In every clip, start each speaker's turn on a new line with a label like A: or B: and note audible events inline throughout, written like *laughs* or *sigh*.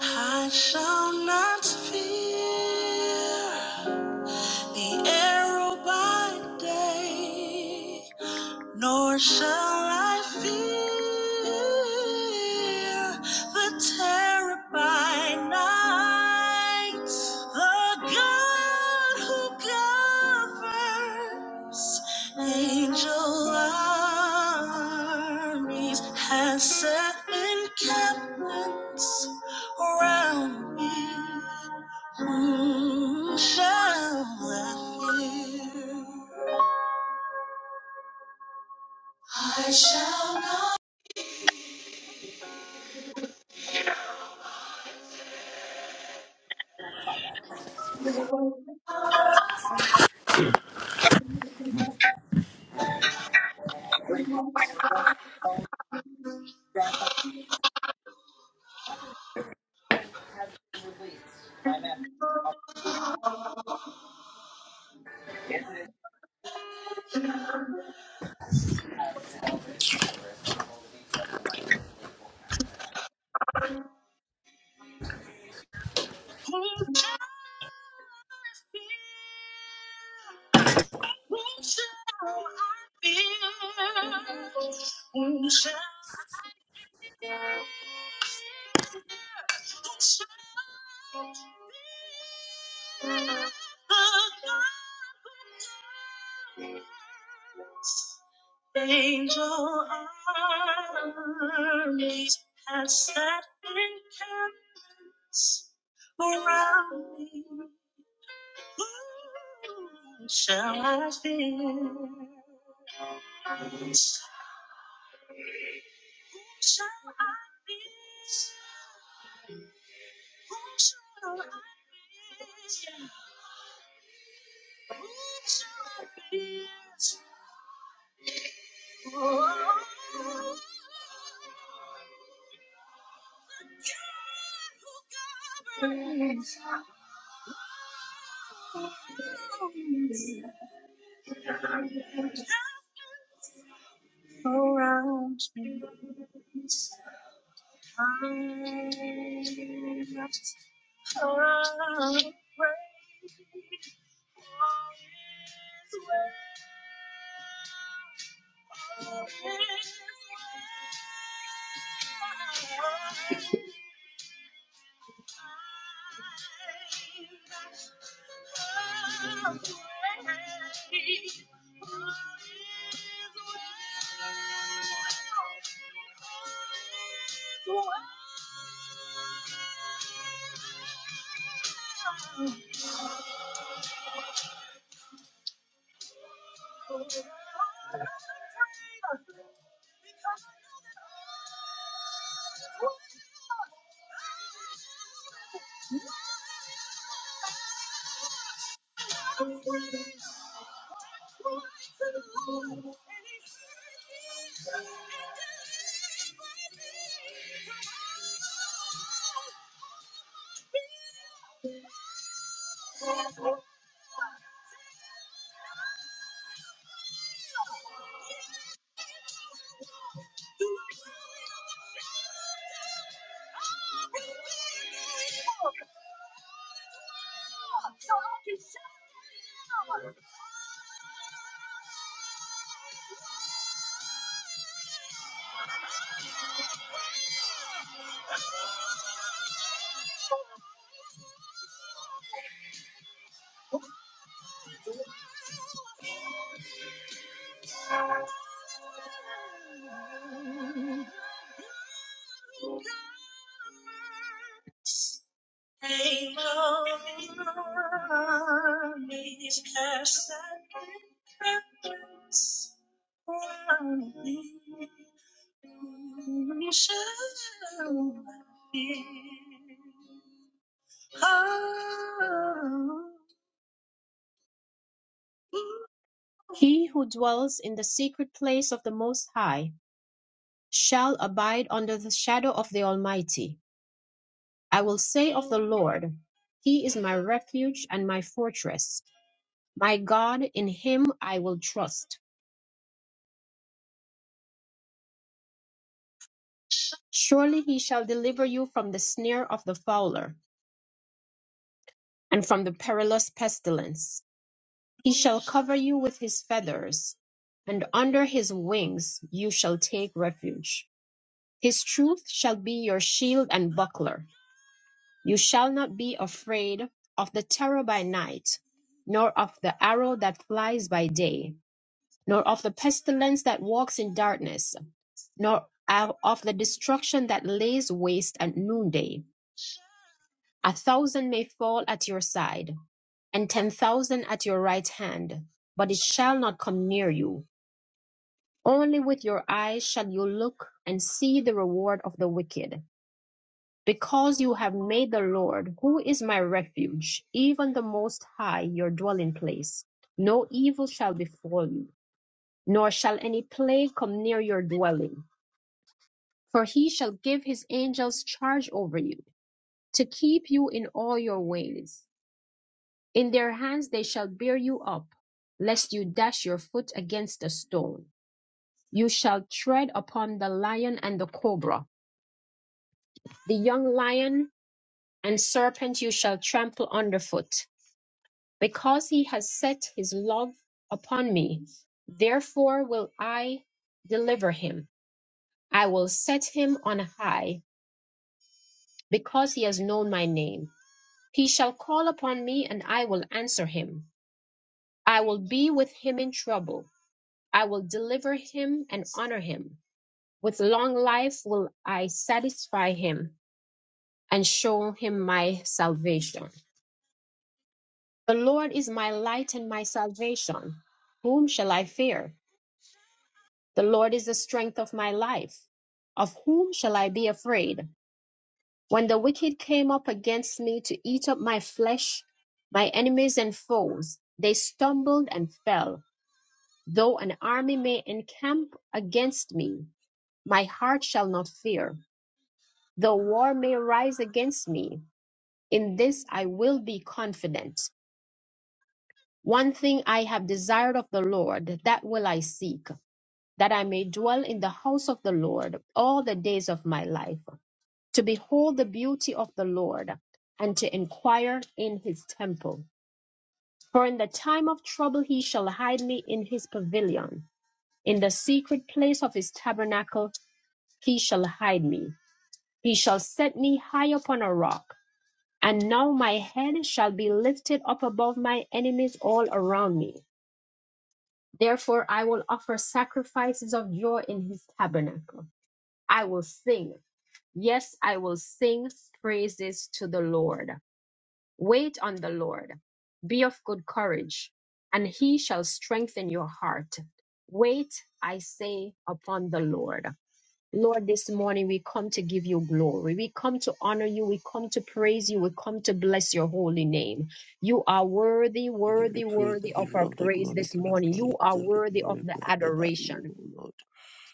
A: I shall not fear the arrow by day, nor shall I fear the terror by night. The God who governs angel armies has set encampments around me. Whom shall I fear? I shall not. How shall I feel? How shall I feel? How shall I feel? How shall I feel? The golden gates, angel armies, pass that encampment around me. Who shall I fear? Who shall I fear? Who shall I fear? Who shall I fear? Oh, the God who governs. around me. I am afraid. all is well. All is well. I'm not afraid. All is well. All is well. armies cast thy captives round thee. Whom shall I fear? Oh, He who dwells in the secret place of the Most High shall abide under the shadow of the Almighty. I will say of the Lord, He is my refuge and my fortress. My God, in him I will trust. Surely he shall deliver you from the snare of the fowler and from the perilous pestilence. He shall cover you with his feathers, and under his wings you shall take refuge. His truth shall be your shield and buckler. You shall not be afraid of the terror by night, nor of the arrow that flies by day nor of the pestilence that walks in darkness, nor of the destruction that lays waste at noonday. A thousand may fall at your side, and ten thousand at your right hand, but it shall not come near you. Only with your eyes shall you look and see the reward of the wicked. Because you have made the Lord, who is my refuge, even the Most High, your dwelling place, no evil shall befall you nor shall any plague come near your dwelling. For he shall give his angels charge over you, to keep you in all your ways. In their hands they shall bear you up, lest you dash your foot against a stone. You shall tread upon the lion and the cobra, the young lion and serpent you shall trample underfoot. Because he has set his love upon me, therefore will I deliver him. I will set him on high because he has known my name. He shall call upon me, and I will answer him. I will be with him in trouble. I will deliver him and honor him. With long life will I satisfy him and show him my salvation. The Lord is my light and my salvation. Whom shall I fear? The Lord is the strength of my life. Of whom shall I be afraid? When the wicked came up against me to eat up my flesh, my enemies and foes, they stumbled and fell. Though an army may encamp against me, my heart shall not fear. Though war may rise against me, in this I will be confident. One thing I have desired of the Lord, that will I seek, that I may dwell in the house of the Lord all the days of my life to behold the beauty of the Lord, and to inquire in his temple. For in the time of trouble he shall hide me in his pavilion. In the secret place of his tabernacle he shall hide me. He shall set me high upon a rock. And now my head shall be lifted up above my enemies all around me. Therefore I will offer sacrifices of joy in his tabernacle. I will sing. Yes, I will sing praises to the Lord. Wait on the Lord. Be of good courage, and he shall strengthen your heart. Wait, I say, upon the Lord. Lord, this morning we come to give you glory. We come to honor you. We come to praise you. We come to bless your holy name. You are worthy,
B: I give you
A: worthy,
B: praise, I
A: worthy of
B: give you
A: our
B: all the
A: praise
B: glory,
A: this
B: King of
A: morning.
B: Kings,
A: You
B: you
A: are
B: deserve the
A: worthy of
B: glory,
A: the
B: blessed are you,
A: adoration.
B: O Lord,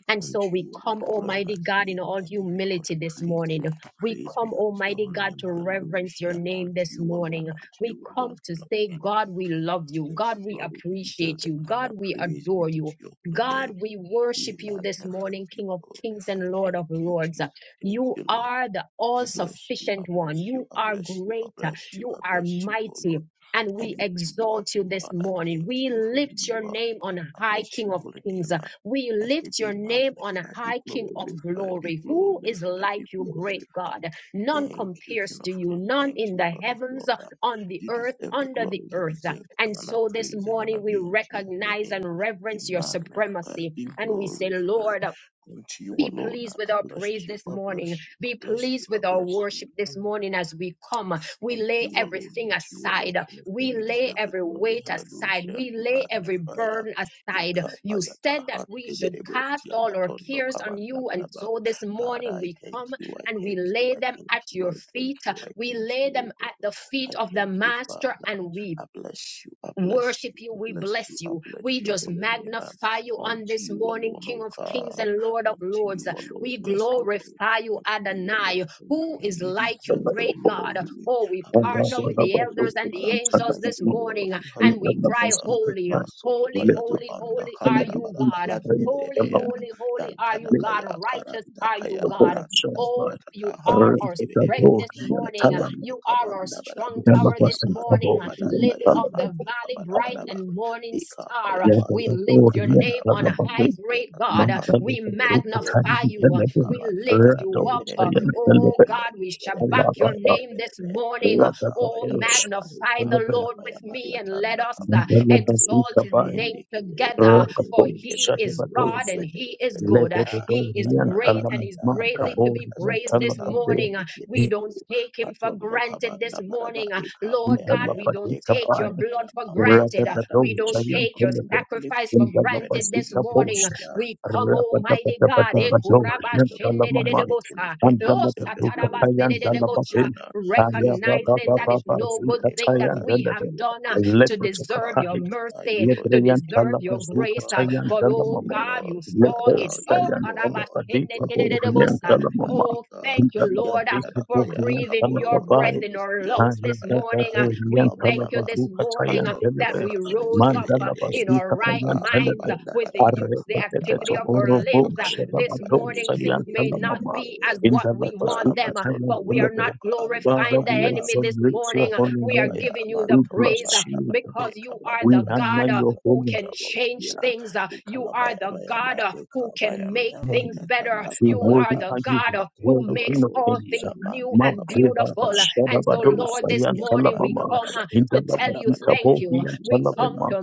A: And so
B: unto
A: we
B: you all of
A: come,
B: the glory
A: Almighty
B: must
A: God,
B: be,
A: in all
B: I give you all
A: humility
B: the
A: this
B: praise,
A: morning. We
B: praise be
A: come,
B: unto your
A: Almighty
B: holy
A: God,
B: name,
A: to reverence your
B: hallelujah,
A: name
B: unto
A: this
B: you alone,
A: morning.
B: unto
A: We
B: you
A: come
B: alone,
A: to
B: King of
A: say,
B: Kings,
A: God, we love you.
B: you deserve the
A: God, we
B: glory, you deserve
A: appreciate
B: the
A: you. God,
B: honor,
A: we
B: praise be
A: adore
B: unto
A: you.
B: your holy name,
A: God, we
B: be
A: worship you this
B: magnified,
A: morning,
B: be
A: King of kings
B: glorified,
A: and Lord of
B: thank you,
A: lords.
B: Jesus, thank
A: You
B: you, Lord.
A: are the all
B: I bless you, I
A: sufficient one.
B: bless you,
A: You
B: I
A: are
B: bless you, I
A: greater.
B: bless you,
A: You
B: I
A: are
B: bless you, O Lord.
A: mighty. And
B: I
A: we
B: lift you up,
A: exalt you
B: oh
A: this
B: God. I
A: morning.
B: thank
A: We
B: you for who
A: lift your
B: you are.
A: name on
B: I
A: high,
B: bless
A: King
B: your
A: of
B: holy
A: kings.
B: name. ah.
A: We
B: I say,
A: lift
B: be
A: your name on
B: magnified, be
A: high, King of
B: glorified, be
A: glory. Who is
B: glorified, be
A: like you, great
B: glorified.
A: God? None
B: Thank you,
A: compares
B: King of
A: to you,
B: Kings.
A: none
B: Thank
A: in
B: you,
A: the
B: Lord of
A: heavens,
B: Lords. ah.
A: on the
B: You
A: earth,
B: deserve the
A: under the
B: glory. You
A: earth.
B: deserve
A: And
B: the honor,
A: so this
B: praise, and honor
A: morning we
B: be unto your holy
A: recognize and
B: name. Be
A: reverence your
B: magnified,
A: supremacy.
B: be
A: And we say,
B: glorified.
A: Lord,
B: Unto you
A: be
B: alone,
A: pleased
B: ah,
A: with
B: I
A: our
B: bless
A: praise
B: you,
A: this
B: I bless
A: morning.
B: you, I
A: Be
B: bless you,
A: pleased
B: I
A: with our
B: bless
A: worship this
B: you.
A: morning as we come. We
B: Unto
A: lay
B: you alone,
A: everything
B: unto you alone,
A: aside.
B: King of Kings,
A: We
B: you
A: lay
B: deserve the
A: every
B: glory.
A: weight aside.
B: Hallelujah.
A: We
B: Be
A: lay every
B: magnified.
A: burden aside. You
B: Ikapayata
A: said that we should cast
B: hanteberebosia
A: all our
B: matondo
A: cares on you. And
B: kabanabaraba.
A: so this
B: Father,
A: morning
B: I
A: we
B: thank
A: come
B: you, I
A: and we
B: thank you,
A: lay
B: I
A: them
B: thank
A: at
B: you,
A: your
B: I thank
A: feet.
B: you, I
A: We
B: thank
A: lay
B: you, oh
A: them at
B: God.
A: the feet
B: I
A: of the
B: thank you,
A: Master
B: Father.
A: and we
B: I bless you, I bless
A: worship
B: you,
A: you.
B: I
A: We
B: bless you,
A: bless
B: I
A: you.
B: bless
A: We
B: your
A: just
B: holy name. man.
A: magnify you on
B: Unto
A: this
B: you
A: morning,
B: alone,
A: King
B: oh
A: of Kings
B: God.
A: and Lord of
B: Unto
A: Lords.
B: you alone,
A: We
B: yes, Lord.
A: glorify you,
B: Unto you alone,
A: Adonai,
B: King
A: who
B: of Kings,
A: is
B: you
A: like
C: Ragadadosh,
A: you,
B: deserve the
A: great God.
B: glory.
A: Oh, we
B: I
A: partner
B: bless
A: with
B: your
A: the
B: holy
A: elders
B: name,
A: and the
B: ma'am. I
A: angels this
B: say,
A: morning
B: worthy,
A: and we cry,
B: hallelujah.
A: Holy,
B: Masoto
A: holy,
B: kayata
A: holy,
B: banda
A: holy are
B: kabada
A: you,
B: bada
A: God.
B: bahande
A: Holy,
B: berebeya.
A: holy, holy are
B: Yantada
A: you, God.
B: kaya
A: Righteous
B: karanda
A: are you,
B: kaya
A: God.
B: branda
A: Oh, you
B: yatata
A: are
B: handi
A: our
B: kiberebe.
A: strength this morning. Uh,
B: Yatadanda
C: Elebe,
A: You are our
B: kabanda bada
A: strong tower
B: busia
A: this
B: mato
A: morning, Uh,
B: kadanda
A: lily
B: ya
A: of the
B: manto
A: valley,
B: kabada
A: bright
B: bada
A: and
B: bada.
A: morning
B: Ika
A: star.
B: paya
A: Uh, We
B: paya
A: lift
B: tada
A: your
B: kaya
A: name on
B: branda
A: high, great
B: yatata
A: God. Uh,
B: handi
A: We
B: kiberebo.
A: magnify you. Uh,
B: Yanta
A: We
B: kabanda
A: lift
B: bada
A: you up. Uh,
B: beberende berebe
A: Oh God,
B: berende
A: we shall
B: berebe
A: back your
B: berende
A: name this
B: berebe.
A: morning. Uh,
B: Ikaba
A: Oh,
B: yaba yaba
A: magnify the
B: ikaba
A: Lord
B: yaba
A: with
B: yaba
A: me and let
B: yathanda
A: us uh,
B: kabanda
C: Mandela
B: balabuza
A: exalt
C: Bazika
A: his
C: by
A: name
B: hendeke
A: together,
B: belebelebe
A: for
B: hendeke
A: he is
B: belebelebe
A: God
C: Rakatoshadabadose,
A: and
B: hendeke
A: he is
B: belebelebe
A: good. Uh,
B: ya
A: He is
B: yathanda
A: great and He's
B: kaya
A: greatly to be
B: branda
A: praised this
B: siyathathanga
C: Lebedotoriantalamakaboreantalabate,
A: morning. Uh,
B: hendeke
A: we
B: belebe
A: don't take him for
B: bathondo
A: granted this
B: kabanda balaba
A: morning. uh,
B: ikaba
A: Lord
B: yaba
A: God, we
B: yaba
A: don't take
B: ikaba
A: your
C: Intalabadikabaya,
B: yaba
A: blood for
B: yaba
A: granted. uh,
B: Father
A: We don't
B: bless you,
A: take your
B: holy
C: Radadadoshayantelebe,
B: name lift
A: sacrifice
B: you
A: for
B: up and I
A: granted
B: give
A: this
B: you
A: morning. uh,
C: Intalabazikabosha,
B: praise
A: We come, Almighty God, eh,
B: Unto you
A: kuraba
B: alone the glory
A: shende de de de
B: must
C: Rabadabadabadabado,
B: be King of
A: bosa,
B: King. You
A: oh,
B: deserve the
A: sataraba
B: glory.
A: se
B: You
A: de de de
B: deserve the
A: bocha,
B: honor. Praise and honor
A: recognizing
B: be
A: that
B: unto
A: it's
B: your
A: no
B: holy
A: good
B: name,
A: thing that
B: Father. I
A: we
B: lift
A: have
B: you up
A: done uh,
B: this morning,
A: to
B: O God.
A: deserve your
B: I
A: mercy,
B: adore
A: to
B: you this
A: deserve your
B: morning, O
A: grace. uh,
B: God.
A: But
B: I
A: oh
B: say,
A: God, you
B: worthy art
A: saw it.
B: thou, yes,
A: Oh, karaba
B: Lord.
A: shende de de de de
B: Worthy art
A: bosa.
B: thou, mighty
A: Oh,
B: God.
A: thank you, Lord. Uh, for
B: Yantadakaya
A: breathing
B: kaboro
A: your
B: woro
C: Thank
A: breath
B: woro
A: in our
B: wosi
A: lungs this
B: yantakaya
A: morning. Uh,
B: tai
C: Orian
A: we thank you
B: kamayama.
A: this
C: Talabazuka
A: morning uh,
C: Tayan
B: Maton
A: that
C: Telebe,
B: madoka
A: we rose up uh,
C: Mandala
B: anikeberebe
A: in our
C: Bazuka
A: right
B: ta
C: Tayan
A: minds
C: Telebe,
A: uh,
B: kabanda
A: with the
B: baraba
A: use, the
B: kabanda
C: Arrekete
A: activity of
B: baraba
A: our
C: Tokoro
B: yanta
C: Bo,
A: limbs. Uh,
B: kabanda
A: this
C: Shebabato
B: barabi
A: morning,
B: kibiri
A: things
C: Sayan
B: biri
A: may
B: biri
A: not
C: Talamama,
B: biri
A: be
B: biri
A: as what
C: Indala
A: we
B: yata
A: want
C: Bazuka
A: them, uh,
B: amatondo
C: Tayan
A: but we are
C: Telebe.
A: not
B: baraboka andika
C: Father,
A: glorifying the
C: we
B: baraba
A: enemy
B: oka
C: exalt
A: this
B: andi kabaraba ika
A: morning.
C: your
A: Uh,
C: holy
B: yanta
A: we are
C: name.
B: kaya
A: giving you the
C: We
B: manto
A: praise.
C: bless
A: Uh,
B: kabanda
C: you,
B: barabe
C: God.
A: because you are
B: kabanda
A: the
C: We
B: barabe
C: honor
A: God uh,
C: your
B: barabo
C: holy
A: who
C: name.
A: can
B: barabo
A: change
B: ya
A: things. uh,
B: ika
A: You are
B: maya
A: the
B: maya ma
A: God uh,
B: ika
A: who
B: maya
A: can make
B: maya ma
A: things better.
B: yatanda
C: We
A: You are
B: kabaraba
C: worthy
A: the
C: are you,
A: God uh, who
B: matondo
C: worthy King
A: makes
C: of
B: barabo
A: all
C: Kings.
B: siya
A: things new
B: manto
A: and
B: kabaraba
C: Matrila
A: beautiful. uh,
B: manto
A: And so,
C: Bashadabado
B: kabaraba
A: Lord, this
C: Sayan
A: morning we
B: yakabanda
C: Talamama,
A: come
B: baraba
A: uh, to
C: Indala
A: tell
B: yakabanda
A: you
C: Bazuka
B: baraba
A: thank
C: Bohi
A: you.
C: and
B: yakabanda
A: We come
B: baraba
C: Talabema.
A: to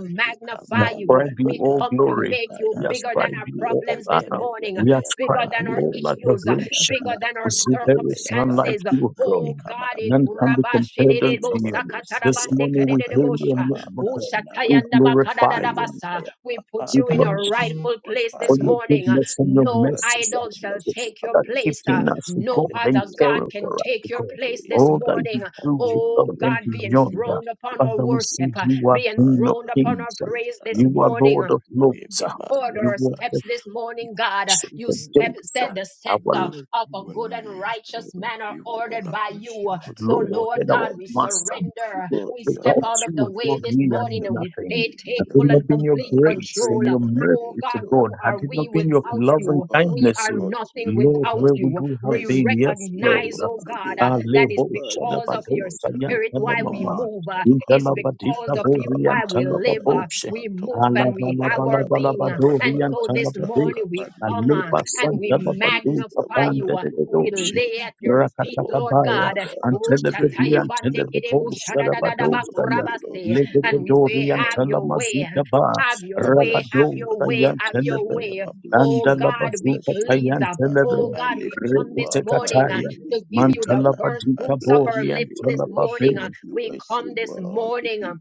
C: We
A: magnify you.
C: ascribe you
A: We
C: all
A: come to
C: glory.
A: make you
C: We
B: Ikamayamayamayantakayankayanka
A: bigger than
C: ascribe
A: our
C: you all
A: problems this
C: honor.
A: morning, uh,
C: We
B: kebereberebeyata
A: bigger
C: ascribe
A: than
C: you
A: our
C: all
A: issues. uh,
C: adoration.
B: kebereberebeyata
A: bigger than our
C: We see there is none
B: kebereberebeyata
C: like
A: circumstances.
C: you, God.
A: Oh God, eh,
C: None
B: andikabarabaraba
C: can be
A: kuraba
C: compared unto
A: shededebo
C: you. This
A: sakatarabande
C: morning we hail your
A: kededebosha.
C: name, O
B: atondoborobusiyayantarakayantakababra
C: God. We
A: Ushatayanda
B: nabarabu
C: glorify you.
A: bakadadadabasa.
B: ikamayaka
A: we put
C: We
A: you in
B: Father,
C: bless
B: I
A: your
C: you
B: worship
A: rightful
B: you,
A: place
C: for
A: this
B: Father, I
C: your
A: morning.
B: worship
C: goodness and
B: you,
C: your
B: I
A: No
B: bless
C: mercies.
B: you,
C: uh,
A: idol
B: I
A: shall
B: bless
C: for
B: you,
A: take
B: I
A: your
C: Start
B: bless
A: place.
B: you.
A: uh,
C: keeping us, oh
B: I'd
A: No
C: God,
B: like
C: and
B: to,
A: other God
C: caring
B: oh
C: for
A: can
B: God,
C: us,
B: I
A: take
C: oh
B: give
A: your
B: you
C: God.
A: place
B: praise
A: this
C: All
B: uh,
C: that you
A: morning.
B: unto
C: do,
B: you,
C: oh
B: O
A: Oh
C: God,
B: Lord,
C: and
A: God,
B: King
A: be
B: of
C: beyond. uh,
B: Kings,
A: enthroned
B: you deserve
A: upon
B: the
A: our
C: Father, we
B: glory,
A: worship,
C: see
B: you
A: uh,
C: you
B: deserve
C: are
A: be
B: the
C: King of
A: enthroned
B: honor.
A: upon our
C: Kings. uh,
B: Praise and
A: praise this
B: honor
C: You
B: be
C: are
B: unto
A: morning.
C: Lord
B: you,
C: of
B: your name
C: Lords.
B: be
C: uh,
A: Order
C: You
A: our
C: are
B: magnified.
A: steps
C: the
A: this
B: You
A: morning, God.
C: Chief
A: You
C: of
B: glorify,
A: step,
B: you glorify
C: Days.
A: set
C: uh,
A: the scepter
B: unto
C: Our
A: of a
B: you, O
A: good and
B: Lord, yes,
A: righteous
B: Lord, unto
A: manner
B: you, O Lord,
A: ordered
B: I
A: by
B: bless
A: you.
B: you, holy
A: So,
B: name, I
C: Lord
A: Lord
C: and
B: sing,
C: our
A: God,
B: Lord,
A: we
B: you are
C: Master.
B: thou,
A: surrender.
B: Lord,
A: We
B: you are
A: step
C: Without
B: thou,
A: out of
B: King
C: you,
A: the
B: of
A: way
C: God,
B: Kings,
A: this
C: we
B: you
C: are
A: morning
B: deserve
A: and
B: the
A: we
C: nothing.
A: say,
B: glory, you
C: Had
A: take
C: it
B: deserve
A: full
B: the
A: and
C: not been your
A: complete
B: honor.
C: grace
B: Praise
C: and
A: control.
B: and
C: your
B: honor be
A: Oh
C: mercy
B: unto
C: to
A: God,
B: you,
A: who
C: God,
B: holy
C: had
A: are
B: name,
C: it
A: we
C: not
B: unto
C: been
A: without
B: you,
C: your
B: O Lord,
C: love
B: O
C: and
A: you?
B: God,
A: We
C: kindness,
A: are
B: unto you,
A: nothing
B: O
C: Lord,
B: Lord, I
A: without
C: where would
A: you.
C: we have
B: I
A: We
C: been?
B: slot
C: Yes,
B: you
C: Lord.
A: recognize,
B: alone
A: oh
B: and be
A: God, uh,
C: Ah,
A: that is
C: lebo
B: magnified, be
A: because of
C: shadabado
A: your
B: exalted over
A: spirit why
C: sayantana
A: we
B: mass,
C: mama.
A: move. It's
B: yatakabu,
A: because
C: Intalabadita
A: of
B: yata,
A: you why we
C: boriantana
B: karanda,
A: live, uh,
C: baboshe.
A: we
B: yamato,
A: move, and we have our being. uh,
C: Alabalabalabalabado
A: And so
C: riantana
A: this
B: karabarabarabarabarabarabarabarabarata,
C: babe.
A: morning we come uh,
C: Aleba
A: and we
B: karandikeverebo.
C: santana
B: You
C: badu
B: deserve
A: magnify
B: all the
A: you.
C: kapande
A: uh,
C: de
A: We
C: doshe.
B: glory,
A: lay at
B: you
A: your
B: deserve
A: feet,
B: all the
A: Lord God.
B: honor.
A: Oh,
C: Antelebedi
A: shataya
B: Praise be
A: bande
B: unto
A: kerebo
B: your holy name, King
A: shadadadadaba
B: of
C: antelebebosarabadosaya.
B: Kings,
A: kurabase.
B: unto you
A: And we
B: alone,
C: Legedori
A: say,
B: O Lord.
A: Have your way.
C: antelamazika ba.
A: Have your
B: I
A: way,
B: bless
A: have
B: your
A: your
B: name.
C: Rabadosaya
A: way,
B: I
A: have
B: bless
A: your
B: your
C: antelebe.
B: name.
A: way.
B: I bless
A: Oh
B: your name. I
A: God, be
C: Andalabazuka
B: bless your
A: pleased.
B: name.
A: uh,
B: I
A: Oh
C: tayantelebe.
B: I
A: God, we
B: lift
A: come
B: you
A: this
B: up, my
A: morning uh,
C: Reketekataya.
B: King and
A: to give you
B: Savior.
A: the first
B: I
C: Mantalabadika
A: fruits of
B: bless
A: our
C: bori
A: lips
B: you. I
A: this
C: antelababe.
A: morning.
B: worship
A: uh,
B: you.
A: we
B: I say,
A: come this
B: world to
A: morning
B: be
A: um,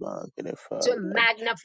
A: to
B: magnified.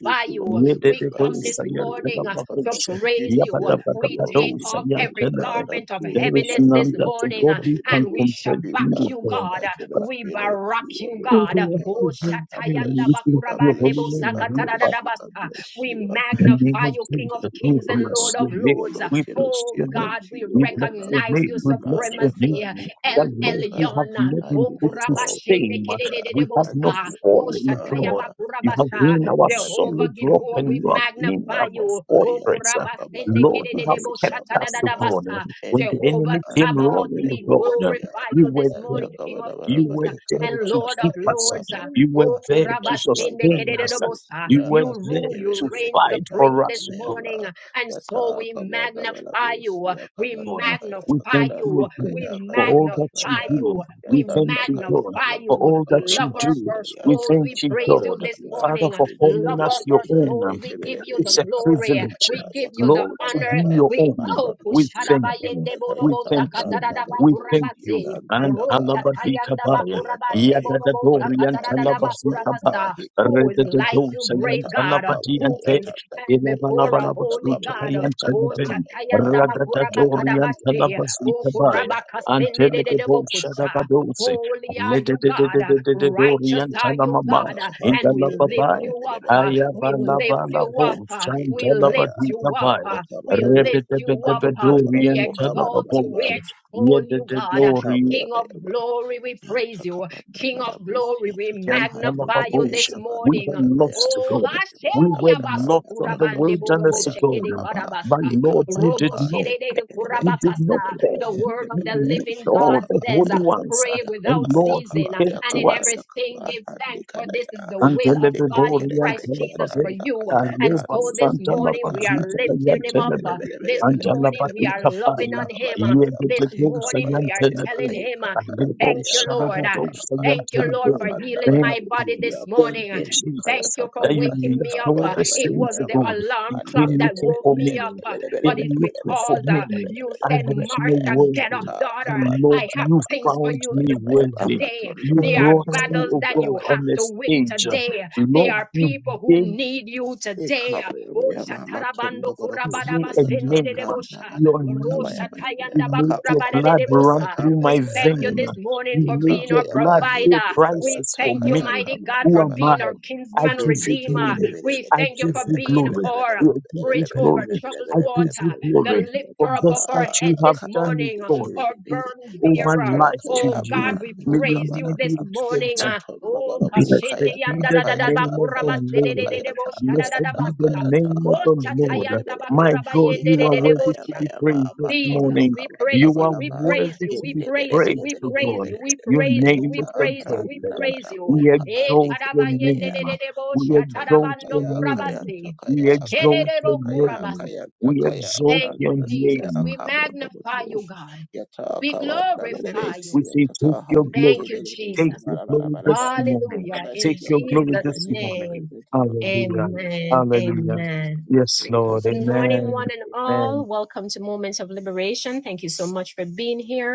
B: Be
A: you. We
B: glorified.
A: come
B: Be
A: this
C: Yedededosaya
A: morning uh, to
B: glorified.
C: antelababoshe.
B: You
A: praise you.
B: deserve the
A: We
B: glory.
A: take
B: You
A: off
C: Yabadabadabadosaya
B: deserve
A: every
B: the
C: antelebe.
B: honor.
A: garment of
B: Praise
C: There
B: and
C: is
A: heaviness
B: honor
A: this
C: none
B: be
C: that
B: unto
C: to
B: your
A: morning
C: God
A: uh,
B: holy
C: we can
A: and
B: name.
A: we
C: compare to
B: Be
A: shabak
C: you,
A: you,
C: God.
A: God.
B: magnified, King of
A: We
B: King, unto
A: barak
B: you
A: you,
B: alone,
C: We
B: O
A: God.
C: bless
A: Oh,
C: you,
B: God.
C: holy,
B: I
C: bless you, we
A: shatayanda
B: bless you.
C: bless
B: I
C: your
A: bakurabande
C: holy
A: bo
B: bless you. I
C: name. We
B: bless you. I
A: sakatadadadabasa.
B: bless
A: We
B: you.
C: in the
B: You
C: name
A: magnify
C: of
A: you,
B: deserve
A: King of
B: the
C: Jesus, we
A: kings
B: glory
A: and
B: unto
C: bless
A: Lord of
C: your
B: you
C: name.
A: lords.
B: alone,
C: We
B: King of
C: bless
A: Oh,
B: Kings,
C: your
B: unto
C: name.
A: God, we
B: you
C: We bless
B: alone. uh,
C: your
A: recognize
C: name.
A: your
C: We
B: Be
C: bless your name.
A: supremacy.
B: magnified, be
A: El
C: That Lord, we
B: glorified.
C: have
A: Elyon,
C: not
B: I
C: been
A: O
B: give
C: put
B: you
C: to
B: all
A: Kurabashende
C: shame.
B: praise. uh,
C: We have
B: I
C: not
B: give
A: Kedededebosa,
B: you
A: O
B: all
C: fallen,
B: honor.
C: God.
B: uh,
C: You
B: I
C: have
B: say
A: Shatayabakurabasa,
C: been
B: all
C: our
B: honor be
A: Jehovah
B: unto
C: solid
B: your
C: rock
A: Gibor,
C: and
B: holy
A: we
C: you have
B: name. Be
C: been our
A: magnify you, O
B: magnified. And
C: fortress.
A: Kurabasende
C: Lord, you have
A: Kedededebo
C: kept us,
B: takabarabarabahekabayama.
C: God.
A: Shatadadadabasa,
C: When the
B: Endeleka
A: Jehovah
C: enemy
B: and
C: came
A: Sabaoth,
C: running,
A: we
C: God,
B: the
A: glorify
C: you
A: you
C: were
A: this
B: Ya ya
A: morning,
C: there.
A: King of
C: You
B: pa
A: Kings
C: were
B: eka
C: there
B: apa
A: and
C: to
B: ya
A: Lord
B: pa
A: of
C: keep us.
A: Lords,
C: You were
A: O
C: there
B: Ya
C: to
B: tuwa
A: Kurabashende
B: na
C: sustain
B: bara
C: us.
B: us
A: Kedededebosa,
C: You
B: ya
C: were
A: you
B: andi
C: there
A: rule, you
C: to
B: kebele be
A: reign
C: fight
B: eka
A: supreme
C: for
B: na
A: this
C: us,
B: na Ya
A: morning,
B: ba
A: and
B: Ya
A: so we
B: bara bara, bara
A: magnify
B: us
A: you.
B: ya
A: We
B: kana na
C: God.
B: kaya
C: We
A: magnify
C: thank
B: kana
A: you.
B: na
C: you again
A: We
B: kaya
C: for
B: kana
C: all
B: na
C: that you
A: magnify
B: kaya
C: do.
A: you.
B: ya
A: We
C: We
B: ta
C: thank
B: na
C: you,
B: kaya
C: God,
B: ba
A: magnify
C: for
B: tu
A: you.
C: all that
B: na bara.
C: you
A: Lover of
B: us
C: do.
A: our
B: ya
C: We
A: souls,
B: yanta
C: thank
A: we
B: kaba
C: you,
B: na
A: praise
B: bara
A: you
C: God,
B: bara
A: this
C: Father,
A: morning.
C: for
B: eka
C: calling
A: Lover
C: us
A: of
C: your
A: our
C: own.
A: souls,
B: eka eka apa apa pa, pa.
A: we
B: andi kebele be, kaya,
A: give
B: kaya,
A: you
B: kaya. Yantakabarabara Ekapayapa Ekapayapa Yatabarabarabusia Andikebelebe Ekamayaba Yatakabadabarabusia Kanandakaya Kanandakaya Kanandakaya Yatandakaya Matunabarabusia Yantakabarabarabara Indikebelebe Indikebelebe
A: the
B: bara
C: It's a
A: glory.
C: privilege,
A: We give you the
C: Lord, to be
A: honor.
B: Yakamandabaraba
C: your
A: We
C: own.
A: oh
C: We
B: Matrodosia
C: thank you.
A: kushadabayende
C: We
A: borobo
B: Kanantayata
C: thank you.
B: Branda
A: sakatadada
C: We thank
B: Borobosia
C: you.
A: bakurabase.
C: And
A: Rosta
B: Yantadaka
A: tayanda
C: Talabadikabaya.
B: Hikapayapa
A: bakurabande borobo
C: Yadadadori
B: Hikapayapa
C: and
A: sakatadada
B: Hikapayapa
C: Talabazikaba.
A: bakurabasa. Who is
B: Hikapayapa
A: like you,
C: Rededosa and
A: great God?
C: Talabadi
B: Yatandakavaya
C: and
A: Who
C: Te.
A: can and
B: Yatandakavaya
A: before a holy
B: Yatandakavaya
A: God. Oh,
C: Ilabalabalabazutakayanteleven.
B: Yatandakavaya
A: Shatayanda
B: Manto Kabala Bala
C: Ragadadori and
B: Bala Bala
A: Makurabakadabashi.
B: Bala
A: Oh,
C: Talabazikabaya.
B: Hikaya
A: Kurabakasende de de de
C: Antelebo
B: Pandakayata Kaya
A: Bokusa.
C: Shadabadose.
A: Holy are you, God.
C: Lededededededori
A: Righteous
C: and
A: are you,
C: Talamama.
A: God.
C: In
A: And we lift you up. uh, We lift
C: Ayabalabala
A: you up. uh, We
B: Ikaya
A: lift
C: Chantalabadita
A: you up.
C: by
B: yatanda
A: uh, We
B: kabarabo
A: lift you up. uh,
B: atondobora mu
A: We
C: Rebedebedorian
A: exalt you.
B: kabarabara
A: We
C: Talababoche,
A: extol you, God.
C: Yededorian
A: King of
B: ikabayabaya
A: glory, we
B: Yanta
A: praise you.
B: kabanda
A: King of
B: badabus
A: glory, we
B: yatata handi
A: magnify you
B: benebe
C: Talababoche.
A: this
C: We
B: kabanda
A: morning.
C: were
B: badabaya
C: lost to
A: Oh,
C: God.
A: Hashem,
C: We
B: yatabanda
C: were
B: badabanda
C: lost
A: Yabasukura
C: on the
B: tondos
A: bande borobo
C: wilderness of
B: yakayanta
A: shekede
C: God.
B: kaba
C: My
A: karabasa.
C: Lord,
B: kikapa
C: you
A: Robo
C: did
B: yapa
C: not,
A: shedede
B: hende benebe
C: you did
B: hende
A: kurabakasa.
C: not
B: benebe
C: care.
A: The
B: hende
A: word of the
B: benebe
C: You left
A: living God
C: all the
B: yakaba
A: says,
C: holy
A: uh,
C: ones.
B: yakaba
C: uh,
A: Pray
C: And
A: without
B: yakaba
C: Lord, you
B: yakaba
A: ceasing, uh,
C: came
A: and
C: to
A: in
B: yakaba
C: us.
A: everything
B: yakaba
A: give
B: handi
A: thanks, for
B: kada
A: this is
B: ya,
A: the will of
B: handi
C: Antelebe
B: kere
A: God
C: bori
A: in
B: kere kere
A: Christ
B: kere
A: Jesus
C: antelebabe.
A: for
B: yatanda
A: you.
B: kaya
A: And
C: Kaleba
A: so this
B: brandas
C: santa la
A: morning
B: tata
A: we are
C: bazuta
B: handi
A: lifting him
B: kebele
A: up.
B: bele
C: kayantelebe.
A: uh,
B: bele bele
A: This
B: bele
C: Antala
B: bele
A: morning we
B: bele
A: are
C: baduka
A: loving
C: paya.
A: on him. uh,
C: Iye
B: Hikabayabayama,
C: dete
A: This
C: dosa
A: morning we are
B: hikabayabayama,
C: yantelebe.
A: telling him, uh,
C: Kalebo
A: Thank
B: hikabaramaya,
A: you, Lord. uh,
C: shalabado
B: kayata,
A: Thank
B: kayata,
A: you,
C: sayantelebe.
A: Lord, for healing
C: Thank
A: my
C: you.
A: body
B: kamandabarabusiya,
A: this
C: Thank
A: morning.
C: you,
B: hendi
C: Jesus,
A: Thank
B: kayata
A: you for
C: that
B: kaba,
C: you
A: waking me
C: left
A: up.
C: all
A: Uh,
C: the
A: It
C: saints of
A: wasn't the
B: hikabayabayabayama,
C: God.
A: alarm
C: You
A: clock
C: came
A: that
C: looking
A: woke
C: for me.
A: me up, uh, but
C: Came
A: it's
C: looking for
A: because
C: me.
A: uh, you
C: I
A: said,
C: was
B: annebelebelebelebelebelebelebelebelebelebelebelebelebelebelebe,
C: not
A: Martha, get up,
C: worthy,
B: yata,
C: but
A: daughter.
C: Lord,
A: I have
C: you
B: kabandabaraba,
A: things for
C: found
A: you
C: me
A: to do
B: kabayabayabayama,
C: worthy.
A: today.
C: You
A: There
B: matondabarabu,
A: are
C: brought me,
A: battles
C: oh
A: that
C: God,
A: you
B: kabandabarabaya,
A: have
C: on the
A: to win
C: stage.
A: today. There
C: Lord,
A: are
C: you
A: people who
C: gave
A: need you today. Oh,
B: hikabayabayama,
A: shatarabando
C: me
A: kurabadaba
B: matondabarambusiya,
C: a
B: yata,
C: name,
A: sendedebosha.
C: your
B: brandabarabu,
A: Ro
C: name. You
B: kabayabayabayama,
A: shatayandaba
C: made your blood
B: kabayabayabayama,
C: run through my
A: We thank you
C: vein.
B: kabayabayabayama,
A: this morning
C: You
A: for
C: made
A: being
B: Ikamba
C: your
A: our
B: yaba
C: blood pay
A: provider.
B: hendi kaya
A: We
C: prices for
A: thank you,
C: me.
B: takaya
A: mighty
B: kama
A: God,
C: Who
A: for
C: am I?
A: being
B: nabalabu.
A: our
C: I
A: kinsman
C: give you
A: redeemer.
C: glory.
A: We
C: I
A: thank you
C: give
A: for
C: you
A: being
C: glory.
A: our
C: I give you
A: bridge over
C: glory.
A: troubled
C: I give
A: water,
C: you
A: the
C: glory for
A: lifter up of
C: just
A: our
C: that
A: head
C: you have
A: this
C: done with
A: morning,
C: God.
A: our burden
C: All my
A: bearer.
C: life to
A: Oh
C: you.
A: God, we
C: May your
A: praise you
C: name be
A: this
C: exalted.
A: morning. uh, Oh, kashinde
C: Blessed be
A: yanda da
C: the
A: da da ba
C: name of
A: kuraba
C: the
A: se de de
C: Lord.
A: de de bo sha da da
C: Blessed
A: da ba
C: be the
A: sa.
C: name of
A: Oh,
C: the Lord.
A: chatayanda
C: My
A: bakura
C: God,
A: bayende
C: you
A: de
C: are
A: de de bo
C: worthy to
A: sha.
C: be praised this
A: Jesus,
C: morning.
A: we praise
C: You
A: you,
C: are
A: we praise
C: worthy
A: you,
C: to
A: we
C: be
A: praise you, we
C: praised, O
A: praise
C: God.
A: you, we
C: Your
A: praise you,
C: name
A: we
C: is
A: praise you, we
C: exalted.
A: praise you.
C: We
A: Eh,
C: exalt your
B: Yatara
C: name.
A: karabayendererebo
C: We
B: Matondo
C: exalt
A: shatarabando
C: your
B: kaya
C: name.
B: kayanta
A: kurabasi,
B: kaya
C: We exalt
B: kayanta
C: your
A: shederebo
B: kaya
A: kurabas.
C: name.
B: kayanta
C: We
B: kaya
C: exalt
A: Thank you,
C: your
B: brandas ya
A: Jesus.
C: name.
A: We
B: akabo double
A: magnify you,
B: boss
A: God.
B: yata
A: We
B: kawanda
A: glorify
B: belebes
C: We
A: you.
C: say, take
B: yata
C: your
B: handi
A: Thank you,
C: glory.
B: kebele bu
C: Take
A: Jesus.
C: your
B: kamara bara
C: glory
B: bara bara Bara,
C: this morning.
A: Hallelujah. In
C: Take
B: abadash
C: your
B: yohule
C: glory
A: Jesus'
B: nemena
C: this
B: jibu
C: morning.
B: praise
A: name.
B: I give you all the
C: Hallelujah.
B: praise
A: Amen.
B: in
C: Hallelujah.
B: Jesus
A: Amen.
B: name I
C: Yes,
B: pray,
C: Lord.
A: Good
B: thanksgiving amen
A: morning,
C: Amen.
A: one and all.
C: Amen.
A: Welcome to Moments of Liberation. Thank you so much for being here.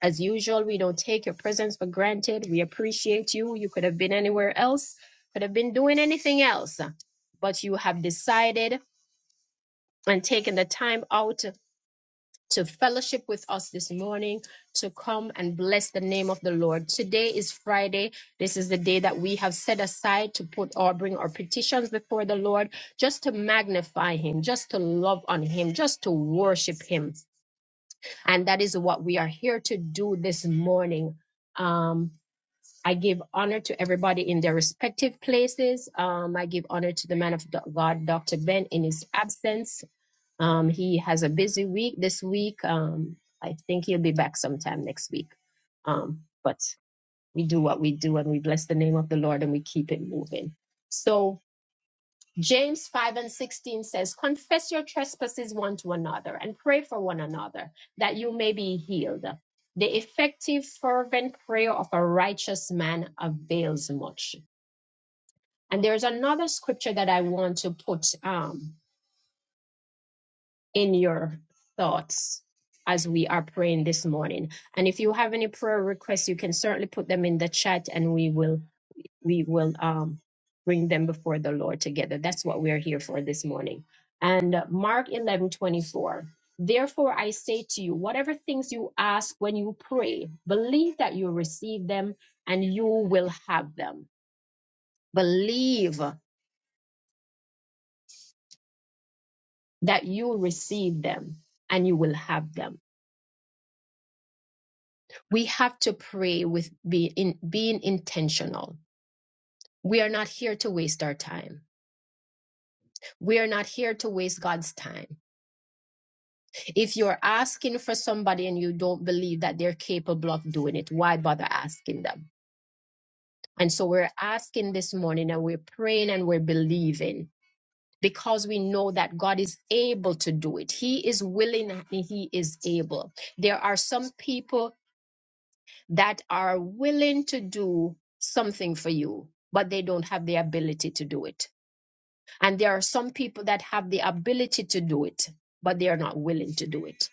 A: As usual, we don't take your presence for granted. We appreciate you. You could have been anywhere else, could have been doing anything else, but you have decided and taken the time out to fellowship with us this morning to come and bless the name of the Lord. Today is Friday. This is the day that we have set aside to put or bring our petitions before the Lord, just to magnify Him, just to love on Him, just to worship Him. And that is what we are here to do this morning. Um, I give honor to everybody in their respective places. Um, I give honor to the man of God, Dr. Ben, in his absence. Um, he has a busy week this week. Um, I think he'll be back sometime next week. Um, but we do what we do and we bless the name of the Lord and we keep it moving. So James 5 and 16 says, Confess your trespasses one to another and pray for one another that you may be healed. The effective, fervent prayer of a righteous man avails much. And there's another scripture that I want to put um, in your thoughts as we are praying this morning. And if you have any prayer requests, you can certainly put them in the chat and we will we will um, bring them before the Lord together. That's what we're here for this morning. And uh, Mark eleven twenty four. Therefore, I say to you, whatever things you ask when you pray, believe that you receive them and you will have them. Believe that you receive them and you will have them. We have to pray with be in, being intentional. We are not here to waste our time. We are not here to waste God's time if you're asking for somebody and you don't believe that they're capable of doing it, why bother asking them? And so we're asking this morning and we're praying and we're believing because we know that God is able to do it. He is willing and He is able. There are some people that are willing to do something for you, but they don't have the ability to do it. And there are some people that have the ability to do it, but they are not willing to do it.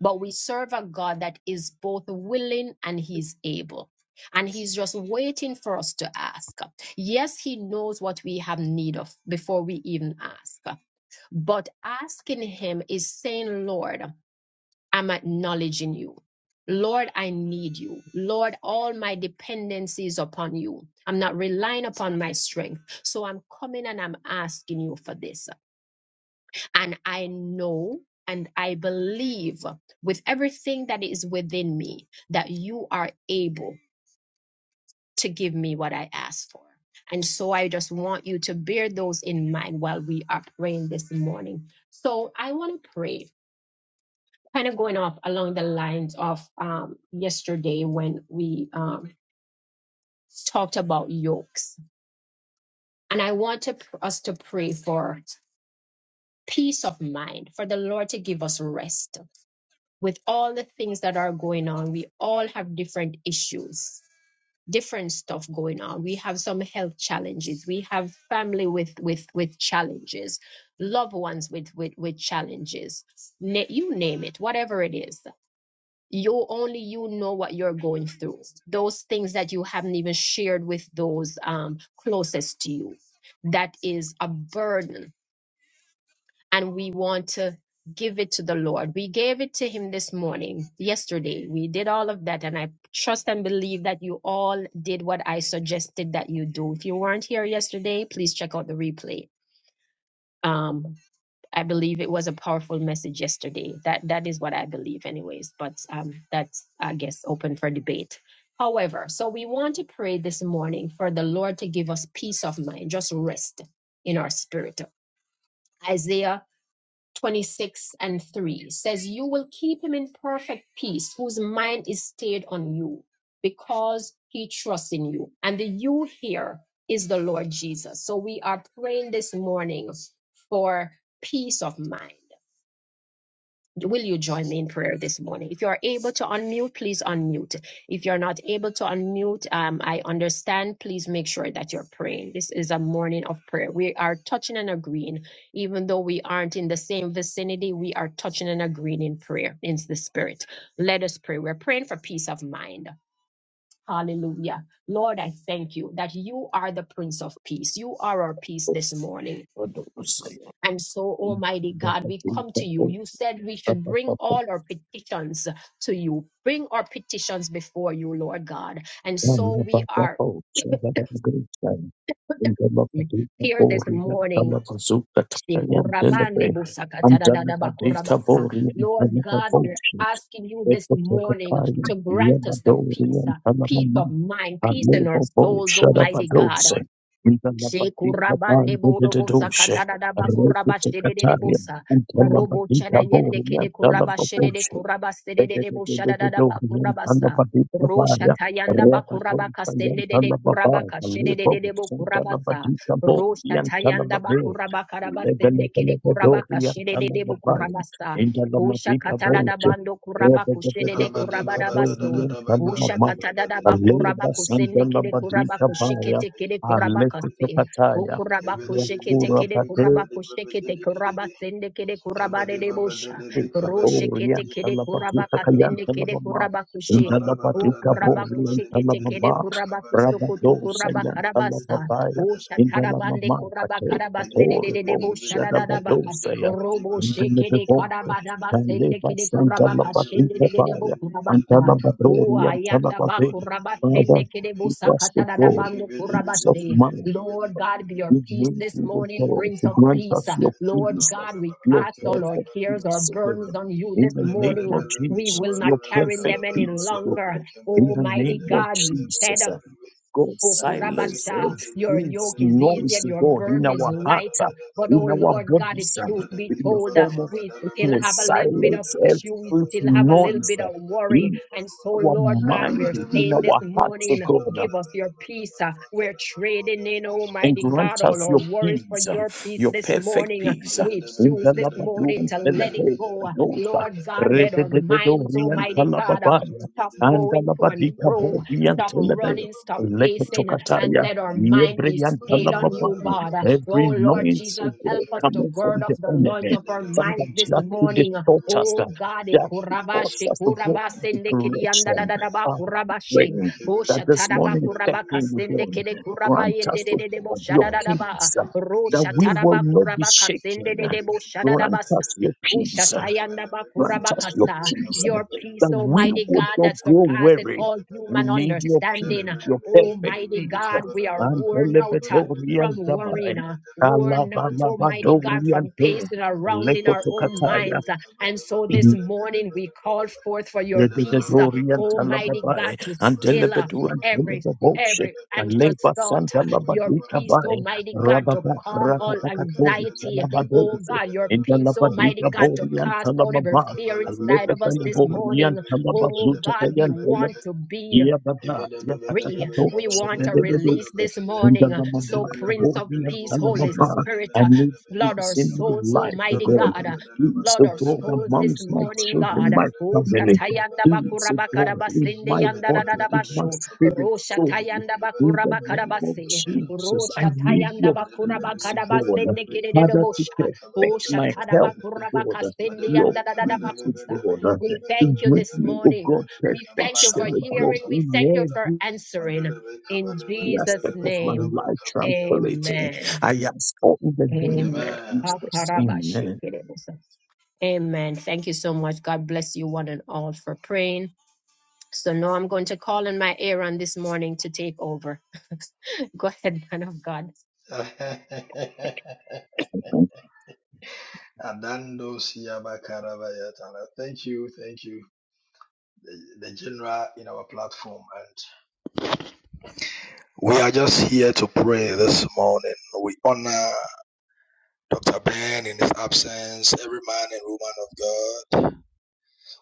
A: But we serve a God that is both willing and He's able. And He's just waiting for us to ask. Yes, He knows what we have need of before we even ask. But asking Him is saying, Lord, I'm acknowledging you. Lord, I need you. Lord, all my dependencies upon you. I'm not relying upon my strength. So I'm coming and I'm asking you for this and I know and I believe with everything that is within me that you are able to give me what I ask for. And so I just want you to bear those in mind while we are praying this morning. So I want to pray, kind of going off along the lines of um, yesterday when we um, talked about yokes. And I want to, us to pray for peace of mind, for the Lord to give us rest with all the things that are going on, we all have different issues, different stuff going on. We have some health challenges. We have family with with with challenges, loved ones with with with challenges. Na- you name it, whatever it is. You only you know what you're going through. Those things that you haven't even shared with those um, closest to you. That is a burden and we want to give it to the Lord. We gave it to Him this morning, yesterday. We did all of that, and I trust and believe that you all did what I suggested that you do. If you weren't here yesterday, please check out the replay. Um, I believe it was a powerful message yesterday. That that is what I believe, anyways. But um, that's I guess open for debate. However, so we want to pray this morning for the Lord to give us peace of mind, just rest in our spirit. Isaiah 26 and 3 says, You will keep him in perfect peace, whose mind is stayed on you, because he trusts in you. And the you here is the Lord Jesus. So we are praying this morning for peace of mind. Will you join me in prayer this morning? If you are able to unmute, please unmute. If you're not able to unmute, um, I understand. Please make sure that you're praying. This is a morning of prayer. We are touching and agreeing. Even though we aren't in the same vicinity, we are touching and agreeing in prayer, in the spirit. Let us pray. We're praying for peace of mind. Hallelujah. Lord, I thank you that you are the Prince of Peace. You are our peace this morning.
C: Lord, we say,
A: And so, Almighty
C: Baba,
A: God,
C: Baba,
A: we come
C: Baba,
A: to you. You said we should bring
C: Baba,
A: all our petitions to you, bring our petitions before you, Lord God. And so
C: Baba,
A: we
C: Baba, Baba,
A: are
C: Baba, Baba, Great Time. In the name of the
A: here this
C: Lord, we are the
A: morning.
C: Lord, Zuka, Taya,
A: Lord
C: Delebe. And the name of the Lord, we are the
A: God, we're asking you this
C: Ekotoka
A: morning
C: kaya,
A: to grant us the
C: yabadori
A: peace. uh, Peace
C: yantalamama,
A: of mind, peace in
C: alebo
A: our
C: Bo
A: souls, Almighty God.
C: shadabadose, intalabadika
A: Shekurabande da
C: bandedededoshe,
A: ba bakuraba
C: rekete
A: shedede de
C: kataya,
A: bosa. Robo
C: antalabadika
A: chada yende
C: bori
A: kede kuraba shedede
C: yantalababoshe,
A: kuraba sedede de boshada da da da ba bakurabasa. Rosha tayanda bakuraba kastende de de kuraba kashedede de de bo bokurabasa. Rosha tayanda bakuraba sende kede kuraba kashedede de bo bokurabasa. Osha katana da bando kuraba
D: Yabba
A: kushedede kuraba da baso. Ushakatadaba kuraba kusende kede kuraba kushekete kede kuraba kase.
C: Alekutopataya,
A: Ukuraba kushekete
C: Rakura
A: kede kuraba kushekete kuraba sende kede kuraba de debosha.
C: Ecuadorian
A: Roshekete kede kuraba
C: Talabatuta Kayan
A: kasende kede
C: Talabama,
A: kuraba kushe.
C: Intalabatika
A: Ukuraba
C: Borian
A: kushekete kede
C: Talababa,
A: kuraba kusokoto
C: Rabado
A: kuraba
C: Sayan
A: karabasa.
C: Talababaya,
A: Ushatarabande
C: Indalamama,
A: kuraba
C: Pate,
A: karabase de de
C: Patoro,
A: de debosha dadaba.
C: Shadabado Saya,
A: Robo shekede
C: Indalabo,
A: karaba daba sende
C: Taleba
A: kede
C: Santa
D: And the
A: kuraba
D: baby
A: kashende
C: Labatika
A: de de
D: became a
A: debo
C: Baya,
D: baby, the
A: kurabasa.
D: baby come a
A: Oh,
C: Antalabadorian
A: ayanda ba
C: Talabagay,
A: kuraba sende
C: Father,
A: kede
C: give
A: busa
C: us the
A: katada da
C: goal,
A: bando kuraba
C: peace of
A: se.
C: mind,
A: Lord God, be your
C: we
A: peace
C: need
A: this
C: you, O
A: morning,
C: God,
A: Prince
C: to
A: of
C: grant
A: Peace.
C: us your
A: Lord
C: peace,
A: God, we
C: your
A: cast all our
C: perfect
A: cares, our
C: peace, O
A: burdens
C: God.
A: on you
C: In
A: this
C: the name
A: morning.
C: of
D: baby,
A: We
C: Jesus,
A: will not
C: your
A: carry
C: perfect
A: them any
C: peace, O
A: longer.
C: God. In the
A: Almighty
C: name of
A: God, you said.
C: Jesus, uh, God, silence
A: Okurabasha. Your
D: the
C: every
A: yoke is easy
C: noise,
A: and
C: O
A: your
C: God, in
A: burden is
C: our
A: light.
C: hearts, uh,
A: But
C: in
A: oh
D: Mandele
C: our
A: Lord God, if
C: bodies, uh,
A: truth be
D: Mandela,
C: in the
A: told, uh,
C: form of
A: we still have
C: sickness,
A: a little bit of
C: silence
A: issue. We
C: every
A: still have a little
C: noise
A: bit
C: uh,
A: of worry.
C: in
A: And so,
C: our
A: Lord God,
C: mind,
A: we're
C: in
A: saying this
C: our hearts, O
A: morning,
C: God.
A: give us your peace. uh, We're trading in,
C: and
A: Almighty
C: grant
A: God, all
C: us
A: our
C: your
A: worries for
C: peace, um,
A: your peace
C: your
A: this
C: perfect
A: morning. uh,
C: peace. uh,
A: We
C: In
A: choose
C: the
A: this morning
C: Labaduan
A: to let it go. uh,
C: Teledosa,
A: Lord God, let our minds,
C: Redededorian
A: Almighty God, uh,
C: Talababaya,
A: stop
C: and the
A: going to and
C: Labadika
A: fro.
C: Borian
A: Stop
C: Telebe,
A: running, stop pacing, and
C: Lekatokataya,
A: let our mind be
C: Yebrian
A: stayed on you,
C: Talababaya.
A: God. Oh,
C: Every
A: Lord
C: noise
A: Jesus,
C: of
A: help
C: God
A: us to
C: coming
A: gird
C: from
A: up
C: the
A: the loins
C: enemy,
A: of our
D: Thank
A: minds
C: Father,
A: this
C: just to
A: morning.
C: distort us,
A: Oh,
C: uh,
A: God. eh,
C: just to force
A: kurabashe,
C: us to go
A: kurabase,
C: into
A: da
C: correction,
A: andadadadaba,
C: Father, we
A: kurabashe.
C: pray
A: Oh,
C: that this
A: shataraba,
C: morning step
A: kurabaka,
C: in with
A: sende,
C: God.
A: kede, kuraba,
C: Grant
A: yende,
C: us,
A: de,
C: O
A: de, de, bo,
C: God, your
A: shadadadaba.
C: peace, uh,
A: Ro,
C: that we will
A: shataraba,
C: not be
A: kurabaka, sende,
C: shaken.
A: de, de, bo,
C: Grant
A: shadadabasa.
C: us your
A: Oh,
C: peace. uh,
A: shatayanda, ba,
C: Grant us your
A: kurabakasa.
C: peace, uh,
A: Your
C: that
A: peace,
C: we
A: Almighty
C: would
A: God,
C: not
A: that
C: grow
A: surpasseth
C: weary.
A: all
C: We
A: human
C: need your
A: understanding.
C: peace, your perfect
A: Almighty
C: peace. uh,
A: God, we are
C: And
A: worn out. uh,
C: Elebedori
A: From
C: and
A: worrying,
C: Dabai,
A: uh, worn out, Almighty God,
C: Alabalabadori
D: you.
C: and
A: from
C: Tej,
A: pacing
D: Kabala Baba Kabala Baba Kabala Baba Kabala
A: around in our own
C: Lekotokataya.
A: minds. uh, And so this morning we call forth for your peace, uh,
C: Yedidori and
A: Almighty
C: Talababai,
A: God, to
C: and
A: still uh,
C: Telebedu and
A: every
C: Telebaboshe,
A: every
C: and
A: anxious
C: Leba
A: thought,
C: Santa
A: uh, your
C: Labadika
A: peace,
C: Bai,
A: Almighty God, to
C: Rababa,
A: calm all
C: Rabatakatori,
A: anxiety, Oh
C: Salabadose,
A: God, your
C: in the
A: peace, Almighty
C: Labadika
A: God, to
C: Bori and
A: cast out every
C: Talamaba,
A: fear
C: and
A: inside of us this
D: Baba
C: Lebedayabori
A: morning.
C: and
A: Oh
D: Kabala
A: God, we
C: Talabazuta
A: want
D: Baba
A: to be
C: yeah, but
D: Kabala
C: that, Yeah, Yabada,
A: free.
C: Yakatakato,
A: We want a
C: Shebededo,
A: release this
C: in the
A: morning. So,
C: Lamaba,
A: Prince
C: above
A: of
C: me and
A: Peace, Holy
C: Talamaba.
A: Spirit,
C: I
A: uh,
C: need
A: flood our
C: peace in
A: souls,
C: my life, oh
A: Almighty
C: God.
A: God. uh,
C: Peace,
A: Flood
C: oh
A: our
C: God,
A: souls this
C: amongst my
A: morning, God.
C: children, my
A: Oh,
C: family.
A: Shatayanda
C: Peace, oh God, in
A: Bakurabakarabasindi
C: my body, in my
A: Yandadadabasho.
C: spirit, soul.
A: Roshatayanda
C: In the name of
A: Bakurabakarabasi.
C: Jesus, I need
A: Roshatayanda
C: your peace, oh God.
A: Bakurabakadabasindi
C: Father, to
A: Kidididobosha. Oh,
C: perfect my health, oh God.
A: Shatadabakurabakasindi
C: Your peace,
A: Yandadadabakutsa.
C: oh God.
A: We
C: You
A: thank you
C: bring
A: this
C: me, oh
A: morning.
C: God,
A: We thank you for
C: perfection, oh God,
A: hearing. We
C: in
A: thank you for
C: every
A: answering.
D: Mandelebe
A: In
D: kabelebe
A: Jesus'
C: aspect
D: pedelebe
C: of my
A: name,
D: kodabra
C: life,
D: kabadia
C: tranquility.
D: bandolebe.
A: amen.
C: I ask all in the name of
A: Amen.
D: Amen.
C: Jesus. Amen.
A: Akarabashikiribusa. Amen. Thank you so much. God bless you one and all for praying. So now I'm going to call in my Aaron this morning to take over. *laughs* Go ahead, man of God.
D: *laughs* Adando Siaba Karabayatana. Thank you, thank you. The, the general in our platform, and we are just here to pray this morning. We honor Dr. Ben in his absence, every man and woman of God.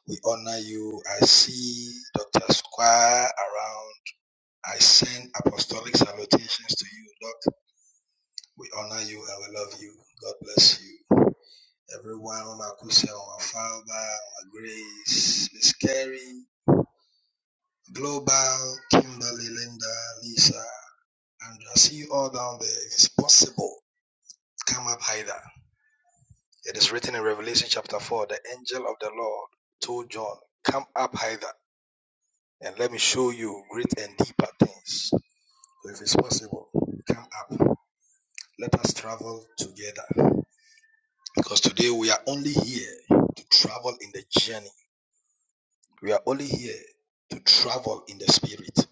D: We honor you. I see Dr. Squire around. I send apostolic salutations to you, We honor you and we love you. God bless you. Everyone, Mama Kusa, Mama Falba, Mama Grace, Miss Carey, Global, Kimberly, Linda, Lisa, Andrea. See you all down there. If it's possible, come up hither. It is written in Revelation chapter 4 the angel of the Lord told John, Come up hither and let me show you great and deeper things. So if it's possible, come up. Let us travel together. Because today we are only here to travel in the journey. We are only here to travel in the spirit.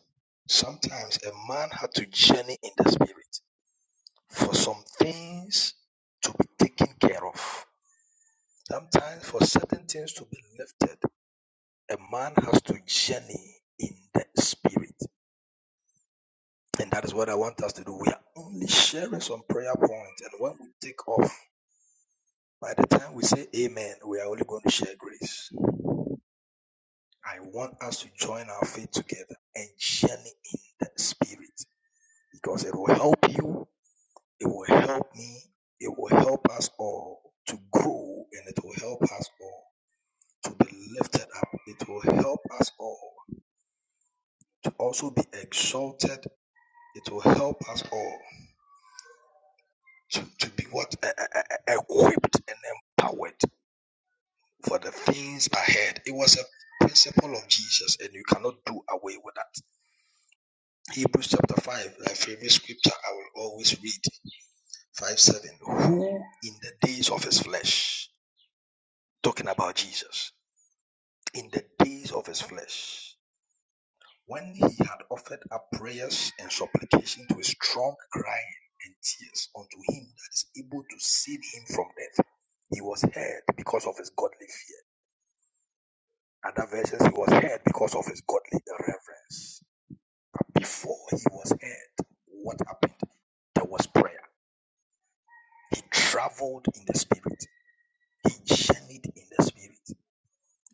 D: Sometimes a man had to journey in the spirit for some things to be taken care of. Sometimes for certain things to be lifted, a man has to journey in the spirit. And that is what I want us to do. We are only sharing some prayer points. And when we take off, by the time we say amen, we are only going to share grace. I want us to join our faith together and journey in the spirit because it will help you, it will help me, it will help us all to grow, and it will help us all to be lifted up. It will help us all to also be exalted. It will help us all to, to be what E- e- e- e, equipped and empowered for the things ahead. It was a principle of Jesus, and you cannot do away with that. Hebrews chapter 5, my favorite scripture I will always read, 5 7. Who in the days of his flesh, talking about Jesus, in the days of his flesh, when he had offered up prayers and supplications with strong crying and tears unto him that is able to save him from death, he was heard because of his godly fear. Other verses, he was heard because of his godly reverence. But before he was heard, what happened? There was prayer He traveled in the spirit. He journeyed in the spirit.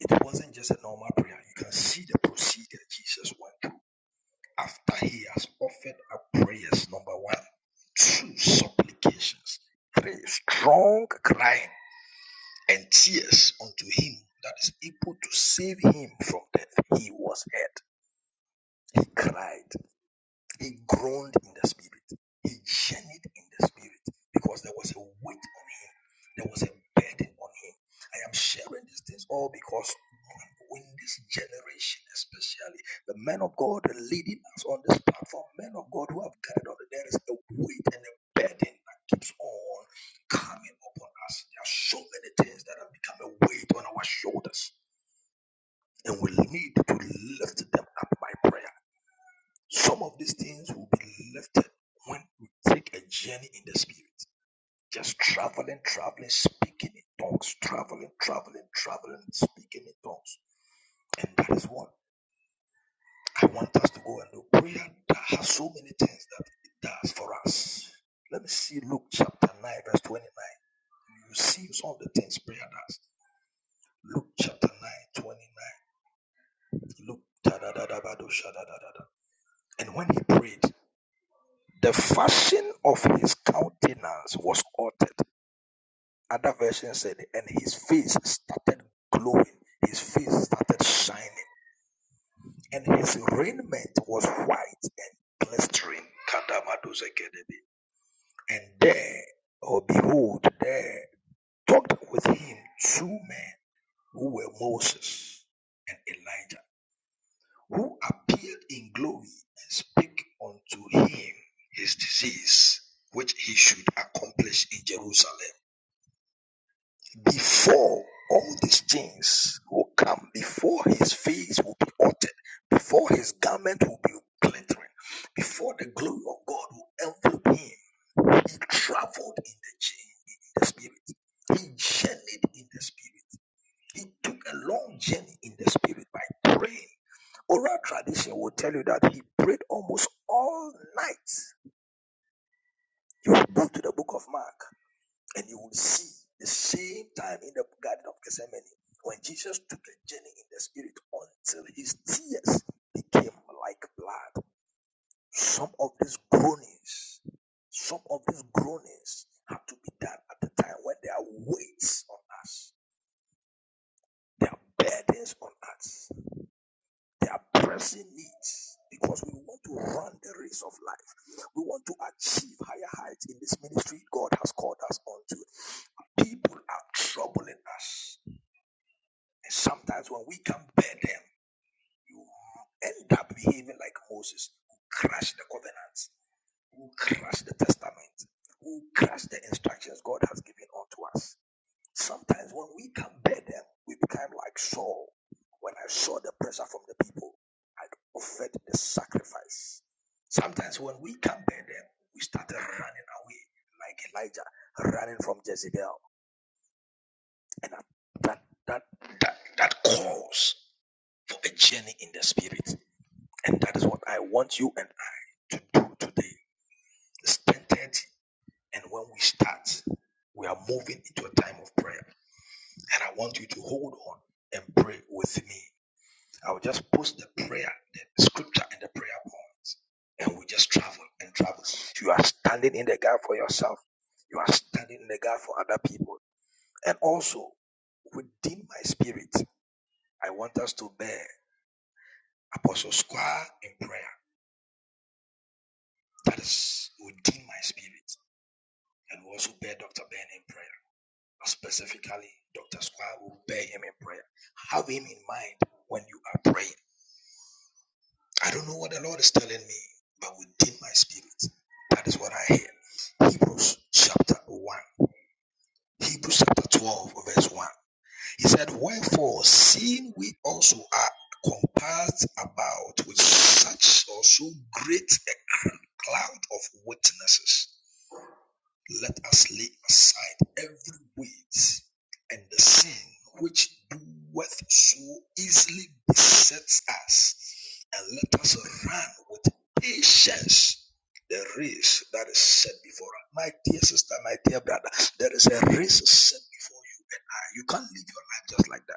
D: It wasn't just a normal prayer. You can see the procedure Jesus went through after he has offered up prayers. Number one, two supplications, three strong crying and tears unto him that is able to save him from death. He was heard. He cried. He groaned in the spirit. He journeyed in the spirit because there was a weight on him. There was a burden on him. I am sharing these things all because in this generation, especially the men of God leading us on this platform, men of God who have gathered on it, there is a weight and a burden that keeps on coming upon us. There are so many things that have become a weight on our shoulders, and we need to lift them up by prayer. Some of these things will be lifted when we take a journey in the spirit. Just traveling, traveling, speaking in tongues, traveling, traveling, traveling, speaking in tongues. And that is what I want us to go and do. Prayer that has so many things that it does for us. Let me see Luke chapter 9, verse 29. You see some of the things prayer does. Luke chapter nine, twenty-nine. 29. Luke da da da da ba da da da da. And when he prayed, The fashion of his countenance was altered. Other version said, and his face started glowing, his face started shining, and his raiment was white and glistering. And there, or behold, there talked with him two men who were Moses and Elijah. who appeared in glory and spake unto him his disease, which he should accomplish in Jerusalem. Before all these things will come, before his face will be altered, before his garment will be glittering, before the glory of God will envelop him, he traveled in the, journey, in the spirit. He journeyed in the spirit. He took a long journey in the spirit by praying. Oral tradition will tell you that he prayed almost all night. You will go to the book of Mark and you will see the same time in the Garden of Gethsemane when Jesus took a journey in the spirit until his tears became like blood. Some of these groanings, some of these groanings have to be done at the time when there are weights on us, there are burdens on us. There are pressing needs because we want to run the race of life. We want to achieve higher heights in this ministry God has called us onto. People are troubling us. And sometimes when we can bear them, you end up behaving like Moses, who crushed the covenants, who crushed the testament, who crushed the instructions God has given unto us. Sometimes when we can bear them, we become like Saul. When I saw the pressure from the people, I offered the sacrifice. Sometimes when we can bear them, we started running away like Elijah, running from Jezebel. And that, that, that, that calls for a journey in the spirit. And that is what I want you and I to do today. It's 10.30 and when we start, we are moving into a time of prayer. And I want you to hold on and pray with me. I will just post the prayer, the scripture, and the prayer points. And we just travel and travel. You are standing in the gap for yourself. You are standing in the gap for other people. And also, within my spirit, I want us to bear Apostle Squire in prayer. That is within my spirit. And we also bear Dr. Ben in prayer. Specifically, Dr. Squire will bear him in prayer. Have him in mind when you are praying. I don't know what the Lord is telling me, but within my spirit, that is what I hear. Hebrews chapter 1. Hebrews chapter 12, verse 1. He said, Wherefore, seeing we also are compassed about with such or so great a cloud of witnesses, let us lay aside every weight and the sin which doeth so easily besets us, and let us run with patience the race that is set before us. My dear sister, my dear brother, there is a race set before you. You can't live your life just like that.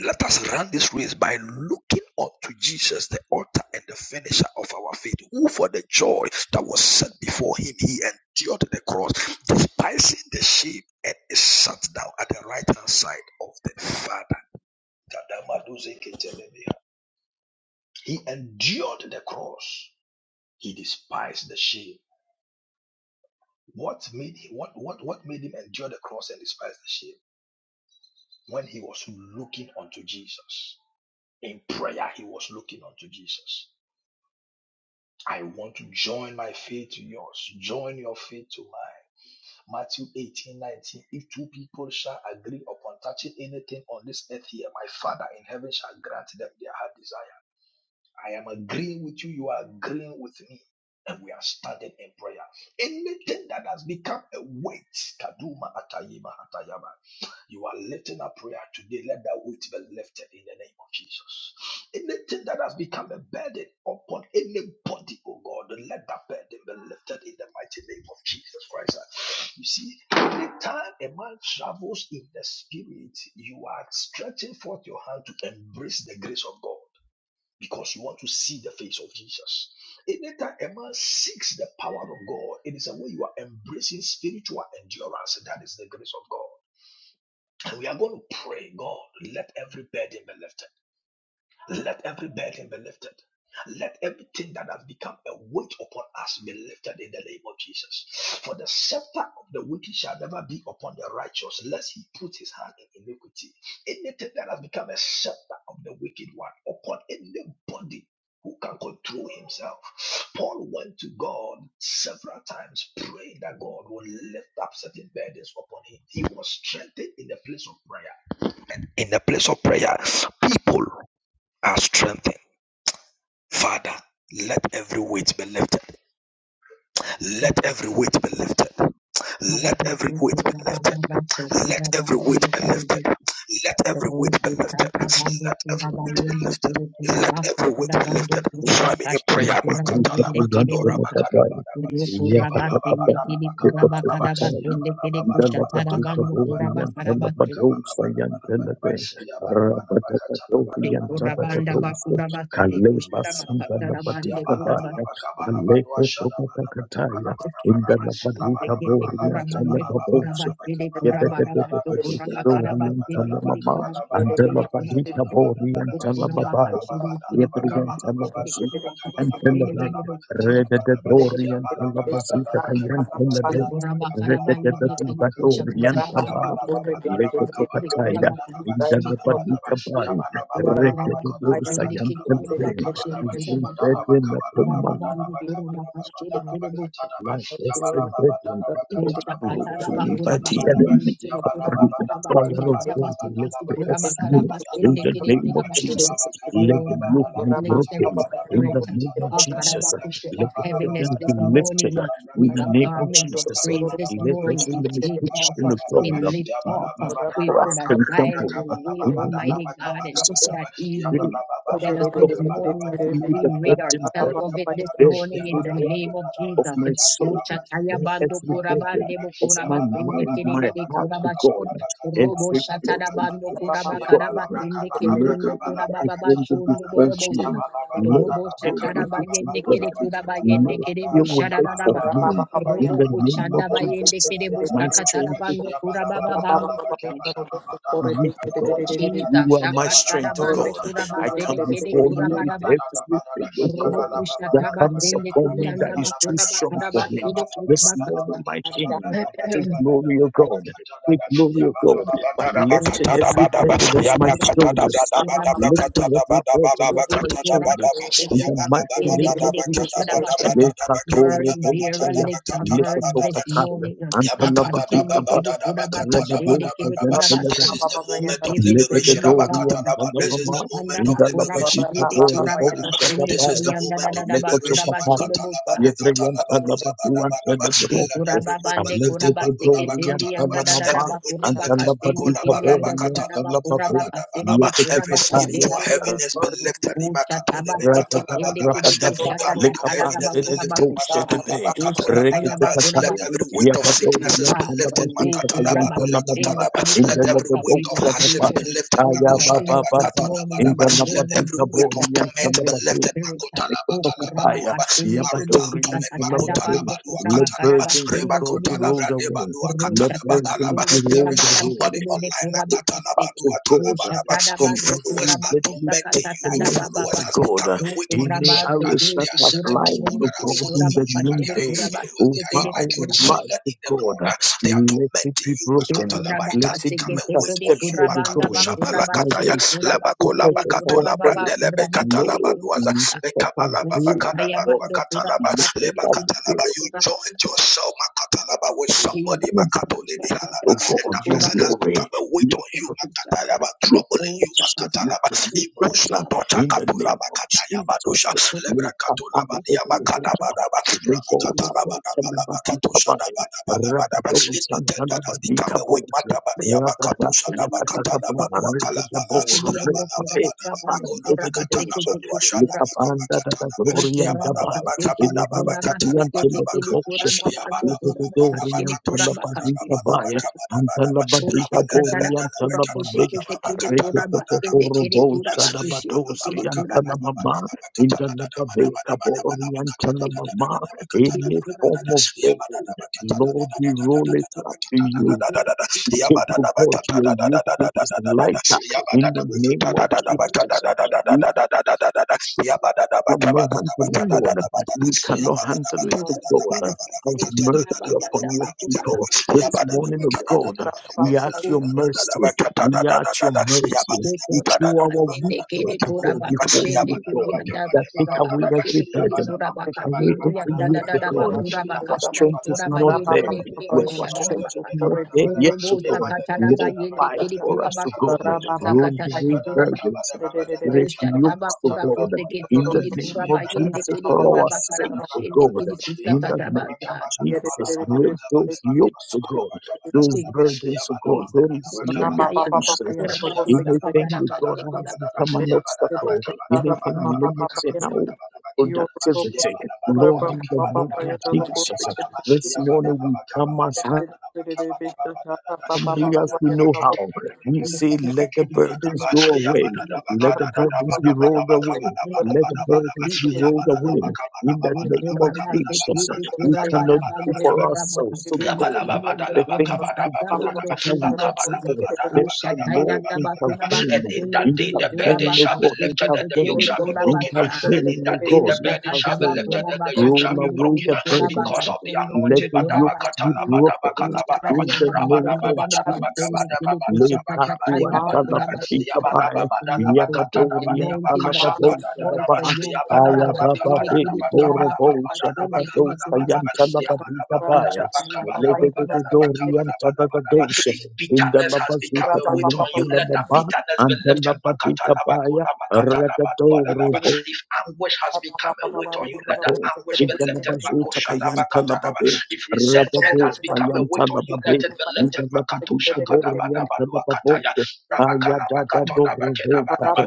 D: Let us run this race by looking unto Jesus, the author and the finisher of our faith, who for the joy that was set before him, he endured the cross, despising the shame, and is sat down at the right hand side of the Father. He endured the cross. He despised the shame. What made him, what, what, what made him endure the cross and despise the shame? When he was looking unto Jesus. In prayer, he was looking unto Jesus I want to join my faith to yours. Join your faith to mine. Matthew 18 19. If two people shall agree upon touching anything on this earth here, my Father in heaven shall grant them their heart desire. I am agreeing with you. You are agreeing with me. And we are standing in prayer. Anything that has become a weight, kaduma atayima atayama, you are lifting a prayer today. Let that weight be lifted in the name of Jesus. Anything that has become a burden upon anybody, oh God, let that burden be lifted in the mighty name of Jesus Christ. You see, anytime a man travels in the spirit, you are stretching forth your hand to embrace the grace of God because you want to see the face of Jesus. Anytime a man seeks the power of God, it is a way you are embracing spiritual endurance. That is the grace of God. And we are going to pray, God, let every burden be lifted. Let every burden be lifted. Let everything that has become a weight upon us be lifted in the name of Jesus. For the scepter of the wicked shall never be upon the righteous, lest he put his hand in iniquity. Anything that has become a scepter of the wicked one upon anybody who can control himself. Paul went to God several times, praying that God would lift up certain burdens upon him. He was strengthened in the place of prayer. In the place of prayer, people are strengthened. Father, let every weight be lifted. Let every weight be lifted. Let every weight be lifted. Let every weight be lifted. Let every weight be
A: Roto
D: lifted.
A: Kurabando
D: Let every weight be
A: Kurabayende
D: lifted.
A: Kede
D: Let
A: Kurabasta
D: every weight be lifted.
A: Kurabando
D: Join me in
A: Kurabakashkuru
D: prayer.
C: Andela
D: Makatala
A: Kurabayende Kede
D: makadora
A: Busta
D: makalabalaba.
A: Kurio
D: Yabalababalabalaba.
A: Kurabasende Kede Kurabakadabasende Kede Kusha
C: badika
A: Tarabando kuraba Kurabakarabaste
D: Yabalabalabalabalabalabalabalabalabalabalabalaba. Yabalabalabakatalabalabalabalabalabalabalabalabalaba.
A: De Kurabanda Bakurabaste De
D: Yabalabalabakabalabadwashadabalabakabalabalabalaba.
A: Kushitabakatarabande Kurabaste Kurabakande Kede
C: bori and
A: Kurabande Kurabaste De
E: Thank you.
A: Kurabarabasto
D: Labalabalabakabalabadalabakabalabadalaba.
A: Kurabakarabaste De Kede Kurabaste
D: Yabalabalabakabalabadalabakabalabadalabakabalabadalaba.
A: Kurabaka
C: tala babaya. Thank life is forbidden
A: Lord God,
C: proved to me by the enemy. According to Psalm 104, let the earth yield.
D: Yabba
C: In the name of
D: Yabala
C: Jesus, let the
D: Baba
C: yoke
D: Dada
C: be
A: place
D: Bakata
A: every
C: broken.
D: Baba Dada
C: In the
A: spirit
D: Bakata
C: name of
D: Baba
A: uh,
C: Jesus,
A: Akarabakusha of
C: let the
A: heaviness
C: burdens
A: this
C: be lifted.
A: morning uh,
C: In
A: with
C: the
A: the
C: name of
A: garment
E: Corre,
A: of
C: Jesus,
A: praise this
C: let every
A: morning. We take off, uh,
C: limitation of
A: we
C: God
A: lift
C: be
A: off, uh, we put
C: crushed
A: aside
C: and
A: every
C: crumpled.
A: weight,
C: In the name
A: Almighty
C: of
A: God, and
C: Jesus,
A: that
C: we
A: easily
C: the
A: set us
C: God.
A: this morning. uh,
C: You
A: We
C: the
A: rid
C: burden bearer.
A: ourselves of it this
C: Bear
A: morning in
C: every
A: the name
C: burden
A: of
C: of
A: Jesus.
C: my soul.
A: Ushataya
C: Bear
A: bando
C: every burden
A: kurabande
C: of
A: bukuraba
C: my
A: sende
C: mind, my
A: kidede
C: heart
A: kuraba
C: to
A: show.
C: God.
A: Robo
C: Every
D: Dada
C: plot
A: shatada
C: and
D: Bakata
A: bando
D: Baba
C: plan to
A: kuraba karaba
C: God.
A: sende
C: Lord,
A: kidiyondo kuraba
C: I
A: baba
C: bring them
A: shondo
C: before
A: borobosa.
C: you. Lord,
A: Robo
C: deal
A: shatada
C: with it to
A: bayende
C: God.
A: kede kuraba yende
C: Lord,
A: kede
C: deal with it for
A: bushadadadaba.
C: me. In
A: Robo
C: the name of
A: kuchanda bayende
C: Jesus,
A: kede
C: my
A: bustakatara
C: strength
A: bando kuraba babando bise.
C: weak, O God. You
A: Jesus,
C: are my
A: akatara
C: strength, O
A: bando
C: God.
A: kuraba
C: I come
A: sede kede
C: before you
A: kuraba
C: with
A: rabato.
C: everything, O
A: Robo
C: God, that
A: kushataba
C: comes
A: sende
C: upon me that
A: kudiyanda
C: is too
A: kuraba
C: strong
A: karaba
C: for me.
A: sede kuraba
C: This
A: kasta.
C: morning, my King,
A: Burn
C: take glory, O God. Take glory, O God, by
D: Yabba
C: lifting every burden off my shoulders. Lifting every burden off my shoulders. In the mighty name of Jesus.
A: beer a
C: Lekatorobochaya,
A: little burn this
C: lekotokataya,
A: morning. Apashinde kiri
C: antalabakutabaya,
A: kura bakashinde kiri kura
C: rabadokazantelebe.
A: masta.
D: this is the
A: We
D: moment of
A: give it to
D: liberation.
A: you, God.
C: Ledededorian
D: This is the
C: Tangamama,
D: moment
A: Ukushanda
D: of
A: bakura
D: liberation.
C: Indalabadika
A: basinde kura
C: Borobo
A: bakasinde
D: This is
A: kiri
C: Shadabaya,
D: the
A: yanda da
D: moment of
A: da da bakura
D: liberation.
A: bashinde
C: Alekochopatari,
A: busta.
C: Yedrian Talabadu and
D: Let
C: Telebobo,
D: every
A: Kuraba
D: weight be
A: bande
D: lifted.
A: kuraba
D: Badulaba
C: Aledededorian
A: seketendi
D: katanaba.
A: anda da da da
D: Every
C: Talamama,
A: ba
D: weight be
C: and
A: kuraba
D: lifted.
A: kastende
C: Talabadika
D: Bakolaba
A: kiri
D: laba
A: anda da
C: Borian
A: da da ba
D: katanaba.
A: kuraba
D: Kolaba
C: Talababe,
D: daba
A: kastere
D: laba.
A: de
D: Every
A: kuraba kastere
C: Yekataya,
D: spiritual
A: de de
E: Every
D: heaviness be
A: bolsa.
E: burden you
D: lifted.
E: lift
A: Usha
E: in
A: taba
E: the
D: Imakatolebe
E: mighty
C: Rabada,
E: name
D: katanaba
A: seketende
D: laba.
A: kiri
D: Every
C: rabadaba,
A: bolsa ta ta
D: garment of
A: ta da da ba
D: heaviness
C: likabante
D: be
C: de de
A: kuraba
D: lifted.
C: goshe de
A: kesta.
D: Makatolaba
C: be,
A: Usha
D: katolaba
A: taya
C: rekete
D: daba.
A: ba
D: Let
A: kuraba
C: kataya,
D: every
A: kesta.
D: weight of
C: yabadori
D: sicknesses be
A: Ah,
C: yantala
A: so
D: lifted.
A: we
C: bazuka
D: Makatalaba
A: kuraba
D: dula
C: yantala mama,
A: kastende
D: katalaba.
A: kiri
C: in
D: Let
C: the
A: kuraba
D: every
C: lebe
D: weight
A: kawin
D: of
A: and
C: bocha de
A: we
D: hardships
A: can
D: be
C: bane,
D: lifted.
A: of
C: kaya ba ba
D: Makoshadaba
A: heaviness
C: ba
A: this
C: ba,
D: katalaba
A: morning
C: in
A: in
C: the
A: the
D: daba.
A: name
D: Let
A: of
D: every
C: labadika
D: whip
C: bori
A: Jesus.
D: of torment
C: yantala
D: be
A: Every
C: bazuka
D: lifted.
A: spirit.
D: Makota laba
A: O
D: kalaba
A: koraba
C: kataya,
D: duaba.
A: kasende kele
D: Marital
C: yabadori
A: kicha
D: torment.
C: yantala
A: katada
D: Makota laba
A: bando
C: bazuka,
D: dua
A: koraba
C: let
D: katalaba.
A: karaba
C: burdens of
D: Reba
A: sende
C: God
A: kele
C: be
D: kota labra
C: rolled
A: busha.
D: deba
C: away,
D: dua
C: let
A: Rusha
D: katalaba
A: taba
C: burdens
D: kalaba.
C: be
A: sende
D: There is
C: rolled
A: koraba daba
C: away,
D: somebody
A: sende
D: online.
A: koraba
D: Makata laba
A: kasende.
D: dua
C: to
A: O
C: God
D: talaba
C: uh,
D: laba.
A: shatada
D: Your
C: from
A: bando
D: followers
C: every
A: koraba
D: are
C: deadly
A: kisa
D: tormenting you.
A: katada
D: Your
C: pestilence
A: baba
C: of
D: followers
A: ba.
D: has
C: God,
D: become
C: uh,
D: a
A: O
D: weight on your
C: any
A: koraba
D: shoulder.
C: arrows
A: sekele
D: There
C: that
D: are
A: si
C: are
D: certain
A: koraba
C: flying
D: people
A: yende
D: that
C: to
D: are
A: kele
C: God in
A: koraba
D: following
C: the
D: you and
C: new
D: they
A: kasende
D: are your
C: day
A: koraba
D: followers.
C: over
D: They
A: sende
D: are your,
A: kele bu
C: our
D: like your
A: koraba.
C: life
D: children
C: to
D: in the
C: God,
D: Lord.
C: uh,
D: They are
C: let it
D: tormenting
C: be
D: you.
A: She
C: broken,
D: Makata laba.
A: koraba
D: It
C: let
D: has
C: it
D: become
A: kaseke
C: be
D: a weight
A: tekele
D: on you.
C: intercepted
A: koraba
C: to
D: Makato
A: anda
C: God
A: ba
D: shaba
A: koraba
C: by
D: lakata
C: the
A: shele koraba
D: labakola
C: effectiveness
A: kele
C: of our
A: koraba
D: bakatola
A: baba
C: prayer.
D: brandele
A: koraba
D: bekatala
A: shele
C: Lord,
A: koraba.
D: baduaza
C: let us
D: lekabala
A: Thank
C: avail
D: babakada
C: of
D: badua
C: it.
D: katalaba
C: let
D: leba
C: us
D: katalaba
C: avail
D: you joined yourself makatalaba with
C: of
A: you.
D: somebody
C: God,
D: makato makatole dihalaba
C: oh
D: and that
C: God, your
D: person has
C: glory,
D: become a weight on
C: your
D: you makatalaba
C: We
D: troubling you
C: bless you. We
D: makatalaba
C: give you praise,
D: emotional
C: God.
D: torture
C: In the name
D: katolaba
C: of
D: katayaba
C: Jesus, God. We come and give you praise, God.
D: Lebrakatolabadiabakadabadaba,
C: We lay forth the Telebani Kabani,
D: Rabakatalabadabalabakatoshadabadabalabadaba.
C: Rabdolo
D: Anything that has
C: Santalabani
D: become a weak
C: Kabot,
D: matter,
C: Radada Yakatakaba,
D: Badiabakatoshadabakatalabadwakalabala,
C: Rebebo, Rebeka, Beka, Pandedidoche, Likapanda,
D: Rabalababadabakolabakanabadwashadabadabakatanaba,
C: Gloria and Dabai, Ilabalababian
D: Yabadababakabadabakatanabadabaka.
C: Teleboshe, Kabedidorian Talabazika Baya, and Talabadika
A: Ushakatara
C: Borian
A: bakura kushikete
C: any form of burden, Lord, we roll it up to you. We Take oh God, your yoke which is lighter in
D: Yabada
C: the
D: Yabba
C: name of Jesus cannot handle it, God. We cannot
A: Jesus,
C: handle it,
A: Jesus,
C: God. Have
A: Jesus.
C: mercy
A: Ushakaba yanda
C: upon your
A: bakura
C: people this
A: bakashinde kiri
C: morning,
A: kura
C: oh God. We are
A: bakashinde
E: of
C: at your
A: kura
E: Jesus.
C: mercy. We are at your mercy. We
A: Dekora
C: show
A: baka
C: our
A: sende kere
C: weakness to
A: kora
C: go
A: baka
C: before
A: shende
C: you,
A: kuri
C: God.
A: yanda
C: That take
A: bakura
C: away
A: baka sende
C: every
A: kiri
C: burden.
A: kora
C: Take
A: baka
C: away
A: sende
C: every
E: Yo,
A: da
C: yoke,
A: da
C: oh
A: da
C: God.
A: bakura baka
C: Our
A: sende
C: strength is
A: kora
C: not
A: bayende
C: there.
A: de de de
C: Where our
A: bosha da da
C: strength is
A: baka.
C: not there
A: Oro
C: yet, to
A: bosa
C: God.
A: kata da
C: Lord,
A: bayende
C: fight
A: kiri
C: for
A: kora
C: us, to
A: baka
C: God.
A: sende bosa
C: Roll
A: kata da
C: away
A: bakura baka.
C: burdens.
A: Osha taba
C: Refuse to
A: kora
C: God
A: kuse kete
C: in the
A: kiri
C: name
A: kora
C: of
A: bayende
C: Jesus
A: kiri
C: for
A: kora
C: our
A: bakara
C: sake, O
A: bashende
C: God.
A: kiri kusa
C: In the
A: kata
C: name
A: baka.
C: of Jesus, break those yokes, O God, those
A: Jesus,
C: burdens, O God,
A: Jesus,
C: those
A: bosha tayanda
C: limitations.
A: kora bakusa kata
C: Anything, that God,
A: bande kora
C: has become an obstacle, anything limiting our
D: Yabada
C: productivity, Lord, in the name of Jesus. This morning we come as
E: Magnum,
C: humbly as we know how. We say, let the burdens go away. Let the burdens be rolled away. Let the burdens be rolled away. In the name of Jesus, we cannot do
D: Yabba
C: for ourselves, so
D: and
C: God, the things in God that we ask for. Therefore, Lord,
A: Ushatayanda bakuna
C: intervene.
D: in
A: bakosendo
D: that day
A: kiri
D: the
A: kura
D: burden
C: Intervene, O
D: shall be
C: God,
A: bakashuku
D: lifted and the yoke
A: chekiri
C: intervene.
D: shall be
A: kura
D: broken.
A: basa.
D: And in
C: Intervene,
D: that
C: O
D: day the
C: God,
D: burden
A: Ushakata
D: shall be lifted
C: intervene.
A: bakura
D: and the yoke
C: Roll
D: shall be
A: bakashuku
C: away
D: broken
A: kiri
C: the
A: kura
C: burdens.
D: because of the
A: bakashuku
C: Let
A: kiri
D: anointing.
C: the
A: kura
C: yokes be broken in
A: Uchataya
C: the
A: na bando
E: God,
C: name of
A: kura
C: Jesus.
A: makasende kili kushakata
C: Lekatu
A: tanda
C: and
E: hallelujah,
A: bakura makuta.
C: Talabadita by
A: We are facing the
C: Yabadori and
A: anointing that
C: Talababota the
E: hallelujah,
A: destroys the
C: Bats.
A: yoke. Kara
C: Aya Baba
A: bakende
E: hallelujah.
A: kili
C: Baby
A: kura makara
C: Borobocha the
A: bakende kili
C: Badosa
A: kura
C: and
E: Thank you.
A: makuta.
C: Talabadita by
A: kura
C: us. Let
A: bakura
C: the Dori and Tabadosha
D: If
C: in the
D: bitterness has become
C: Labazuta
D: a weight
C: Kayan
D: on you, let that
C: Talababa
D: bitterness be
C: and
D: lifted.
C: Talabadita by Ragadori
D: If anguish has become a weight on you, let that
C: lababe,
D: anguish be lifted.
C: indalabazo takayanta lababe,
D: If resentment has
C: rabado
D: become a weight
C: tayanta
D: on you,
C: lababe,
D: let it be lifted. Makato
C: indalababe kaborianta lababo,
D: shakadabadabaluakataya.
C: ayadadado revo
D: Rabakalabakatonabakidabadaba.
C: kape,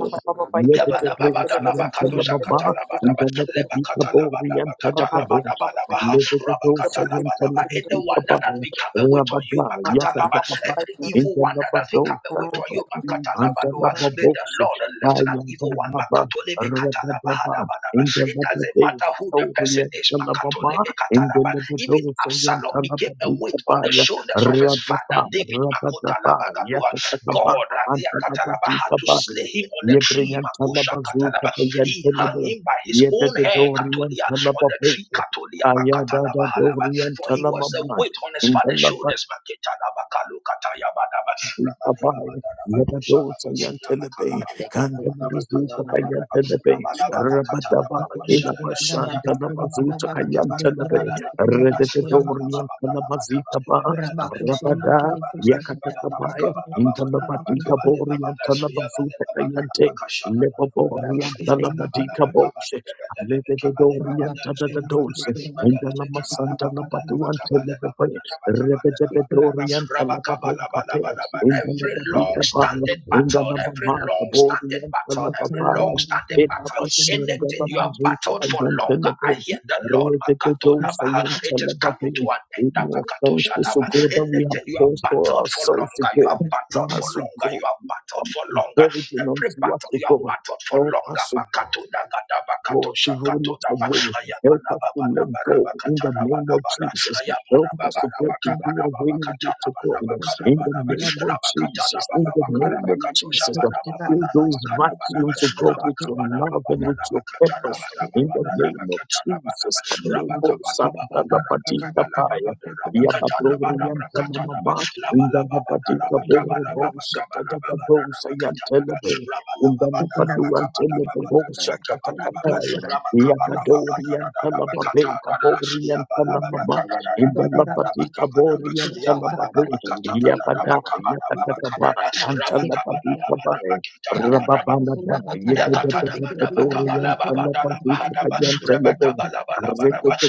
C: yededede sayanta lababa,
D: Yabadababadalabakadoshakatalabadaba,
C: indalababe kaborianta lababe,
D: lebakatalabadabakatalabadabalabaha,
C: ledededo sayanta
D: rabakatalabadaba.
C: lababe
D: Anyone that has
C: kabaya,
D: become a weight on you,
C: rabada
D: makatalaba,
C: yakatakaba,
D: every evil one that has
C: indalabado
D: become a weight on
C: sadaba,
D: you,
A: bakura.
D: makatalabadoa, may the
C: antalababose,
D: Lord lift that evil one.
C: ayadadaba, rabadaba,
D: makatolebekatalabahadabadaba. It doesn't matter who the person
C: Orian
D: is,
C: Talababa, in the
D: makatolebekatalaba. even
C: Levidosayan
D: Absalom became a
C: Talababu
D: weight on the
C: Papaya,
D: shoulders of his father
C: Rababa,
D: David.
C: Rabadaba,
D: Makotalabagadoa. God,
C: Yakatakaba,
D: uh,
C: and Talabati
D: to
C: Papaya,
D: slay him on the tree.
C: Yebrian
D: Makosha
C: Talabazu
D: Katalaba.
C: Papayan
D: He hung
C: Telebo,
D: him by his own hair,
C: Yedorian
D: Katolia, on the
C: Talababu,
D: tree, Katolia,
C: Ayada
D: Makatalaba,
C: Dorian
D: for he was a
C: Talamama,
D: weight on his
C: in
D: father's
C: the
D: shoulders. Maketanabakalukatabadaba,
C: Ikabai, Yabadota Yantelebe,
A: Kuraba
C: Kandamazuta Kayantelebe, Rabadaba, Kilabashan, Danabazuta Kayantelebe, Rededorian Kanamazita Ba, Rabada, Yakatakabaya, Intanabatika Borian Tanabazuta Kayante, Lepoborian Tanabadika Boshe, Lededorian Tadadadose, Indanamasanta Labatuan Telebe, Rebedorienta Lababon Capet, in the
D: Every long
C: Lababita Paya,
D: standing
C: in
D: battle,
C: Rebedebedorienta lababonkape,
D: every
C: indelebedikapaya, indalamamata
D: long standing
C: borienta
D: battle, every long
C: lababaya,
D: standing battle,
C: inabashanga
D: anything you have
C: labazuka
D: battled for longer, I
C: ayantelebe,
D: hear the Lord. Makato
A: Thank
D: Labaha.
C: redededousayanta
D: It is coming to
C: lababe.
D: an end.
C: Any
D: Makato
C: offenses, O
D: Shalaba.
C: God, that we have
D: Anything you have
C: caused for
D: battled for
C: ourselves, O
D: longer, you
C: God,
D: have
C: that
D: battled for
C: has, O
D: longer, you
C: God,
D: have battled
C: come
D: for longer.
C: burden
D: Every
C: unto us,
D: battle
C: O
D: you have
C: God.
D: battled for
C: Help
D: longer.
C: us, O
D: Makato Nagada Makato
C: God, to roll
D: Shakato
C: it
D: Dava.
C: away. Help
D: Ayabana
C: us to
D: baba
C: let
D: nabara
C: go in the
D: bakatana
C: name
D: bana
C: of
D: bara.
C: Jesus.
D: Ayabana
C: Help us
D: baba
C: to break to do
D: nabakabana
C: away
D: baba
C: with it
D: katana
C: to God
D: bana bakana
C: in the
D: bana
C: name of
D: baba katana
C: Jesus.
D: bana
C: In the
D: bakana
C: name of
D: bakatosha
C: Jesus. Lord,
D: bana baba
C: Fill
D: nala
C: those
D: bakana bana
C: vacuums, of God,
D: baba
C: with your
D: kabana
C: love
D: baba
C: and with
D: nala
C: your
D: bakatana
C: purpose.
D: bana
C: In
D: baba
C: the
D: nala
C: name of
D: bakatana bana
C: Jesus.
D: baba
C: Kalebo
D: kabana baba
C: santa la
D: nala
C: badita
D: bakana baba
C: paya.
D: nala
C: Ya
D: bakatana bana baba Ayabanababanabarabakatanabanabarabara. Ayabanababanabakanababakatanabanabakanabanaba. Rabakatanabanabakarabakatoshabanababanabakanabana.
C: badori yanta la
D: Rabakabanababanabakanabanabakanabanabakanaba. Rabakabanababanabakanabanabakanabanabakanaba.
C: mama. Inda la badita boro
D: Labalababanabakanaba.
C: bo shata gada bo sayantelebe. In the Labadu and Telebosha Tatakaya, Yagadori and Talababe, Kabori and
A: Thank
C: Talamaba, in the the
D: Rabba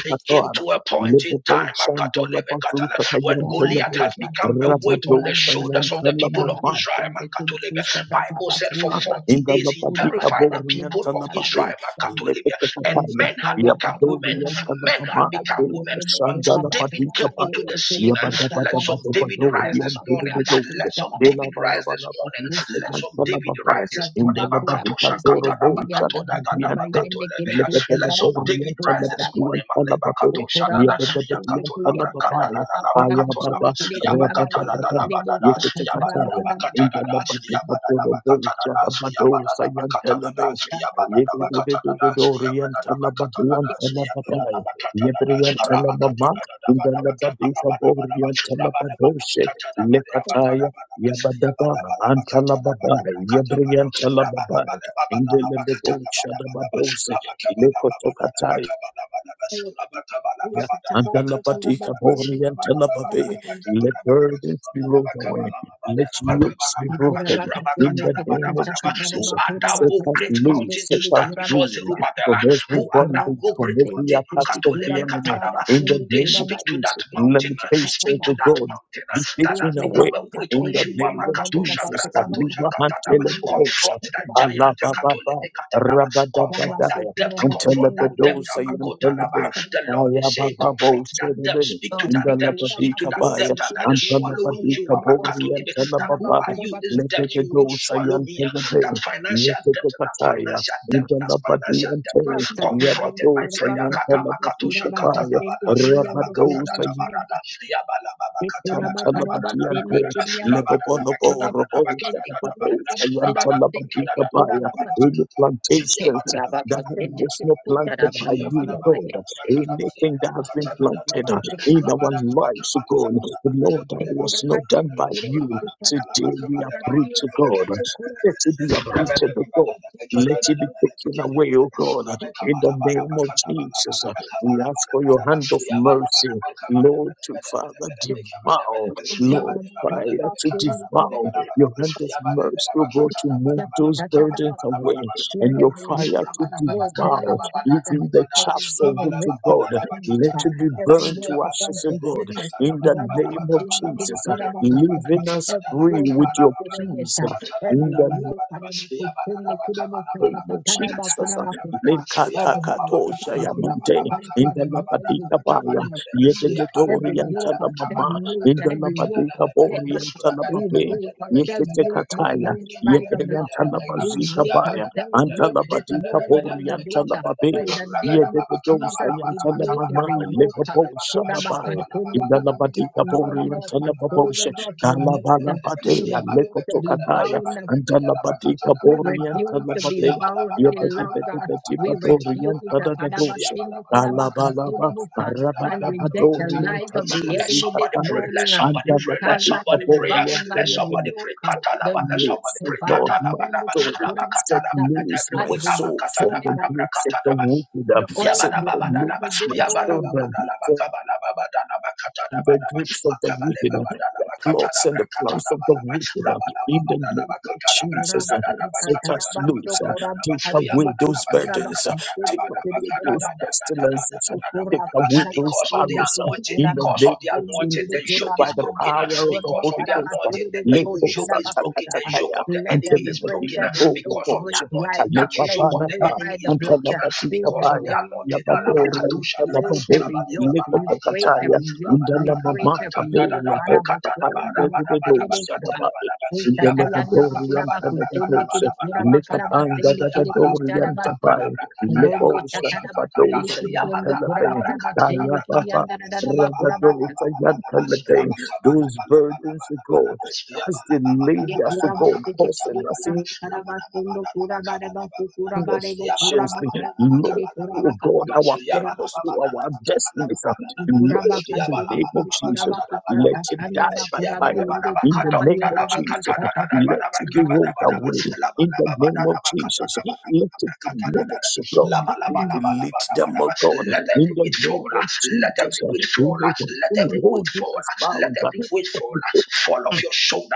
D: it came to a point in time when Goliath has become a weight on the
C: Rabadou
D: shoulders of the
C: Fayantala
D: people of
C: Mabba
D: Israel. Bible said for 40 days he
C: Indalapati
D: terrified the people
C: aborienta
D: of Israel.
C: lapape,
A: you.
D: And
A: Kuraba
C: alepekatapaya,
D: men had become women.
C: yabadorienta
D: Men had
C: lapama,
D: become women until David
C: sandalapati
D: came into
C: tapaya,
D: the scene. Let some David rise this
C: yabadabadabadabadorienta
D: morning. Let
C: ledoce,
D: some David rise this morning. Let some
C: elabalabalabadorienta
D: David
C: lapapaya,
D: rise this morning.
C: indalapati
D: Makatosha
C: katoro
D: katana
C: bocha
D: makatona gada
C: lapatiente,
D: makatona beha. Let some David
C: lepepelaborienta
D: rise this morning.
C: lapatuanta
D: Maleba
C: lapape,
D: katosha dada
C: yabadabadienta
D: yakatola brakada la
C: lapapaya,
D: la la
C: ayababa,
D: bakatola ba yabakata la la la
C: reapatabada,
D: badada yabada da
C: yeketekataya,
D: bakata
C: in
D: da
C: the
D: da
C: labadi
D: yabada da
C: Pato
D: bakata da
C: Bosa
D: da
C: Bato
D: yabada da bakata da da
C: Sayantelebe.
D: yabada da bakata da da
C: Yedidididididorian
D: yabada da bakata da
C: Talabaduan
D: da yabada da
C: Talababai.
D: bakata da
C: Yebrian
D: da rabakata
C: Talabama.
D: da da
C: In
D: da
C: the
D: da bakata
C: labadi
D: la ba da ba da ba
C: Kaborian
D: rabada ba da
C: Talabadoshe.
D: bakata da ba da bakata da ba
C: Lekataya.
D: da ba
C: Yabadaba
D: yabada ba da
C: and
D: bakata da ba da
C: Talababai.
D: brakata
C: Yebrian Talababai. In the Labosha Dababose. Lekotokataya. And the
A: Ushitavando
C: Labatika
A: kurabakuri
C: Bori and Talababe,
A: kurabakarabayendeke.
C: let burdens be rolled away, let yokes be broken in the
A: Kurabakapendeke.
C: name of
D: who
C: Jesus.
A: Shakataraba
D: art thou,
C: Set
D: O
C: us
D: great
C: loose,
A: kurabakapasende
D: mountain,
C: set
D: to
A: kiri
C: us
D: stand before
C: free
A: kurabakaba.
D: Zerubbabel?
C: from every
D: Who art thou,
C: bondage,
D: O
C: from
D: great
C: every
D: mountain?
A: Kurabakapendeke.
C: attack of
D: Makatolebe
C: the enemy.
D: katalaba
C: In
A: Shikurabakarabasende
C: the
D: today,
C: name of
D: speak to that
C: Jesus,
A: kurabayendeke.
D: mountain. uh, Speak
C: limitations
A: Shakataraba.
D: to
C: of
D: that
C: God
D: mountain uh,
C: be
D: that has
C: taken
D: become
C: away.
D: a weight on
C: In the
A: Kurabakapende
D: you.
C: name of Jesus, Kaliba
A: kurabakarabakurabakapende
C: and Telebosha,
D: Confront that giant. uh,
A: kurabakarabakurabakapende.
C: Alababa,
D: Confront that
C: Rabadabadaya,
D: depth.
C: and
D: Confront that
A: Yabashikurabakapende kiri
D: depth.
C: Telebedosa,
D: The
A: kurabakarabakurabakapende.
D: Lord
C: Aya
D: is saying,
C: baba bo
D: confront that depth.
C: inda
D: Speak to that
C: inda
A: Stay
C: la
D: depth.
A: cool
D: Speak
A: about
D: to
C: badika
D: that
A: food, so
C: baya
D: depth.
A: if
D: And
A: you
D: that is
A: cool
C: anta la
A: about
D: swallowing
A: your
D: you.
C: badika
A: liquid emotion,
C: bori
A: that
C: anta
A: the
C: la
D: That
A: son of
D: who
A: a
C: baba
D: are
A: cool
D: you?
A: about
D: This
A: the
C: le de
D: depth,
A: same
C: de
D: you will not
C: do
A: thing, cool about
C: ya
D: swallow me
A: the
C: ante,
D: that financial debt, that financial debt, that financial debt, uh,
A: pasta,
D: confronted
A: Cavani,
D: by
A: cool
D: prayer.
A: about the food,
D: Katamakato
A: cool about Castel, the Kirian, the cool about
C: Rabadosa
A: Shirin, the cool about Caraba, send
C: Yantalabadiante,
A: the Kirian, the cool
C: Lebobonobo,
A: about
C: Robon
A: Castel, the Kirian, the
C: Shadabadesa,
A: cool about send
C: Yantalabadika
A: the cool
C: Baya,
A: about Castel,
C: any
A: the cool
C: plantations
A: about
C: that
A: Castel, the
C: was not
A: cool about
C: planted
A: Caraba,
C: by
A: and the cool
C: you,
A: about
C: God,
A: Yet, the cool
C: anything that has
A: about
C: been planted
A: cool
C: in our lives, God, Lord, that
A: Thank
C: was not done by you. Today we uproot to God. Let it be uprooted, O God. Let it be taken away, O God, in the name of Jesus. We ask for your hand of mercy Lord, to Father, devour, Lord, fire to devour. Your hand of mercy, O God, to move those
A: you.
C: burdens away,
A: Let
C: and your
A: every
C: fire
A: word be
C: to
A: read, every
C: devour
A: doctrine,
C: even the
A: every
C: chaffs of it, to God.
A: generation,
C: Let
A: uh,
C: it be
A: every
C: burned
A: life
C: to
A: of
C: ashes, O
D: Rabba
C: God,
A: unforgiveness, I
C: in the
A: put on my
C: name of
A: costume, I get it,
C: Jesus,
A: put on my costume.
C: leaving us
A: every
C: free
A: yoke
C: with
A: of
C: your
A: bitterness,
C: peace.
A: uh,
C: uh,
A: every
C: In the
A: yoke of my costume, I could have also
C: name
A: cut a
C: of
A: ton of my could
C: Jesus.
A: have my costume. of heart, every
C: Lekatakatosha
A: yoke,
C: yamante.
A: fight in our minds,
C: Indalabadika
A: fight
C: baya.
A: in our families,
C: Yedededori
A: every yoke of
C: yantalamama.
A: stagnation, every yoke of
C: Indalabadika
D: Yabba
C: bori
A: setback, we
C: yantalababe.
A: break ourselves, yoke, make
C: Yetetekataya.
A: me rise and block. We
C: Yedreyantalabazika
A: break
C: baya.
A: ourselves loose this
C: Antalabadika
A: morning by
C: bori
A: the blood.
C: yantalababe.
A: In the name of
C: Yedededosa
A: Jesus, we break
C: yantalamama.
A: every yoke.
C: Lebabosa
A: Put our back and
C: labaya.
A: turn the kingdom this
C: Indalabadika bori
A: morning off our shoulders,
C: yantalababosha.
A: off our necks. We
C: Kalabalabade.
A: refuse to be
C: Lekotokataya.
A: bound.
C: Antalabati
A: We
C: Kaborian
A: refuse to be
C: Talababe,
A: bound any longer. We
D: Yabba
C: Yepetipatorian
A: refuse the
C: Tadadadoshe,
A: Kadabasino Kudabaka
C: Alabalaba,
A: Sidibusa and reject the
C: Arabadabadorian
A: lies of the
D: let
C: Talabazi
A: enemy this
D: somebody pray.
C: Kataya,
D: Let
A: morning.
D: somebody
A: We
D: pray.
A: shall
D: Let
C: Antalabati
A: not be
D: somebody pray.
C: Kaborian
A: bound by
D: Let
A: any
D: somebody
C: Talababe.
A: yoke.
D: pray.
A: The
D: Katalaba. Let
A: yoke
D: somebody
C: Lives,
A: the
D: pray.
C: God, my
D: Katalaba.
A: Kadabasino
C: soul, set
D: Rabakatalaba.
A: Kudabaka
D: Let
C: loose
D: every
A: as
C: my
D: weight.
A: we
C: soul
A: destroy
C: from
D: Abakatalaba.
C: the
A: that
C: grips of the
D: Abakatalaba.
C: wicked,
A: the oil
C: set
A: of
C: them
A: the
D: Yabadabadadaba,
A: anointed
C: loose
A: this
C: my
A: morning.
C: children
D: yabadabadadaba, kabadabadadaba,
C: the
D: katadabadaba,
C: grips of the wicked, uh, the
D: makabalebabadadaba,
C: plots and
D: katadabra,
C: the plans of the
D: katadabalaba,
C: wicked. uh, In the
D: rabalababadadaba,
C: name of
D: katadabra,
C: Jesus, uh,
A: Kurabaka,
D: katadadaba,
C: set us
D: katadadaba,
A: Karabando,
C: loose. uh,
D: katadadaba,
C: Take
A: Kurabaka,
C: away
A: Sidibusa,
C: those
D: yabadadaba,
C: burdens. uh,
D: katadadabra,
A: Kurabaka,
C: Take
D: dabadaba,
C: away those
A: Sidibusa,
C: pestilences. uh, Take
A: Ocurra
D: katadadadadadadadadadadadaba.
C: away
A: bajar
C: those
D: Because of the
A: bastante
C: arrows.
A: que
C: uh,
A: de
D: anointing,
A: cura
C: In the
D: because of the
C: name of
A: bastante que
D: anointing,
A: de
D: the
C: Jesus,
A: cura
D: yoke
C: by
D: is
C: the
A: mana
D: broken.
C: power
A: no
C: of
A: cura
C: the
D: Because of
C: Holy
D: the
A: para
C: Ghost.
A: más
C: uh,
A: que
D: anointing,
A: de
D: the
A: de
D: evil
C: Leko
D: yoke
A: bochara
D: is broken.
A: bacusa.
D: The yoke
C: satakatakaya,
D: of the
A: Let them
D: enemy is
C: antelebedi
A: break
D: broken.
A: every
C: antoro
A: yoke,
D: Because of the
A: break
C: toche,
A: right
D: anointing,
A: now.
D: that
A: Let
D: yoke
A: it
D: of the
A: break
C: kalebabanada,
A: by
D: enemy
A: the
D: is
A: blood.
D: broken
C: antelabadi
A: In the
D: Because of of the
C: kabaya,
A: name of
D: anointed.
A: Jesus,
C: yabadore,
A: we
D: Alabakatoshadaba,
A: break
C: antelabade,
A: every yoke, we break
D: rabadebabalababatadaba,
C: leko
A: every yoke,
C: in the
A: we
C: name of
A: break
C: Mark, I
A: every
C: pray
A: yoke.
C: in the name
A: Para
C: of the Father,
D: rabadabalabakatadadadabakatadaba,
C: the Son, and the Holy Spirit.
D: rabadabalabakatadabadaba,
C: In the name of the Orient, and the Catholics,
D: yabadabalabakabadabrakadabadabadaba,
C: lift up and
D: bodabaya,
C: the the- the Orient, and
A: Kurabasa.
C: the
A: Robo
C: Lepos, the
A: chatada
D: ayabalabrakatabalabrakatayakatoshakataya,
A: bastelli
C: Patos, the
A: chiriando curada da
C: Telebe,
A: bastelli
C: Kaya Baba,
A: chirianda da da da ba cura basta.
C: Radados,
D: yabakabalabrakatadabrakatadaba,
C: and the Telebe. Those burdens, O God, as they
A: Ye
C: laid us, O
A: cura
C: God,
A: basta che
C: causing
A: chiri cura
C: us
A: tada ba cura bara basta cura bara bo cura ma
C: efficiently,
A: cara basta de
C: Lord.
A: cura
C: Oh
A: ma caste
C: God, our
A: de cura ma
C: purpose,
A: cuci.
C: oh, our destiny, uh,
A: Cura ba
C: Lord, in the
A: caste me
C: name of
A: chiri cura
C: Jesus,
A: ba custa
C: let
A: ta
C: it die
A: chanda ba
C: by
A: cura ma
C: fire.
A: yuri
C: In
A: cura
C: the
A: ba
C: name of
A: yuri de bo
C: Jesus,
A: sta caste ma
C: let it be
A: ba.
C: rolled away. In the name of Jesus, let it be minutes, oh God. We
A: kuraba.
C: delete them, oh God.
D: let
C: In
D: every
C: the
D: weight fall.
C: name of
D: Let
C: Jesus,
D: every
C: uh,
D: weight fall.
C: in the
D: Let every weight
C: holding
D: fall.
C: us
D: Let
C: bound.
D: every weight fall. Fall
C: uh,
D: off your shoulder.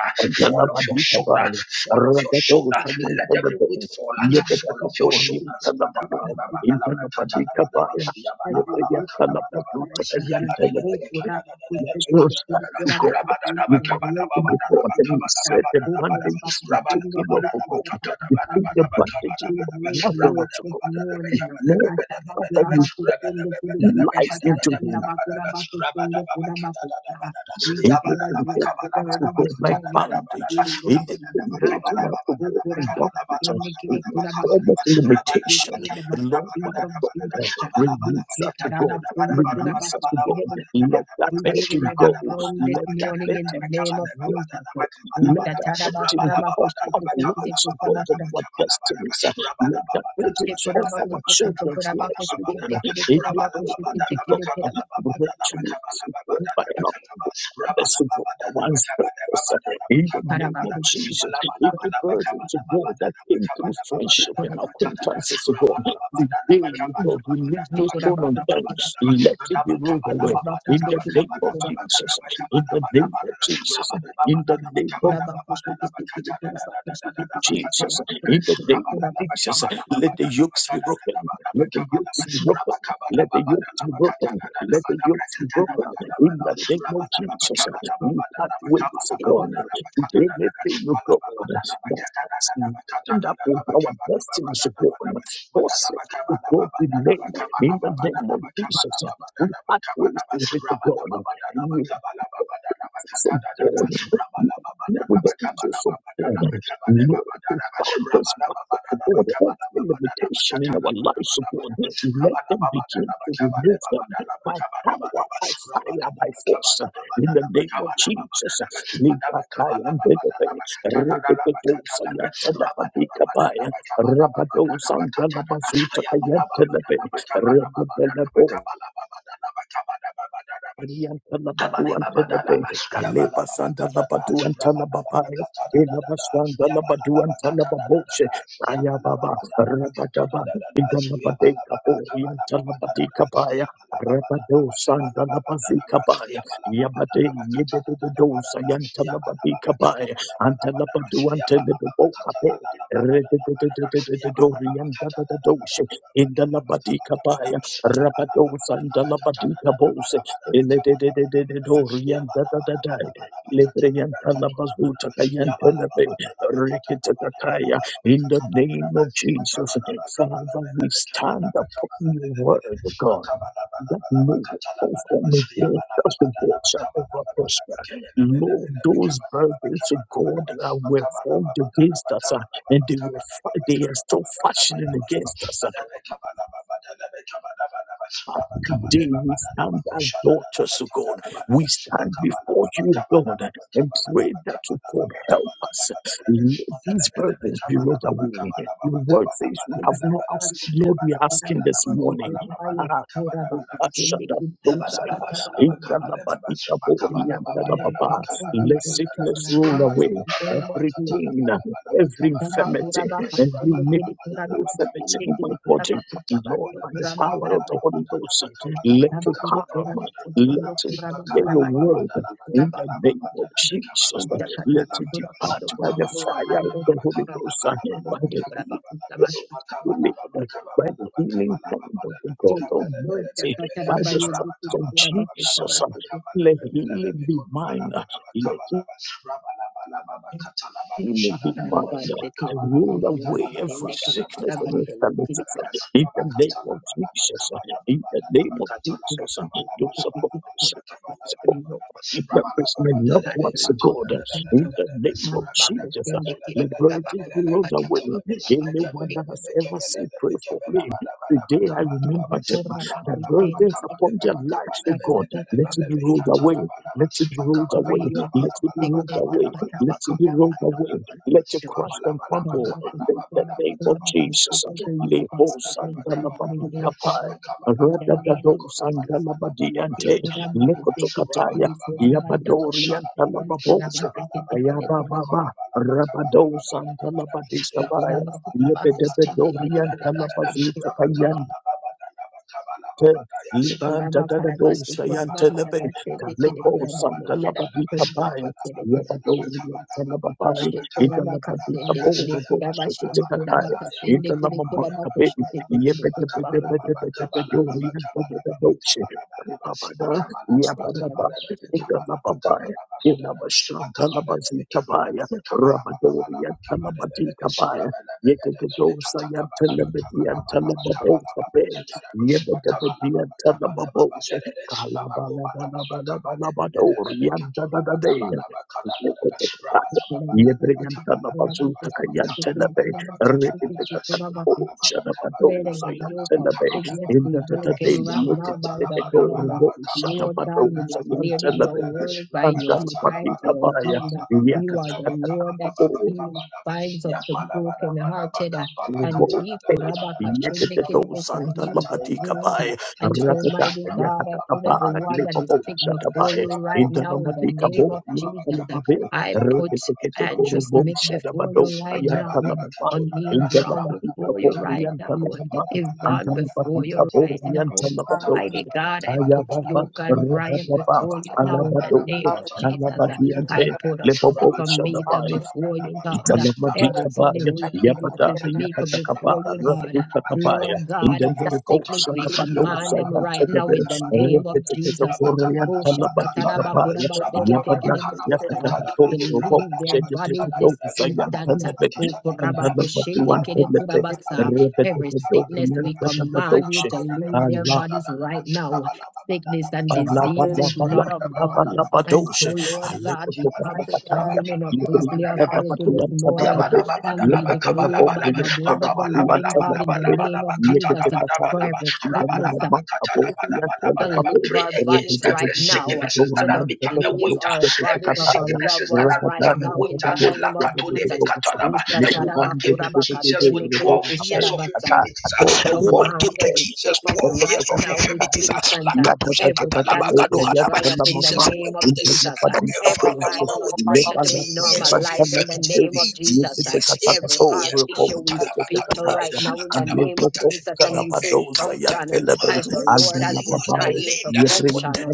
D: Fall off your shoulder.
C: Jalabadikabaya,
D: Fall off your
C: Ragato
D: shoulder.
C: Sayan
D: Let every
C: Sadato,
D: weight fall.
A: And I have
D: Fall
A: this
D: off your
C: Yetapakato,
D: shoulders.
A: specifically, I
C: Yintanababa,
A: have this
C: Yintanabadikabaya,
A: specifically, Every week of the
C: Yetayatanabatu,
A: prayer
C: Sakayan
A: starter, oh,
C: Sadape.
A: Kuraba could take
C: That's
A: it
C: your
A: to
C: sky
A: the
C: to
A: Kuraba
C: God.
A: Pasai
C: You go
A: and
C: to
A: the late
C: the
A: by
C: God
A: the
C: and you
A: Vista,
C: set the
A: oh, Kuraba
C: bandages you take
A: Pasai, the
C: in off of God. You take
A: Kuraba
C: the bandages
A: we
C: of
A: break loose
C: Lazarus to
A: this
C: God. And
A: morning.
C: know that
A: Ashabakuraba
C: you
A: Kusundo Kudu
C: lies
A: Kutakata
C: into him.
A: Kanda Bakuraba Kusundo Kudabakusta. We share
C: Anything
A: that we are
C: holding us to
A: burden
C: God
A: this
C: like
A: morning. uh, We
C: bondage,
A: lay them
C: anything
A: aside.
C: holding
A: uh,
C: us to
A: oh,
C: God in
A: Kurabaka,
C: bondage, and
A: Kinekide
C: in
A: Kurabaka,
C: promise
A: uh, We
C: limitation,
A: lay them at the
C: Lord my
A: feet of Jesus.
C: God,
A: uh, We
C: release
A: say,
C: us to God,
A: Karabakunde
C: release us
A: Kurabaka,
C: to God,
A: Kidebukara.
C: let that
A: We give him
C: burden
A: every
C: go,
A: burden this
C: let that
A: morning in the
C: burden
A: name of
C: to
A: Jesus. uh, oh,
D: Rabba
C: let
D: Rabba
C: that burden be
A: Tatarabakurabaka,
C: off our
A: Shekekekide
C: lives, O God, and
A: Kurabaka,
C: our destinies. Let that burden off our children's
A: Shekurabakutukutukurabaka,
C: lives, O God.
A: Shekekekide
C: Any
A: Kurabaka,
C: burden to God,
A: Shekekekide
C: break
A: Kurabaka,
C: to us, O God, by
A: Kurabaka.
C: our the simple one's purpose uh, in the name
A: Thank
C: of Jesus. If the burdens of God that came through friendship and acquaintances of God, today, God, we leave no stone unturned. Let it be rolled away in the name of Jesus. In the name of Jesus. In the name of Jesus, in the name of Jesus, let the yokes be broken. Let the yokes be broken. Let the yokes be broken. Let the yokes be broken. In the name of Jesus, we part ways, God. With anything, oh God, that has end up with our destinies, oh
D: Rabba
C: God, force it. to God in name, in the name of Jesus, we part ways with it, oh God, from God.
A: you.
C: Lord, the angels of God. Lord, to fight this battle, God. Every limitation in our lives, oh God. Let them begin to remove them by power, by fire, by force. In the name of Jesus.
D: Rabba
C: Rabadosa and Dalabazuta Orienta la batu ante la be, Kaleba sanda la batu ante la babaya, Ela basanda la batu ante la baboshe, Aya baba, Rabakaba, Inda la bade kapo, Orienta la bade kapaya, Rabado sanda la bazi kapaya,
D: Yabala Yabba
C: Yabade yede de de dosa, Yanta la bade kapaya, Anta la batu ante la babo kape, Rede de de de de de de do, Orienta la doshe, Inda la bade kapaya, Rabado sanda la bade kabose, in the name of Jesus, Father, we stand upon your word, God,
D: Makabana
C: that no form against us, the God, shall ever prosper. Lord, those burdens, of God, that were formed against us, uh, and they were fi- they are still fashioning against us. uh, Today we stand as daughters of God. We stand before you, God, and pray that you God help us. Let these burdens be rolled away. Your word says we have not asked, Lord, we are asking this morning. Ah,
D: Thank
C: ah,
D: you.
C: Let sickness roll away. Every pain, every infirmity, every iniquity, infirmity in my body, Lord, by the power of the Holy Ghost. Let it come. Let it hear your word in the name of Jesus.
A: Ucakata
C: Let it
A: bakura
C: depart
A: kusto
C: by
A: kusto
C: the
A: kura
C: fire
A: pada
C: of
D: Makabala
C: the
A: kusto
D: Rabba
C: Holy
A: kura
C: Ghost,
A: bakura
C: by
A: kusto
C: the
A: kura
C: healing.
A: bakura
C: healing, By the healing hand of the God
A: Jesus. Oh,
C: Almighty, by the
A: Shakatarabaye,
C: stripes of Jesus,
A: Dikurabakutabasuku,
C: let
A: Kuroko.
C: healing be mine. Let imminent mind
A: Arabase,
C: and roll away every
A: Kurabasendeke,
C: sickness and
A: Kurabasendo,
C: infirmity
A: Kurabasa.
C: in the name of Jesus. In the name of
D: Rabba
C: Jesus,
A: Kurabakurabaku,
C: those
A: Kurabakurabaku, Kurabako,
C: are it represents my loved ones, God. In the name of
A: Kurabako,
C: Jesus, liberty be rolled away.
A: Kurabako, Kurabako,
C: Anyone that has
A: Kurabako,
C: ever said, pray for me. Today I remember them. The burdens upon their lives, oh God, let it be rolled away. Let it be rolled
A: Every
C: away.
A: yoke of
C: Let it be rolled
A: sickness and
C: away. Let
A: every
C: it be rolled away. Let it
A: yoke
C: crush and
A: of
C: crumble. In the
A: sickness
C: name of Jesus.
A: and
C: Lebos and Dalabadi
D: Makabala
A: relocated
C: Kapai.
A: right now in the name of
C: Radadados and
A: Jesus.
C: Dalabadi Ante.
D: Makabalabalabalabakolabalabalabalabakatalalalalala.
C: Lekotokataya. Yabadorian
D: Rabalababalabakoshalabalaba.
C: Talababose, Ayababa, Rabados and
D: Makabalababalabakolabalabakalabalabalabala. Kabala Baba
C: Talabadikabaya,
D: Kabala Baba
C: Yabedorian Talabazuta Libanda
A: Chikoraba
C: da da
A: karaba
C: dosha
A: sukoraba
C: yantelebe
A: karaba de. kere
C: kalebo
A: koraba kosharaba
C: sandalabadika
A: koraba
C: baya
A: sende kere.
C: yabadori yantelababai
A: de
C: italabadika
A: kasende kere
C: boro
A: koraba
C: dosha
A: shende koraba
C: kitikakaya
A: kasende kere koraba
C: italabamaka be
A: koshende kere koraba koshende.
C: yepetepetepetepetepedori yantelebe dosha kalabada
D: Kabala Baba
A: Shikoraba
C: yabadaba
A: koshende kere
D: Kabala Baba
C: italababai
D: Rabba
C: kilabashandalabazika baya rabadori yantelabadika baya yetetedosa yantelebe yantelebe
A: koraba koshende.
C: Yebedebediantadababose, kalabalabalabalabalabadooriantadadadea.
A: Chikora mapesiko chikora mapesiko
C: Yebreyantadabazutakayantelabe,
A: chikora mapesiko chikora mapesiko. Let every yoke of
C: reketekatakaboshanabadosayantelabe.
A: sickness be
C: Indadadade,
A: broken right now by the blood. Lord God, We declared in your
C: yeketeketekoroboshanabadosayantelabe.
A: word by your stripes you are
C: Andalabatikabaya,
A: healed. You are the Lord that
C: yakatakatakatakabo,
A: heals, binds up the brokenhearted, uh, and
C: Lebabo
A: he kurabaka shendekidebusa heals your wounds. uh, And so, mighty God, I put everyone that is sick before you right now in the name of Jesus. I put Andrew Smith before you right now, O'Neill Brown before you right now, Yvonne before
D: Rabba
A: you right now.
D: Rabba
A: Mighty God, I put Yoga and Brian before you now in the name of Jesus. I put Apostle Pamita
C: Shadaba,
A: before you, God. Everybody
C: Italamadikabaya,
A: who is sickness
C: Yabada,
A: is meek
C: Yakatakaba,
A: before you, God.
C: Rasutakabaya,
A: Lord God, every sickness,
C: Indelibosa,
A: we command
C: Badosa,
A: them right now
C: Yantagabe,
A: in the name of
C: Repetipeto,
A: Jesus.
C: Korean,
A: Oh,
C: Talamadikabaya, Yabada,
A: shakatarabakurabasikitikidibusisa
D: Rabadabakatadada,
C: Yakatakato,
A: to
C: Robo,
A: leave their bodies
C: Sedeteto,
A: this
D: rabadabakatadadada,
C: Sayan,
A: instant.
C: Talabe,
A: O
C: and
D: rabadabakatadadadada,
A: kurabako shende
C: Talabatuan,
A: kere
C: Telepe,
A: kurabasa. Every
C: Repetipeto,
A: sickness,
C: Rian,
A: we
D: makabadabakabadabakabadabakabadabadaba,
A: command you
C: Tatatoshe,
A: to leave their bodies right
D: rabadababadabakashadadadada,
A: now. Sickness and
C: Ba la ba
A: disease
D: rabalababadabakabadababa,
C: la
A: is
C: ba la
A: not
C: ba
A: of
C: la ba
A: God.
C: la ba do
A: And so,
C: she, I
A: Lord
C: like to
A: God, we
C: talk
A: come
D: rabadababadabakabadabakabadababa,
C: about the tiger.
A: standing in a
C: Ye
A: priestly
C: ba
D: rabakabadababadabakabadababa,
C: ba ba
A: authority
C: do
A: this
C: an ba ba
A: morning
C: ba,
A: and
C: ye
A: we
C: ba ba ba
A: declare
C: bo
A: by the
C: ryan ba
A: blood of
C: ba
A: the
C: do an
A: living
C: ba ba
A: God in
C: ba,
A: the name of
C: ye ke
A: Jesus
C: te
A: uh, for
C: kaya,
A: every
C: ye na
A: sickness
C: na ma ba bo ryan ba
A: to
C: ba ba.
A: leave
D: Pray
A: our
C: Ye ba
A: bodies
D: against
C: ba
A: right
D: every
C: ba
A: now,
C: do
D: sicknesses
A: to
D: that has
A: the
C: an ba
D: become
C: ba ba, ye ba ba
D: a
C: ba
A: leave
C: do
D: waiter,
A: our
C: she ke te
A: bodies
D: every
A: of our
C: kaya,
A: loved
C: ba
D: sicknesses that
A: ones
D: has
C: ba
A: right
C: ba ba
D: become a
A: now in
C: ba
D: waiter.
A: the
C: do
A: name
C: she
A: of
C: ke te kaya,
A: Jesus.
D: A
C: ba ba ba
D: woman
C: ba ba do she ke te kaya. Ye ba ba ba do
D: came
C: she
D: to
C: ke te
D: Jesus with
C: kaya, ba ba ba ba
D: 12
C: ba
D: years of
A: Ushatarabakurabakasendekerekusharabasa.
D: infirmities.
A: We
D: ah. A woman came
A: command
D: to
A: every
D: Jesus 12
A: sickness
C: do
D: years
A: right
C: she
D: of
C: ke
A: now,
C: te
A: this
C: kaya.
D: infirmities. ah.
A: instant, uh,
C: Thank
D: Lakato
A: every
D: shakata
A: cancer
D: labagado
A: to
D: hadaba.
A: dry up in the
D: Jesus
A: name
D: went
A: of
D: to the
A: Jesus, uh,
D: synagogue and found
A: every
D: a
A: high
D: woman
A: blood
D: with 80
A: pressure to be
D: years of
A: normalized in the
D: infirmities.
A: name of
D: 80
A: Jesus, uh,
D: years, 80
A: every heart
D: years.
A: issue
D: Makuta
A: we speak to
D: labakato lebe.
A: right now in the
D: Makadaba.
A: name of
D: Peter and
A: Jesus, and
D: John
A: we say
D: encountered
A: function
D: a man
A: as
D: who,
A: the
D: was,
A: Lord has
D: who has been
A: designed you to
D: lame for 38
A: function.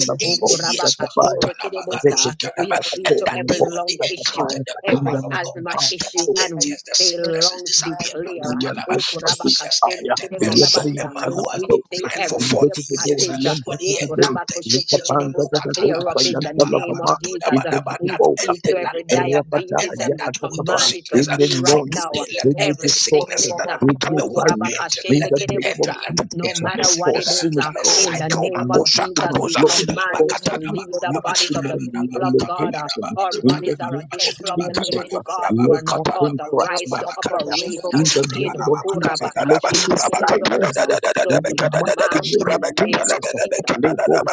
D: years.
A: Okurabakashendekerebosa. We speak
D: And
A: to
D: that
A: every
D: day when they
A: lung issue,
D: encountered the
A: every
D: power of God,
A: asthma
D: 38
A: issue,
C: you.
A: and we
D: years, the
A: say,
D: sicknesses is
A: lungs be
D: disappeared.
C: In
A: clear.
D: Makotalaba.
C: the
D: Jesus entered and saw a
A: Okurabakashendekerekurabasa.
D: man who has
A: We
D: been
A: say
D: blind for
A: every
D: 40
A: ear
E: Thank
D: years.
A: passage, uh,
D: When he encountered Jesus,
A: ekurabakosheketerebosa, clear
D: Malukatalaba,
A: up in the name of Jesus.
D: Takalabakatodabadaba,
A: We
D: that
A: speak to
D: ended, that
A: every
D: ended, that
A: diabetes
D: ended,
A: and we
D: that weight of
A: command it to
D: sickness.
A: flee
D: From
A: right
C: nonsense,
D: today,
A: now
D: let
C: in the
D: every
A: every
D: sickness
A: sickness.
C: distortion,
D: that
A: uh,
D: has
C: in
D: become
C: the
D: a weight
C: barrier,
D: end,
C: in
D: let
C: the
D: it
C: name
D: end,
C: of
A: Okurabakashendekebosa,
D: let it
A: No
D: end.
C: Jesus,
D: That
A: matter what
D: sickness
A: it
C: cause
D: that has
A: is, uh,
D: become a
A: in
C: synagogue,
A: the
D: cycle,
A: name of
C: relates to my
A: Jesus, we
D: Makoshakatoza,
C: glory,
A: command you
C: cause
A: to leave the
C: synagogue,
A: bodies
C: to
D: Labakatadabako.
A: of the
D: Weight
C: my
A: people of
D: of
A: God. uh,
C: elevation,
A: Our
C: in the
A: bodies are a
C: name of
A: temple of the
C: Jesus.
A: living God. You are
C: Let
A: not
C: that thing catch my
A: authorized to
C: fire.
A: operate uh,
C: In the
A: in
C: name of
E: you.
C: Jesus, let it be silenced.
A: Okurabakashendekebosa. So
C: In the
A: we
C: mighty
A: command you
C: name
A: in
C: of
A: the name of
C: Jesus, let
A: Jesus. uh,
C: those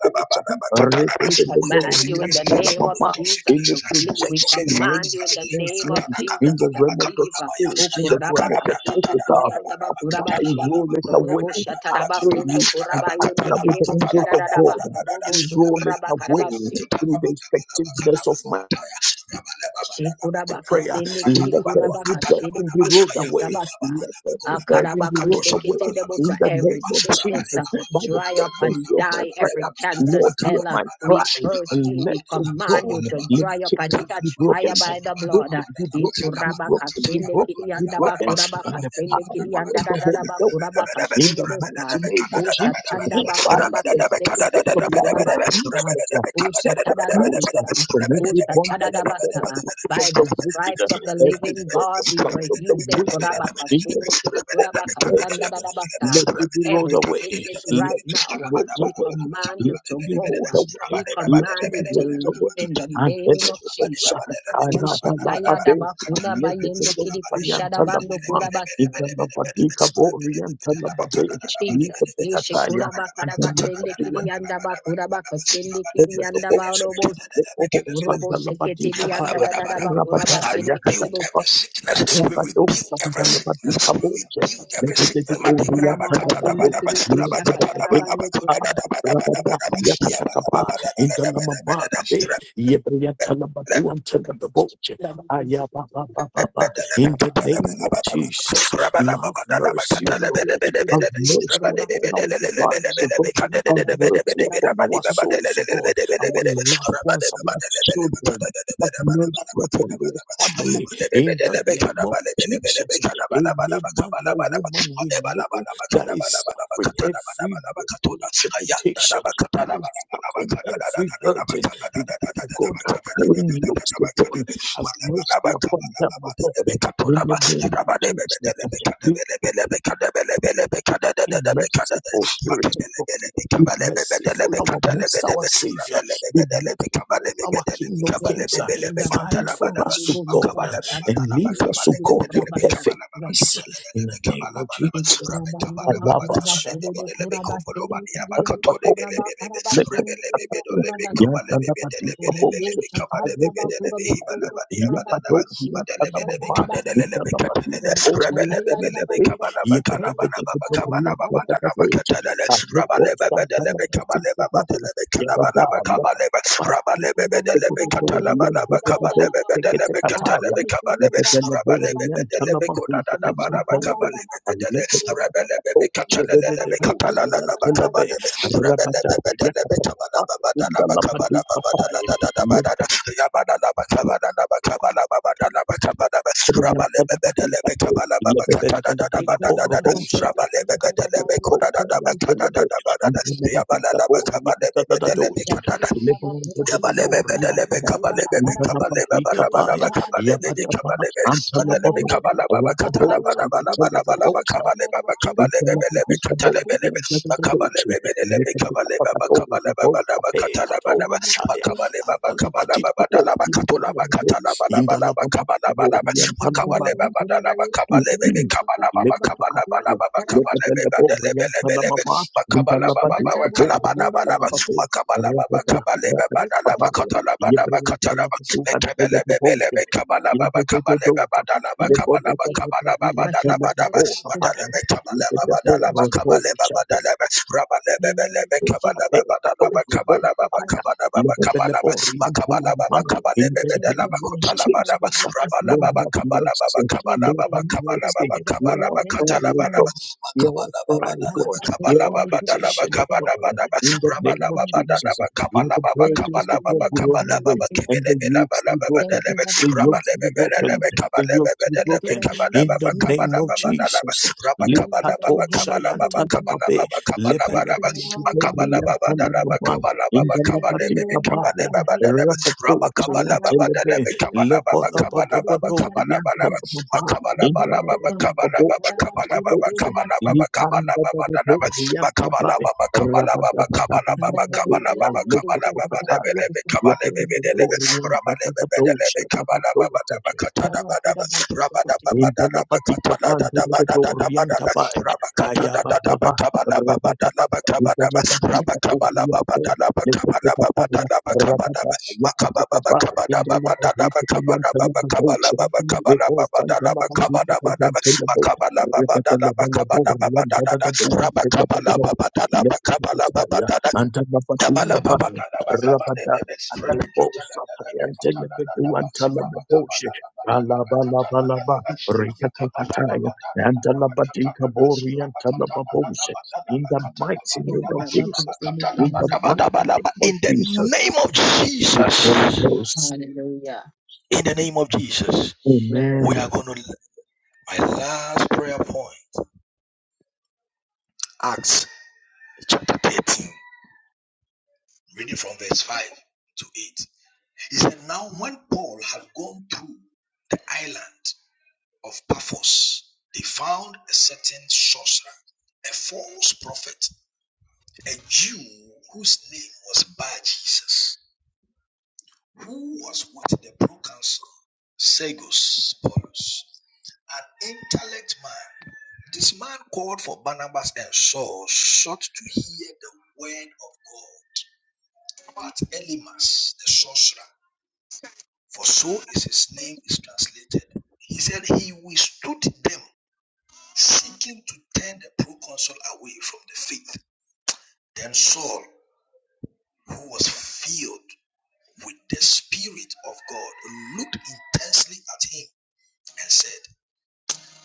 C: culture,
A: we command you in the
D: sickness,
A: name of
C: re-de-de-de-de-orientalababa,
D: weight of
A: Jesus
C: any
A: to
D: sicknesses,
A: flee. We
D: weight of
C: projection
A: command
D: infirmities.
A: you
C: raised
A: in the
C: against
A: name
C: me
A: of
C: in
A: Jesus
C: the
A: to
C: realm of the
A: leave.
C: spirit, in the
A: Ukuraba
C: realm of the
A: kasende
C: physical,
A: kirianda
C: after I
A: bakurabashi.
C: roll it away,
A: Robo
C: I
A: shataraba
C: pray
A: sondo
C: and
A: kuraba yende
C: partner with the
A: kerebo
C: angels of God.
A: sharadadaba. Robo
C: We Roll it
A: sukuraba
C: away
A: karabashi.
C: through the effectiveness of my I
A: Shekurabaka
C: pray, uh,
A: sende kiri
C: let
A: kurabaka
C: every
A: shede
C: burden be
A: kiri
C: rolled
A: buku
C: away.
A: sabata.
C: Let every burden be
A: Akarabako
C: rolled away.
A: shekete debosa
C: In the
A: every
C: name of
A: sickness uh,
C: Jesus, by the
A: dry up and
C: fervency of my
A: die every
C: prayer,
A: cancer
C: Lord, hear
A: cell. uh,
C: my
D: Rabba
C: cry.
A: We curse you.
C: And
A: We
C: let your
A: command you
C: God,
A: to
C: let
A: dry up and
C: chains be
A: catch fire
C: broken.
A: by the blood. uh,
C: Broken, be broken, be
A: Ikurabaka
C: broken, be
A: shende
C: broken,
A: kiri
C: be
A: anda
C: broken by
A: bakurabaka
C: the
A: shende
C: power
A: kiri anda
C: of
A: da
C: the
A: da da
C: Holy Ghost. uh,
A: bakurabaka
C: In
A: shede
C: the
A: bosa.
C: mighty name of Jesus,
A: Ushatanda
C: by the
A: bakurabako
C: authority
A: shekete
C: of the
A: kiri
C: blood of
A: kurabaka sa.
C: Jesus, uh, set us
A: Ushatanda
C: loose uh,
A: bakusa.
C: from every
A: Ushatanda basa.
C: bondage of
A: By the
C: the wicked, uh,
A: stripes of the
C: every
A: living
C: plot
A: God,
C: and
A: we
C: plan
A: were
C: of the
A: healed. Eh,
C: wicked,
A: korabaka
C: in the
A: shende kede
C: scope of
D: Rabba
A: korabaka sanda
C: virgin, let
D: Rabba
C: it be rolled
A: Every
C: away,
A: sickness
C: let
A: right
C: it be
A: now,
C: rolled
A: we
C: away.
A: command you
C: Let it
A: to
C: be
A: go.
C: rolled
A: We
C: away. Let it
A: command
C: be
A: you to
C: rolled
A: leave
C: away.
A: in the
C: And then
A: name
C: let
A: of
C: the
A: Jesus.
C: ocean,
A: Ushakaya da
C: Kalabalabade,
A: bakuna
C: and let it be
A: bayende
C: rolled
A: kidi
C: by
A: kushada bando
C: Yantalabama, in
A: kurabasa.
C: the Labadika Bori and Talababe, in
A: Jesus.
C: the
A: Eshe
C: Kataya,
A: kurabaka
C: and
A: da basende
C: then
A: kidi yanda bakura bakasende kidi yanda barobosa. Robo shekete
D: I
A: di yanda da da da
D: rebuke
A: bakura
C: Rabada,
A: basende
D: every
C: Yakata,
A: kidi bosa.
C: in
D: sickness. We rebuke every
C: the
D: sickness. We rebuke every sickness.
A: Kuraba
C: name of Jesus, love, mercy, O God, have mercy upon our lives, O God, have mercy upon our souls, O God, our loved ones, our children, have mercy upon their family, in the name of Jesus. Any man or woman we know that is suffering every
D: Ayanda
C: limitation, that
D: Rabele
C: is suffering every burden, that you, God are carrying yokes upon, have mercy upon them, O God, in the name of Jesus. Be merciful, Spirit of God. Be merciful, our most, our Savior. Be merciful, our King of Kings. Uh, Fight for us, O God, uh,
D: Kabala
C: and
D: Babana
C: leave us,
D: Bakabale
C: O God, your perfect
D: Kabala Baba
C: peace.
D: Kabala
C: In the name
D: Kabala
C: of Jesus.
D: Baba Rabbi
C: I
D: Kabala Baba
C: love us.
D: Kabale Bebe Kobolobania Bakatole Bebe
C: Thank
D: Rebele Bebe Kabale
A: Robo
D: Bebe Kabale
A: Shatabra Bakura
D: Bebe Hibala
A: Botondo
D: Badia
A: Kurabaki
D: Badana
A: Shatayan Baba, Kura, Kusa, Kata, Baba, Kura,
C: you.
A: Baba, Kara,
C: Rabata,
D: Rabba Rabba
C: Yakapa, in the Labadu Papai, Antala
A: Baba, Kura, Baba, Kara, Baba, Chabando Tarabayeni Kerubus Katarabando Kuraba Karabashi Kuraba Kuraba Kasen Metafarabando Kurabayeni Kiribus Katarabando Kuraba Karabashi Chabando Kuraba
D: Makabala
A: Karabashi
D: Makabala baba
A: Kuraba
D: kabale baba dala bakatala baba bakatala mekebele bebele mekabala baba kabale baba dala
A: Thank
D: bakabala
A: you, Jesus.
D: bakabala baba dala
A: Ashaba
D: baba
A: Kuraba
D: dala
A: Kuraba
D: mekabala baba
A: Kuraba
D: dala
A: Kashi
D: bakabale baba
C: Thank
D: dala rabale
A: Thank
D: bebele
A: you,
D: mekabala
A: Jesus.
D: baba dala
A: Achaba Kuraba Kuraba
D: bakabala baba Kabala
C: in
D: baba
C: the
D: kabala
C: labor, even
D: makabala baba kabale
C: in
A: Kuraba
C: the
D: bebe dala
A: Kuraba
C: name of
D: bakutala
C: Jesus,
A: Kuraba
D: baba rabala
C: Lord
A: Kuraba
D: baba
C: have
D: kabala baba
C: mercy,
A: Thank
D: kabala
A: you,
C: Lord
A: God.
D: baba
A: Give
C: have
A: me
D: kabala
A: the
C: mercy,
D: baba
A: body of her
C: hear
D: kabala
C: our
A: love and
C: prayer,
A: this
D: bakatala
C: O God,
D: baba
A: morning.
C: hear our
D: makabala baba
C: prayer,
D: dala
C: O
A: I got
C: God,
A: off
D: Rabba
A: this
C: hear
D: kabala
A: shit
C: our
A: with
D: baba
A: you. It
D: dana
A: looks
C: petition,
A: like
C: O
A: thank
C: God,
D: kabala
A: you, Lord
D: baba
C: in
A: God,
C: the
A: for the
D: kabala
C: name of
A: finishing.
C: Jesus,
D: baba
C: let the
A: Thank you
C: burdens be
A: that
C: God
A: we
C: be
A: are
C: rolled
A: here this
C: away, and the
A: morning.
C: yokes be broken,
A: Thank you that our
C: the
A: kids
C: yokes
A: here
C: be
A: this
C: broken,
A: morning.
C: the yokes be
A: Thank you that
C: broken,
A: the meeting
C: in
A: is
C: the
A: here this
C: name of
A: morning.
C: Jesus,
A: Thank you that the
C: Likato
A: woman is here this
C: Shayantadababe.
A: morning. Thank you that I am here this love. We thank you, Lord God, that is here. with you, God.
D: kabala baba
A: I
D: Akabala
A: stand
D: bala baba kabala baba kabala
A: with
D: baba
A: you,
D: kabala
A: God.
D: baba kabala baba dana
A: Hallelujah.
C: Lepelepele Intala patika pa dede de do orienta pa kaya ba ba ba rata pa pa intala patika po orienta le te te pa pa ya rata pa ya pa te ka pa intala pa hi te ka yan te na go che le po san te la pa chi te ka
D: Rabba
C: yan te na go re te te la ba la bo orienta da da
D: Makabalababadadabakabadabadadada.
C: da do an te la pa go do le te te ka ta ya
D: Rabakabalababadadabakabadabadadada.
C: anta
D: Kabalababadadabakabadebebe.
C: patika pa
D: Rabakabalababadadabakabadabadadada.
C: rata da Ale bo sa ta yan te na be do an ta la ba go
D: Rabakabalababadadabakabadabadadada.
C: che Rikatakataya,
D: Rabakabalababadadabakabadabadadada.
C: and Alabadika Bori and Talababose,
D: Rabakabalababadadabakabadabadadada.
C: in the mighty name of Jesus, in the mighty name
D: Rabakabalababadabadabadadada.
C: of
D: In the
C: Jesus,
D: name of
C: in the
D: Jesus,
C: Holy Ghost.
D: in the name of Jesus,
A: Amen.
D: we
C: Amen.
D: are going to my last prayer point. Acts. chapter 13, reading from verse 5 to 8. He said, Now, when Paul had gone through the island of Paphos, they found a certain sorcerer, a false prophet, a Jew whose name was Bar Jesus, who was with the proconsul Segus Paulus, an intellect man. This man called for Barnabas and Saul, sought to hear the word of God. But Elimas, the sorcerer, for so is his name is translated. He said he withstood them, seeking to turn the proconsul away from the faith. Then Saul, who was filled with the Spirit of God, looked intensely at him and said,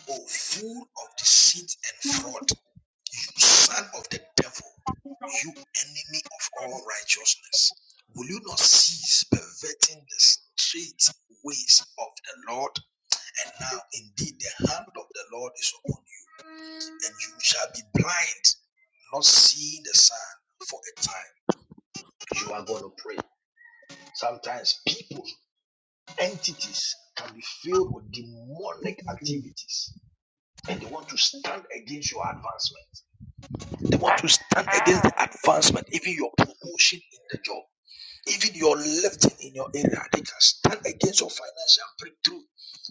D: Oh, full of deceit and fraud, you son of the devil, you enemy of all righteousness, will you not cease perverting the straight ways of the Lord? And now, indeed, the hand of the Lord is upon you, and you shall be blind, not seeing the sun for a time. You are going to pray. Sometimes people, entities can be filled with demonic activities, and they want to stand against your advancement. They want to stand against the advancement, even your promotion in the job, even your lifting in your area. They can stand against your financial breakthrough.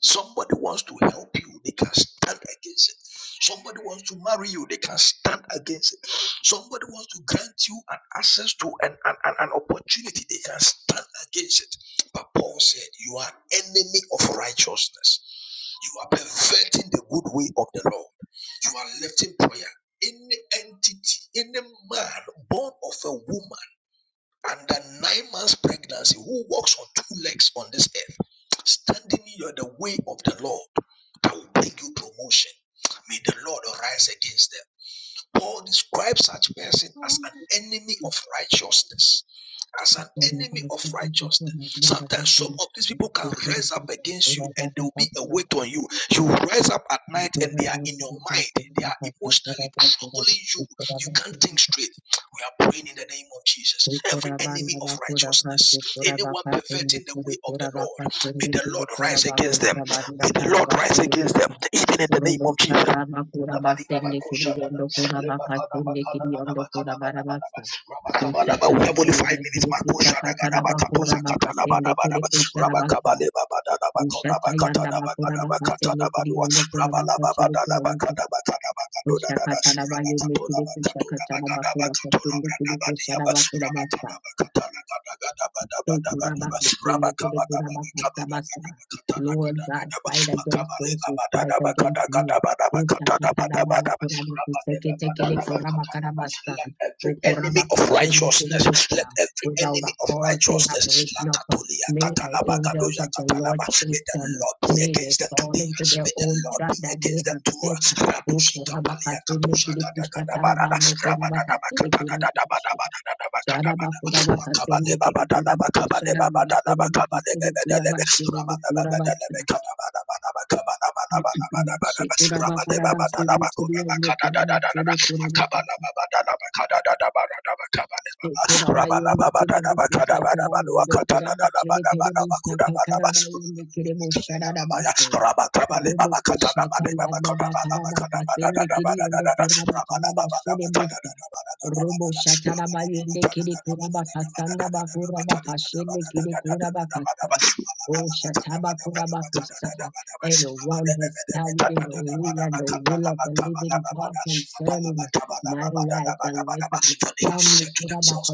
D: Somebody wants to help you, they can stand against it. Somebody wants to marry you, they can stand against it. Somebody wants to grant you an access to an, an, an, an opportunity, they can stand against it. But Paul said, You are enemy of righteousness. You are perverting the good way of the Lord. You are lifting prayer. Any entity, any man born of a woman under nine months pregnancy who walks on two legs on this earth, standing in the way of the Lord, that will bring you promotion. May the Lord arise against them. Paul describes such person as an enemy of righteousness. As an enemy of righteousness. Sometimes some of these people can rise up against you and they will be a weight on you. You rise up at night and they are in your mind. They are emotionally troubling you. You can't think straight. We are praying in the name of Jesus. Every
A: Rikura
D: enemy
A: banda
D: of
A: bakura
D: righteousness,
A: kasi kura
D: anyone
A: baka sende
D: perverting the
A: kiri
D: way of the
A: kura
D: Lord,
A: baka
D: may
A: sende
D: the
A: kiri
D: Lord
A: kura
D: rise against
A: baku
D: them.
A: sabanda
D: May the
A: kara
D: Lord rise
A: bashende
D: against them.
A: buka.
D: Even in the name
A: Robo
D: of Jesus.
A: kata bakura
D: We have
A: basende kiri yondo kura baka sende kiri yondo kura bara basa. Kucha tara
D: only five
A: bayone
D: minutes.
A: kiri kucha katara bakura baka sende kiri kucha rabasa. Kusha tayanda bakura baka sende kiri yondo kura baka chili kura buka. Kusha
D: Rabba
A: katara bayone kiri kucha katara bakura kasende kiri kucha rabakura basa. Lord God, fight against those who fight against me.
D: Rabba let every enemy of righteousness, let every
A: Without a
D: enemy of
A: cause, they have
D: righteousness,
A: risen up.
D: Lakatolia
A: May the
D: katanaba,
A: angels
D: gadoja
A: of the
D: katanaba.
A: Lord
D: may
A: chase
D: the
A: them.
D: Lord be
A: May they
D: against them
A: fall
D: today.
A: into their
D: May the
A: own
D: Lord
A: trap
D: be
A: that they
D: against them
A: have
D: too.
A: set.
D: Rabushika palia katusha gada gada barada. Rabba-dabba-dabba-katanaba, Rabba
A: Sharabakura Kasende Kura Bakushara Kura Bakasede Kura Bashede Kura Basra Shetura Bakarabas Kura Bakure Kura Bakas Robo
D: for they have said to
A: shatara bayende kiri kuraba kasanda bakura bakashende kiri kuraba kasa. Oh shataba kuraba kusa. Anyone who stands in the way and the will of the living God concerning my life, the life of Damni
D: themselves,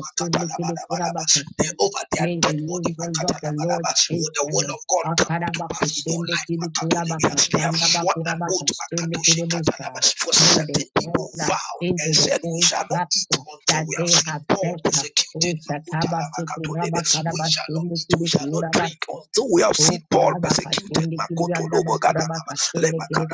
D: they over their
A: May the
D: dead body.
A: angels of the Lord
D: Will
A: shape
D: the
A: them.
D: will of God come to pass
A: Akarabakus,
D: in your life?
A: dimnikidi kurabakas,
D: They have sworn an oath
A: chandabakurabakos, dimnikidi musa.
D: for
A: May they
D: certain people
A: fall
D: vowed and
A: into the
D: said, We
A: old
D: shall not
A: trap
D: eat until
A: that
D: we have
A: they
D: seen
A: have
D: Paul
A: set. up.
D: persecuted.
A: O Sakabasu
D: We
A: kurabakarabas,
D: shall not eat, we
A: dimnikidi
D: shall not
A: kurabas.
D: drink until we have
A: O
D: seen Paul
A: kurabakash,
D: persecuted.
A: dimnikidi andabakurabakas, dimnikidi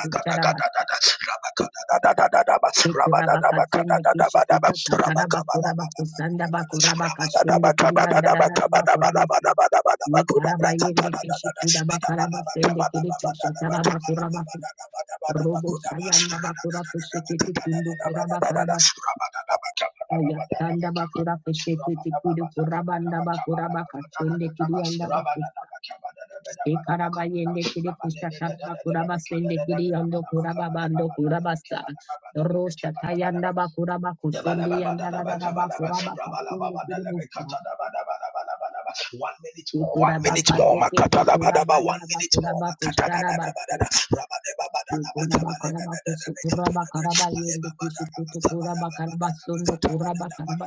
A: Bekura bakasende kishikita katara bakura bakusanda bakura bakashende kiri andara rara bakura basa. Nikara bayende kishikita bakara basende kiri kishatara bakura baku. Robo sayanda bakura kushikiti kindu kura bakara basa. Ayatanda bakura kushikiti kindu kura banda bakura bakashende kiri anda baku. Ikarabayende kiri kusha kushataraba kuraba sende kiri yondo kuraba bando kuraba sa Rosha tayanda ba
D: Rabba
A: kuraba
D: one minute
A: kusendi
D: more,
A: yanda da da da bakuraba kasende kiri busa.
D: one
A: Ikuraba
D: minute more,
A: kaseke ke
D: Makatalabadaba,
A: kuraba
D: one
A: yanda ba
D: minute more,
A: bakuraba kushara ba basa.
D: Makatadadadabadada,
A: Ikuraba karaba kusukuraba
D: Rabadabadalabatabalebadadabekatadada,
A: karaba yende kushikutu kuraba karaba sondo kuraba karaba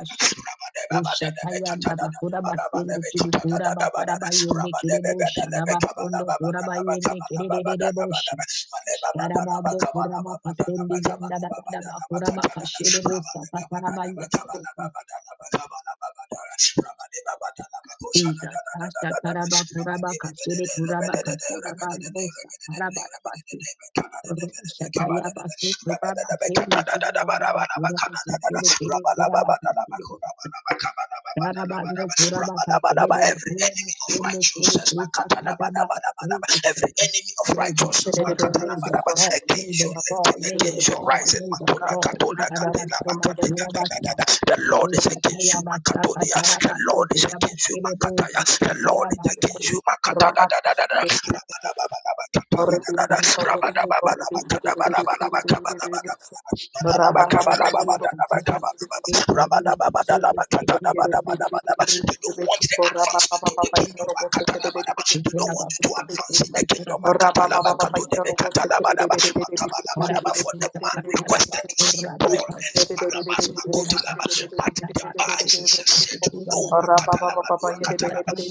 A: Ushatayanda bakura basende kiri kura bakara bayende kiri
D: Rabadabadalabekatadadadabadabadabekatadadadabadada,
A: bosha rabasondo kura bayende kiri rerere
D: Rabadabadalabekabalababadalabakabalababadalabadaba,
A: bosha. Sharabando kura bakasende yanda dabada
D: Balebabadalabakabalababadalabakabalababadalabadaba,
A: bakura bakashere bosa patara bayende bosha. Jesus, Asha Taraba Kuraba Kashiri Kuraba Kasadaba Bosa Parabara Bashi Rusha Tayaba Kuraba Kiri Kiri Yanda Bakuraba Kashiri Kiri Kuraba Kashiri Karabando kuraba kasedede kuraba shele kere kusa kataba kere
D: Every
A: kere.
D: enemy of
A: Lay that
D: righteousness,
A: fall,
D: every enemy
A: lay
D: of
A: that
E: Rabba
D: righteousness,
A: fall, lay
D: against your
A: that fall,
D: living,
A: lay
D: against
A: that
D: your
A: fall,
D: rising.
A: lay that fall. Ikarabastondo kurabasta.
D: The Lord is
A: Usha
D: against you,
A: kayabasta
D: Makatolia. The
A: katarabando
D: Lord is
A: kuraba
D: against you,
A: shele
D: Makataya.
A: bosa
D: The Lord is
A: kataraba
D: against you,
A: bosa.
D: Makatada. da da da da da.
A: Ikura
D: Rabadabadabakatadadadada.
A: kere kere kere kusa.
D: Rabadabadabakadabadabadabakabadabadabada.
A: Akarabasta kere kusa.
D: Badadabakabadabadabakabadabada.
A: Kuraba shele kere kusa.
D: Rabadababadabakatadabadabadabadaba. They don't want the advancement of the kingdom. Makatadabadaba.
A: Thank
D: They don't want you to advance in the kingdom. Makatalabakatodebekatalabadaba. For the man
E: Rabba
D: requested to see Paul and Barnabas, but the bar Jesus said, No, no,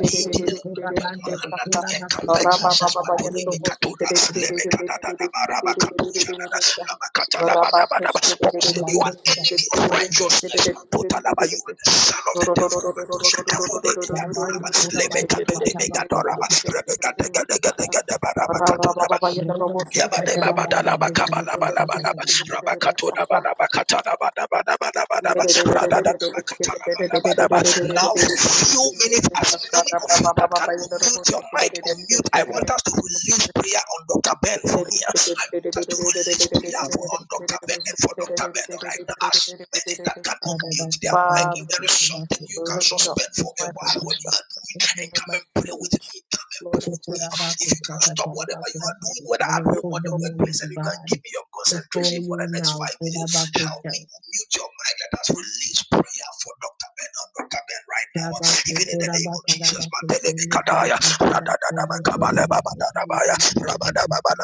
D: He didn't want the man to encounter Jesus, Paul said, You are an enemy of righteousness, You are the son of
E: Father,
D: the devil, Makoshakatolebekadoraba, now, for few minutes, as many of you that can unmute your mic, unmute. I want us to release prayer on Dr. Ben for me. I want us to release prayer
A: you.
D: for on Dr. Ben and for Dr. Ben right now. As many that can
A: I will
D: unmute their
A: put
D: mic,
A: the
D: if there
E: we
D: is something you can
E: lift up
D: suspend for a
E: my voice
D: while, what you are doing,
E: in the
D: and
E: name of
D: come
E: my
D: and pray
E: name.
D: with me. Come and pray
E: Lord, I
D: with me.
E: pray for all
D: If you
E: the
D: can stop
E: people
D: whatever you
E: my
D: are
E: name.
D: doing, whether at
E: Your
D: home or the
A: name
D: workplace,
A: to
D: and you can
A: God
D: give me your
A: before
D: concentration for
A: you
D: the next
A: now.
D: five minutes, Help
A: Kodabakusha.
D: me unmute your mic. Let us release prayer for Dr. Ben and Dr. Ben right now.
A: Yabaso
D: Even in the name of Jesus.
A: Kodabakarabakusha. Nikidi
D: Matelebekadaya,
A: Kodabakusha. Look at
D: radadadabakabalebabadadabaya,
A: the Kodabakusha.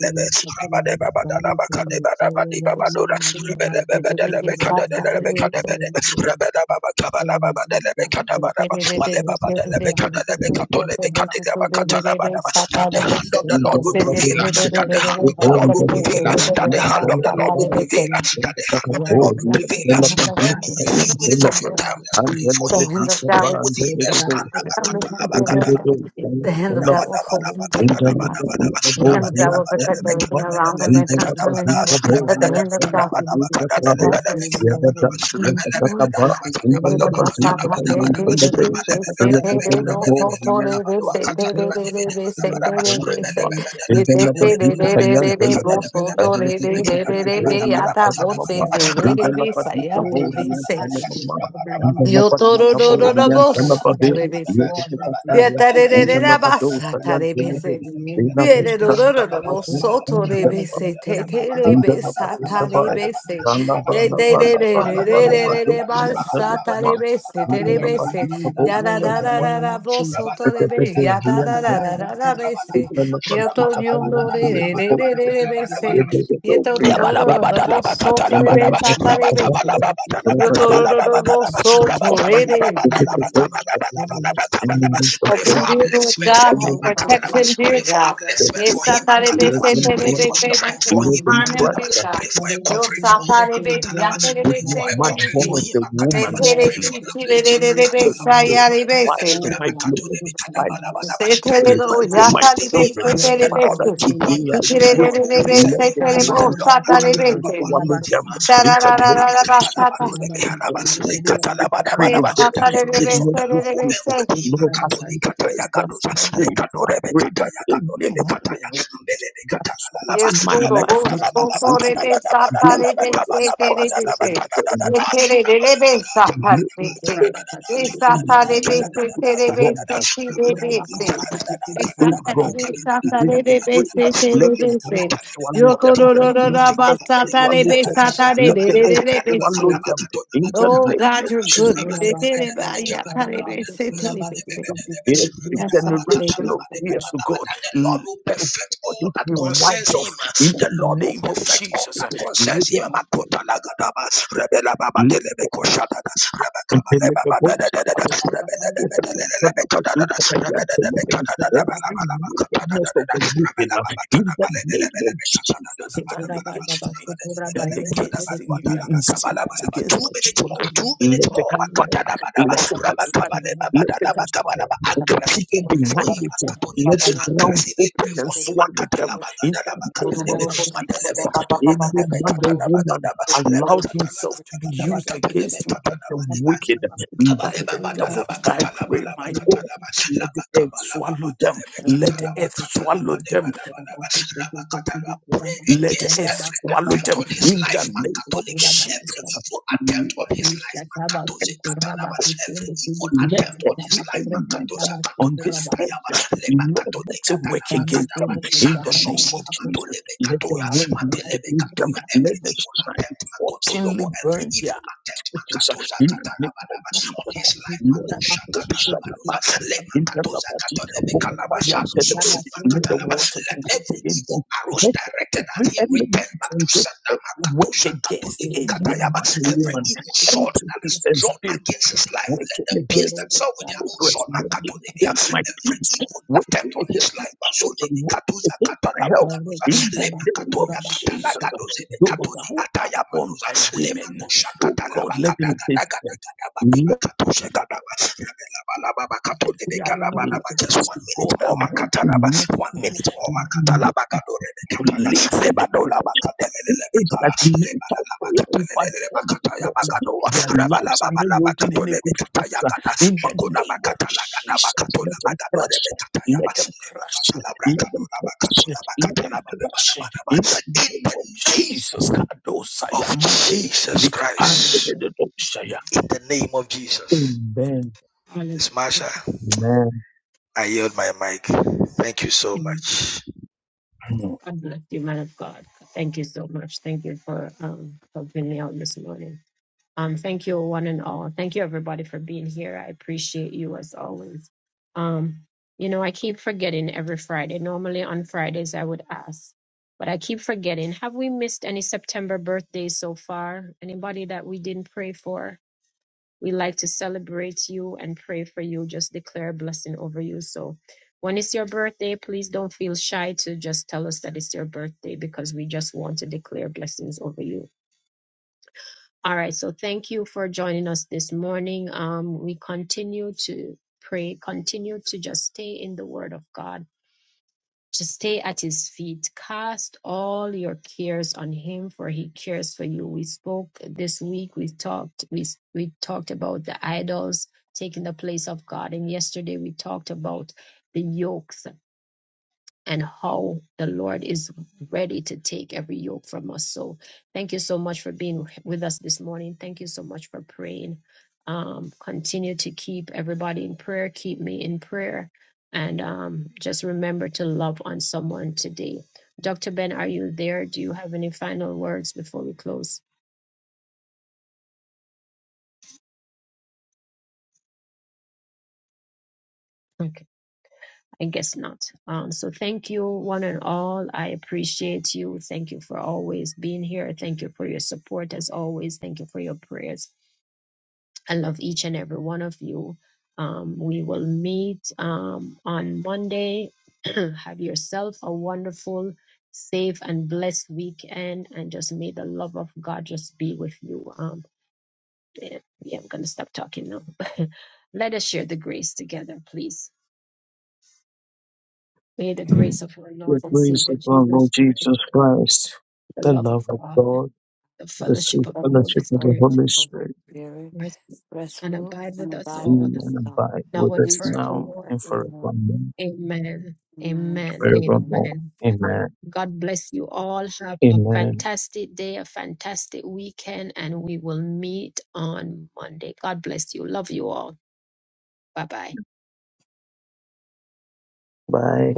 A: They lift up the man, man's body from the soil, right
F: The
A: now,
D: rabadababadabakadebadabadibabadora,
A: my
F: hand of
A: God, and say, oh, my
F: God
A: God, and the covering of God, and the blood. Oh, my God, and it is the purchase of God, and so make it up to have a fulfillment of the
D: the
A: spirit.
D: hand of
A: Oh,
D: the
C: In
A: for the
D: Lord
C: the
D: will
A: lack of
D: prevail,
A: sin,
D: uh,
A: make it
D: that the
A: able
D: hand
A: to
D: of the
A: have
D: Lord
A: this
D: will prevail, uh,
A: warrior, will
D: that the
A: you
D: hand of the Lord
A: fulfill
D: will
A: in his
D: prevail, uh,
F: will
D: that
A: life.
D: the hand of the
A: Right
D: Lord will
A: now, oh,
D: prevail. uh.
A: my
D: Spend
A: God,
D: a
A: never,
D: few
A: my
D: minutes of your
F: come
A: God,
D: time,
A: it
D: let's pray
A: is.
D: for him,
C: name
D: uh, pray with him,
A: Thank
D: and
F: and do
D: stand up.
F: Lord God.
C: of
F: The hand of
C: Jesus.
F: God will hold him dear Lord God. The hand of God will protect everything around him and concerning him. That the hand of God is powerful. Yo
C: Thank Thank
A: you. Boom, it is not a day
D: Rabba
A: over him of my
F: toro do do do bo
A: that
F: so
A: that
F: to le
A: you
F: de se.
A: draw me closer to you. That
F: Yatarerererabasatarebese.
A: you know, mighty God, you put up a pandemic, you
F: Yererorororobosotorebese.
A: put up a The
F: Teterebesatarebese.
E: prophet,
F: Yetererererererererabasatarebese.
A: end is
F: Terebese.
A: we are willing the name of Jesus.
F: Yarararararabosotorebe.
C: you.
A: Thank
F: Yatararararabese.
C: In the name of Jesus, I am fully devoted. I
F: Yotonyondorerererererese.
C: am
D: Rabba
C: the Lord Creator. In the
F: Yetororororobosotorebe.
C: name of Jesus, I am
F: Tatarebese.
C: the Lord Father.
F: Yotorororobosotorebe.
C: In the name of Jesus, I am the
D: Pray
F: Help
D: for
F: him,
C: Lord.
F: dear Lord
D: upliftment for
F: God.
C: In
D: me,
C: the name
F: Protect
E: Father,
D: Akatalaba.
E: I
F: him,
E: pray
D: Pray
F: dear
D: for
E: that
F: God.
E: you have
C: of
D: upliftment for
F: Yes,
D: him,
C: Jesus,
F: Satarebe,
C: Let
D: Akatalaba.
C: them
D: Pray
E: touched
C: pressure.
D: for
F: Seterebe,
D: strength for
F: Fenantin,
C: Let
D: him,
C: them
F: harm him,
A: you.
D: Akatalaba.
F: dear
C: pressure.
F: God.
D: Pray for
A: What
D: a
A: is my
F: Yo,
D: covering for him,
A: desire?
F: Satarebe,
A: God,
D: Akatalaba.
A: and
C: If
D: Pray
F: Yantarebe,
A: my
D: for
C: this
D: a
C: man
A: God,
D: covering
C: born
D: for
F: Fenantin.
A: Lord,
C: of
D: him,
C: the
D: Akatalaba.
C: woman,
A: Lord,
F: Setere,
D: Pray
A: we
D: for an
A: thank you for
D: uplifting,
A: you
F: Sitirebe,
A: and
C: fight
A: all
D: Akatalaba.
A: you have.
F: Sayarebe,
C: for
A: Oh,
C: my
A: God, we
C: glory.
A: put our
C: Fight
A: love and put
D: Rabakatulebikadabalabadaba.
A: our
D: That
A: faith
C: in
D: the
C: the
F: Seterebe,
D: Lord
C: lives
D: will
E: my
A: in
C: of my
D: sustain
A: you,
D: him.
F: Yatarebe,
C: children.
A: Lord, Lord,
D: The
E: spirit.
A: we put
D: Lord
E: Your
A: the
C: Father,
D: will
F: Seterebe,
D: keep
A: place
D: him.
A: of
E: prophet,
C: today I
D: The
A: prayer.
C: pray,
D: Lord will
A: We
F: Sitirebe,
D: preserve
C: let
D: him.
C: the
A: sakatara
D: The
F: Seterebe,
C: ground
A: bakura
D: Lord
A: matinde
C: open and
D: Katalaba
A: kuri
D: will
F: Satarebe,
A: kura
C: swallow
D: anoint him.
A: basa.
C: them in the name
D: Lekatodebe
C: of
D: Katalaba
F: Tararararabasata.
C: Jesus.
A: Kura
D: Dodebe
A: bakate
D: Hanaba.
C: Just like
A: kuri
C: the
A: yanda
C: fig
D: Lekatalaba
A: kura
C: tree,
F: Yes,
C: oh
A: basa
D: Dabadaba.
C: God,
D: That
A: shuru
D: the
A: kuri
C: did
D: grace
F: Satarebe,
D: of
C: not
A: basa.
D: the
C: give
D: Lord will
C: fruit.
F: Seterebe,
D: envelop him.
A: Kura
C: Lord, as
D: Katodi
C: you
A: bakate kuri
D: Kataya
C: curse that
A: kuri
D: Gadosa.
C: fig
A: kura basa.
C: tree,
A: kuri kuri
C: I
D: Lekatodebe
C: pray that
D: Kataya
C: any
D: Gadodebe
C: man or
D: Kataya.
C: woman
D: Melebe
C: that is
A: Kura bakate
D: Katalalaba.
C: causing
F: Yes,
A: kuri
C: my
D: Rebe
F: guru.
A: kuri
C: life not
A: kura
C: to be
F: gusto,
A: basa.
D: Katalalalaba.
A: kuri
F: pure
A: kuri
C: fruitful,
F: Rebe,
D: Tadadadaba
C: those
F: satare
D: Dadadaba
C: who are
F: rebe, se
D: Tabalaba
F: tere de
D: Badadaba
F: se.
C: responsible for
D: Tadadadada.
F: Ye tere de de rebe,
D: Rabadadada
F: satare
D: Tabadadaba.
F: de
D: The
F: se.
A: Kura
D: Lord
A: bakate
F: Ye
C: it,
A: kuri
C: in
D: will
A: yanda
F: satare rebe,
A: kura
F: se
A: basa.
D: perfect
F: tere
C: my
F: de se
C: life,
F: si de
C: wrong,
A: Thank
F: se. Ye
C: going
F: satare
C: wrong.
F: rebe,
C: They
F: satare
C: are
F: rebe, be
C: afraid.
F: se
C: Let
F: tere
C: the
F: de se.
C: ground swallow
F: Yo
C: them.
F: toro ro ro Ro,
C: Let
F: ra
C: the
F: ba
C: earth
F: satare
C: swallow
F: rebe,
C: them.
F: satare
C: Let
F: de
C: the
F: de de
C: earth
F: de be
C: swallow
F: se.
C: them. In the
F: Oh
C: name
F: God,
C: of
F: you're good. Rebe,
C: Jesus.
F: de de ba ya tare se tere de se.
C: Every
F: Yes, satare rebe.
C: generation of tears to God. Let oh God,
D: all
C: it
D: that
C: be
D: concerns
C: wiped off
D: him.
C: in
D: The
C: the
D: Lord will
C: name of
D: perfect get all
C: Jesus.
D: that
C: Let
D: concerns him.
C: them
D: Makota lagadaba, rebela baba
C: go.
D: telebe koshada, rebeka
C: Every
D: baleba baba da
C: wickedness
D: da da da, rebela da da da da da kada da da, rebela da da kada da da bala bala bala kada da da da
C: of
D: da,
C: the wicked
D: rebela
C: uh,
D: baba kada
C: in the
D: bala bala
C: name
D: bala
C: of Jesus done
D: bala
C: against me,
D: kada
C: done
D: da da da
C: against you in
D: bala bala
C: secret,
D: bala.
C: against
D: Two
C: my
D: minutes more,
C: children.
D: two minutes
C: Let it
D: more,
C: catch fire,
E: Father,
D: Makatadabadaba,
C: let it
E: I
C: catch fire, let
E: pray that you have
C: it catch fire.
D: Rabakabadabadabakabadaba.
C: And the
D: Aggressively
E: touched
C: people
E: my
D: pray for
C: behind
E: spirit.
D: him.
C: it, uh, let
E: Papa, I
C: the
E: am
C: ground
D: Aggressively
C: open
D: pray
C: and
D: for him.
E: grateful.
C: swallow them in the
E: Lord, I pray for all the
C: name of
A: you.
C: Jesus.
E: people,
C: uh,
E: Papa,
C: Any
E: Papa, I am
C: man or woman
E: grateful.
C: allowed himself to be
A: Thank
C: used against me by the wicked, by
D: Kabaleba
C: the devil.
D: badalaba
C: I
D: katalaba
C: pray,
D: laba
C: my God.
D: katalaba
C: Let the
D: laba
C: earth
D: kabalaba
C: swallow them.
D: badalebe
C: Let the
D: katalaba
C: earth
D: katalaba
C: swallow
D: deba
C: them.
D: laba laba laba katalaba. Pray
C: Let the
D: against
C: earth
D: every
C: swallow
D: attempt
C: them.
D: on his
C: In
D: life,
C: the name of
D: Makatolebe, every
C: Jesus.
D: evil attempt on his life, Makatoze Katalaba, every evil
C: Let
D: attempt on his
C: every
D: life,
C: element
D: Makatoza
C: on
D: Katuda
C: this earth,
D: Katayaba, Leba
C: Lord,
D: Katole
C: let it work
D: Katalaba
C: against
D: Kataba,
C: them.
D: it shall
C: In the
D: not
C: name
D: succeed,
C: of Jesus.
D: Matolebe
C: Let the
D: Katoya,
C: wind work
D: Matelebe
C: against them.
D: Katoya, every
C: Let the
D: evil
C: shine
D: attempt, makoto. Makatolobo,
C: fortunately
D: every
C: burn their
D: evil attempt
C: which is uh,
D: Makatoza
C: in the name of
D: Katalabalaba on
C: Jesus. uh,
D: his life,
C: Let
D: Makosha
C: go, Shadabaya.
D: Katalabaloza, let
C: In
A: you.
C: the
D: Makatoza
C: Labadika,
D: Katalebe
C: Bo,
A: Hallelujah. And God
C: Bayan,
D: Kalabashano
C: Telebe,
A: bless
D: Sosima
A: you,
C: let the
D: Katalaba,
C: waters
D: let every
C: in them.
D: evil arrows
C: Let
D: directed
C: every
D: at him return
C: element
D: back to
C: from the
D: sender
C: earth work
D: Makatosha
C: against
D: Katolini
C: any
D: Katayaba,
C: man,
D: every
C: woman,
D: evil sword that
C: entities,
D: is
C: and
D: drawn
C: spirits.
D: against his life, let
C: Working
D: them pierce
C: against
D: themselves with
C: my
D: their own
C: progress,
D: sword
C: working
D: Makatolini,
C: against my
D: every
C: peace,
D: evil
C: working
D: attempt on
C: against
D: his
C: my
D: life, Mazulini
C: children, working
D: Katuza
C: against my
D: Katalaba
C: health. In
D: Katuza,
C: the
D: let
C: name of
D: katoya katala
C: Jesus,
D: gadoze de
C: those
D: katoni
C: who are
D: ataya
C: born
D: manuza
C: by
D: lema
C: women,
D: kusha
C: oh
D: katala
C: God, let
D: bakada
C: them taste
D: gada gada
C: it.
D: gada bati
C: Let
D: bakatoshe gada ba rebela bala baba katone de
C: their
D: gala bana ba just
C: lives,
D: one minute
C: God,
D: more
C: amount to
D: makatala ba one
C: nothing.
D: minute more makatala ba gadore de
C: To
D: kataya
C: live in.
D: leba dola ba katele lele
C: It's
D: beka
C: that many
D: leba la
C: type
D: la ba
C: prayer
D: katele
C: over
D: lele ba
C: them
D: kataya ba
C: because
D: gadoa
C: their
D: rebela
C: lives are
D: baba
C: not
D: la ba
C: yielding any
D: katole de
C: good
D: kataya
C: fruits.
D: gada
C: In the
D: makuda ba
C: name of
D: katala gada ba
C: Jesus,
D: katola
C: let
D: ba
C: them
D: gadore
C: crash.
D: de kataya ba
C: Let them
D: leba
C: crash.
D: katala bra
C: Let them
D: katola ba
C: crash.
D: katola ba
C: Let them
D: katala
C: crash. In the
D: in
C: name of
D: the name
C: Jesus, Kadosa
D: of
C: Yamante,
D: Jesus
C: Likapante,
D: Christ.
C: Bedodoshaya.
D: In the name of Jesus.
C: Amen.
D: Miss Marsha,
C: Amen.
D: I yield my mic. Thank you so much.
A: man of God. Thank you so much. Thank you for um helping me out this morning. Um, thank you, one and all. Thank you, everybody, for being here. I appreciate you as always. Um, you know, I keep forgetting every Friday. Normally on Fridays, I would ask, but I keep forgetting. Have we missed any September birthdays so far? Anybody that we didn't pray for? We like to celebrate you and pray for you, just declare a blessing over you. So, when it's your birthday, please don't feel shy to just tell us that it's your birthday because we just want to declare blessings over you all right, so thank you for joining us this morning. Um, we continue to pray, continue to just stay in the Word of God, to stay at His feet. Cast all your cares on Him, for He cares for you. We spoke this week. We talked. We we talked about the idols taking the place of God, and yesterday we talked about the yokes and how the Lord is ready to take every yoke from us. So thank you so much for being with us this morning. Thank you so much for praying. Um, continue to keep everybody in prayer. Keep me in prayer. And um, just remember to love on someone today. Dr. Ben, are you there? Do you have any final words before we close? Okay, I guess not. Um, so thank you, one and all. I appreciate you. Thank you for always being here. Thank you for your support as always. Thank you for your prayers. I love each and every one of you. Um, we will meet um, on Monday. *clears throat* Have yourself a wonderful, safe, and blessed weekend. And just may the love of God just be with you. Um, yeah, yeah, I'm going to stop talking now. *laughs* Let us share the grace together, please. May the grace of our Lord
C: The
A: and
F: se.
C: grace
A: Savior
C: of our
A: Jesus
C: Lord
A: Christ,
C: Jesus Christ,
A: the
C: the
A: love of
C: love of
A: God,
C: God,
A: the
C: the
A: fellowship
C: sweet
A: of the
F: others
A: Holy
F: to
C: fellowship of the
A: Spirit,
F: the
C: Holy
F: Holy
C: Spirit
F: Spirit,
A: mercy,
F: rest,
A: and
F: rule,
A: abide
F: and
A: with us
F: abide
A: all
C: be
F: with us
C: and
F: all.
C: abide
A: now
C: with
A: and
C: us
F: Hence,
C: now
A: forevermore.
C: and
F: forevermore.
C: forevermore.
A: Amen.
F: Amen.
A: Amen.
F: Amen.
C: forevermore.
A: Amen.
C: Amen.
A: God bless you all. Have a
C: Amen.
A: fantastic day, a fantastic weekend, and we will meet on Monday. God bless you. Love you all. Bye bye.
C: Bye.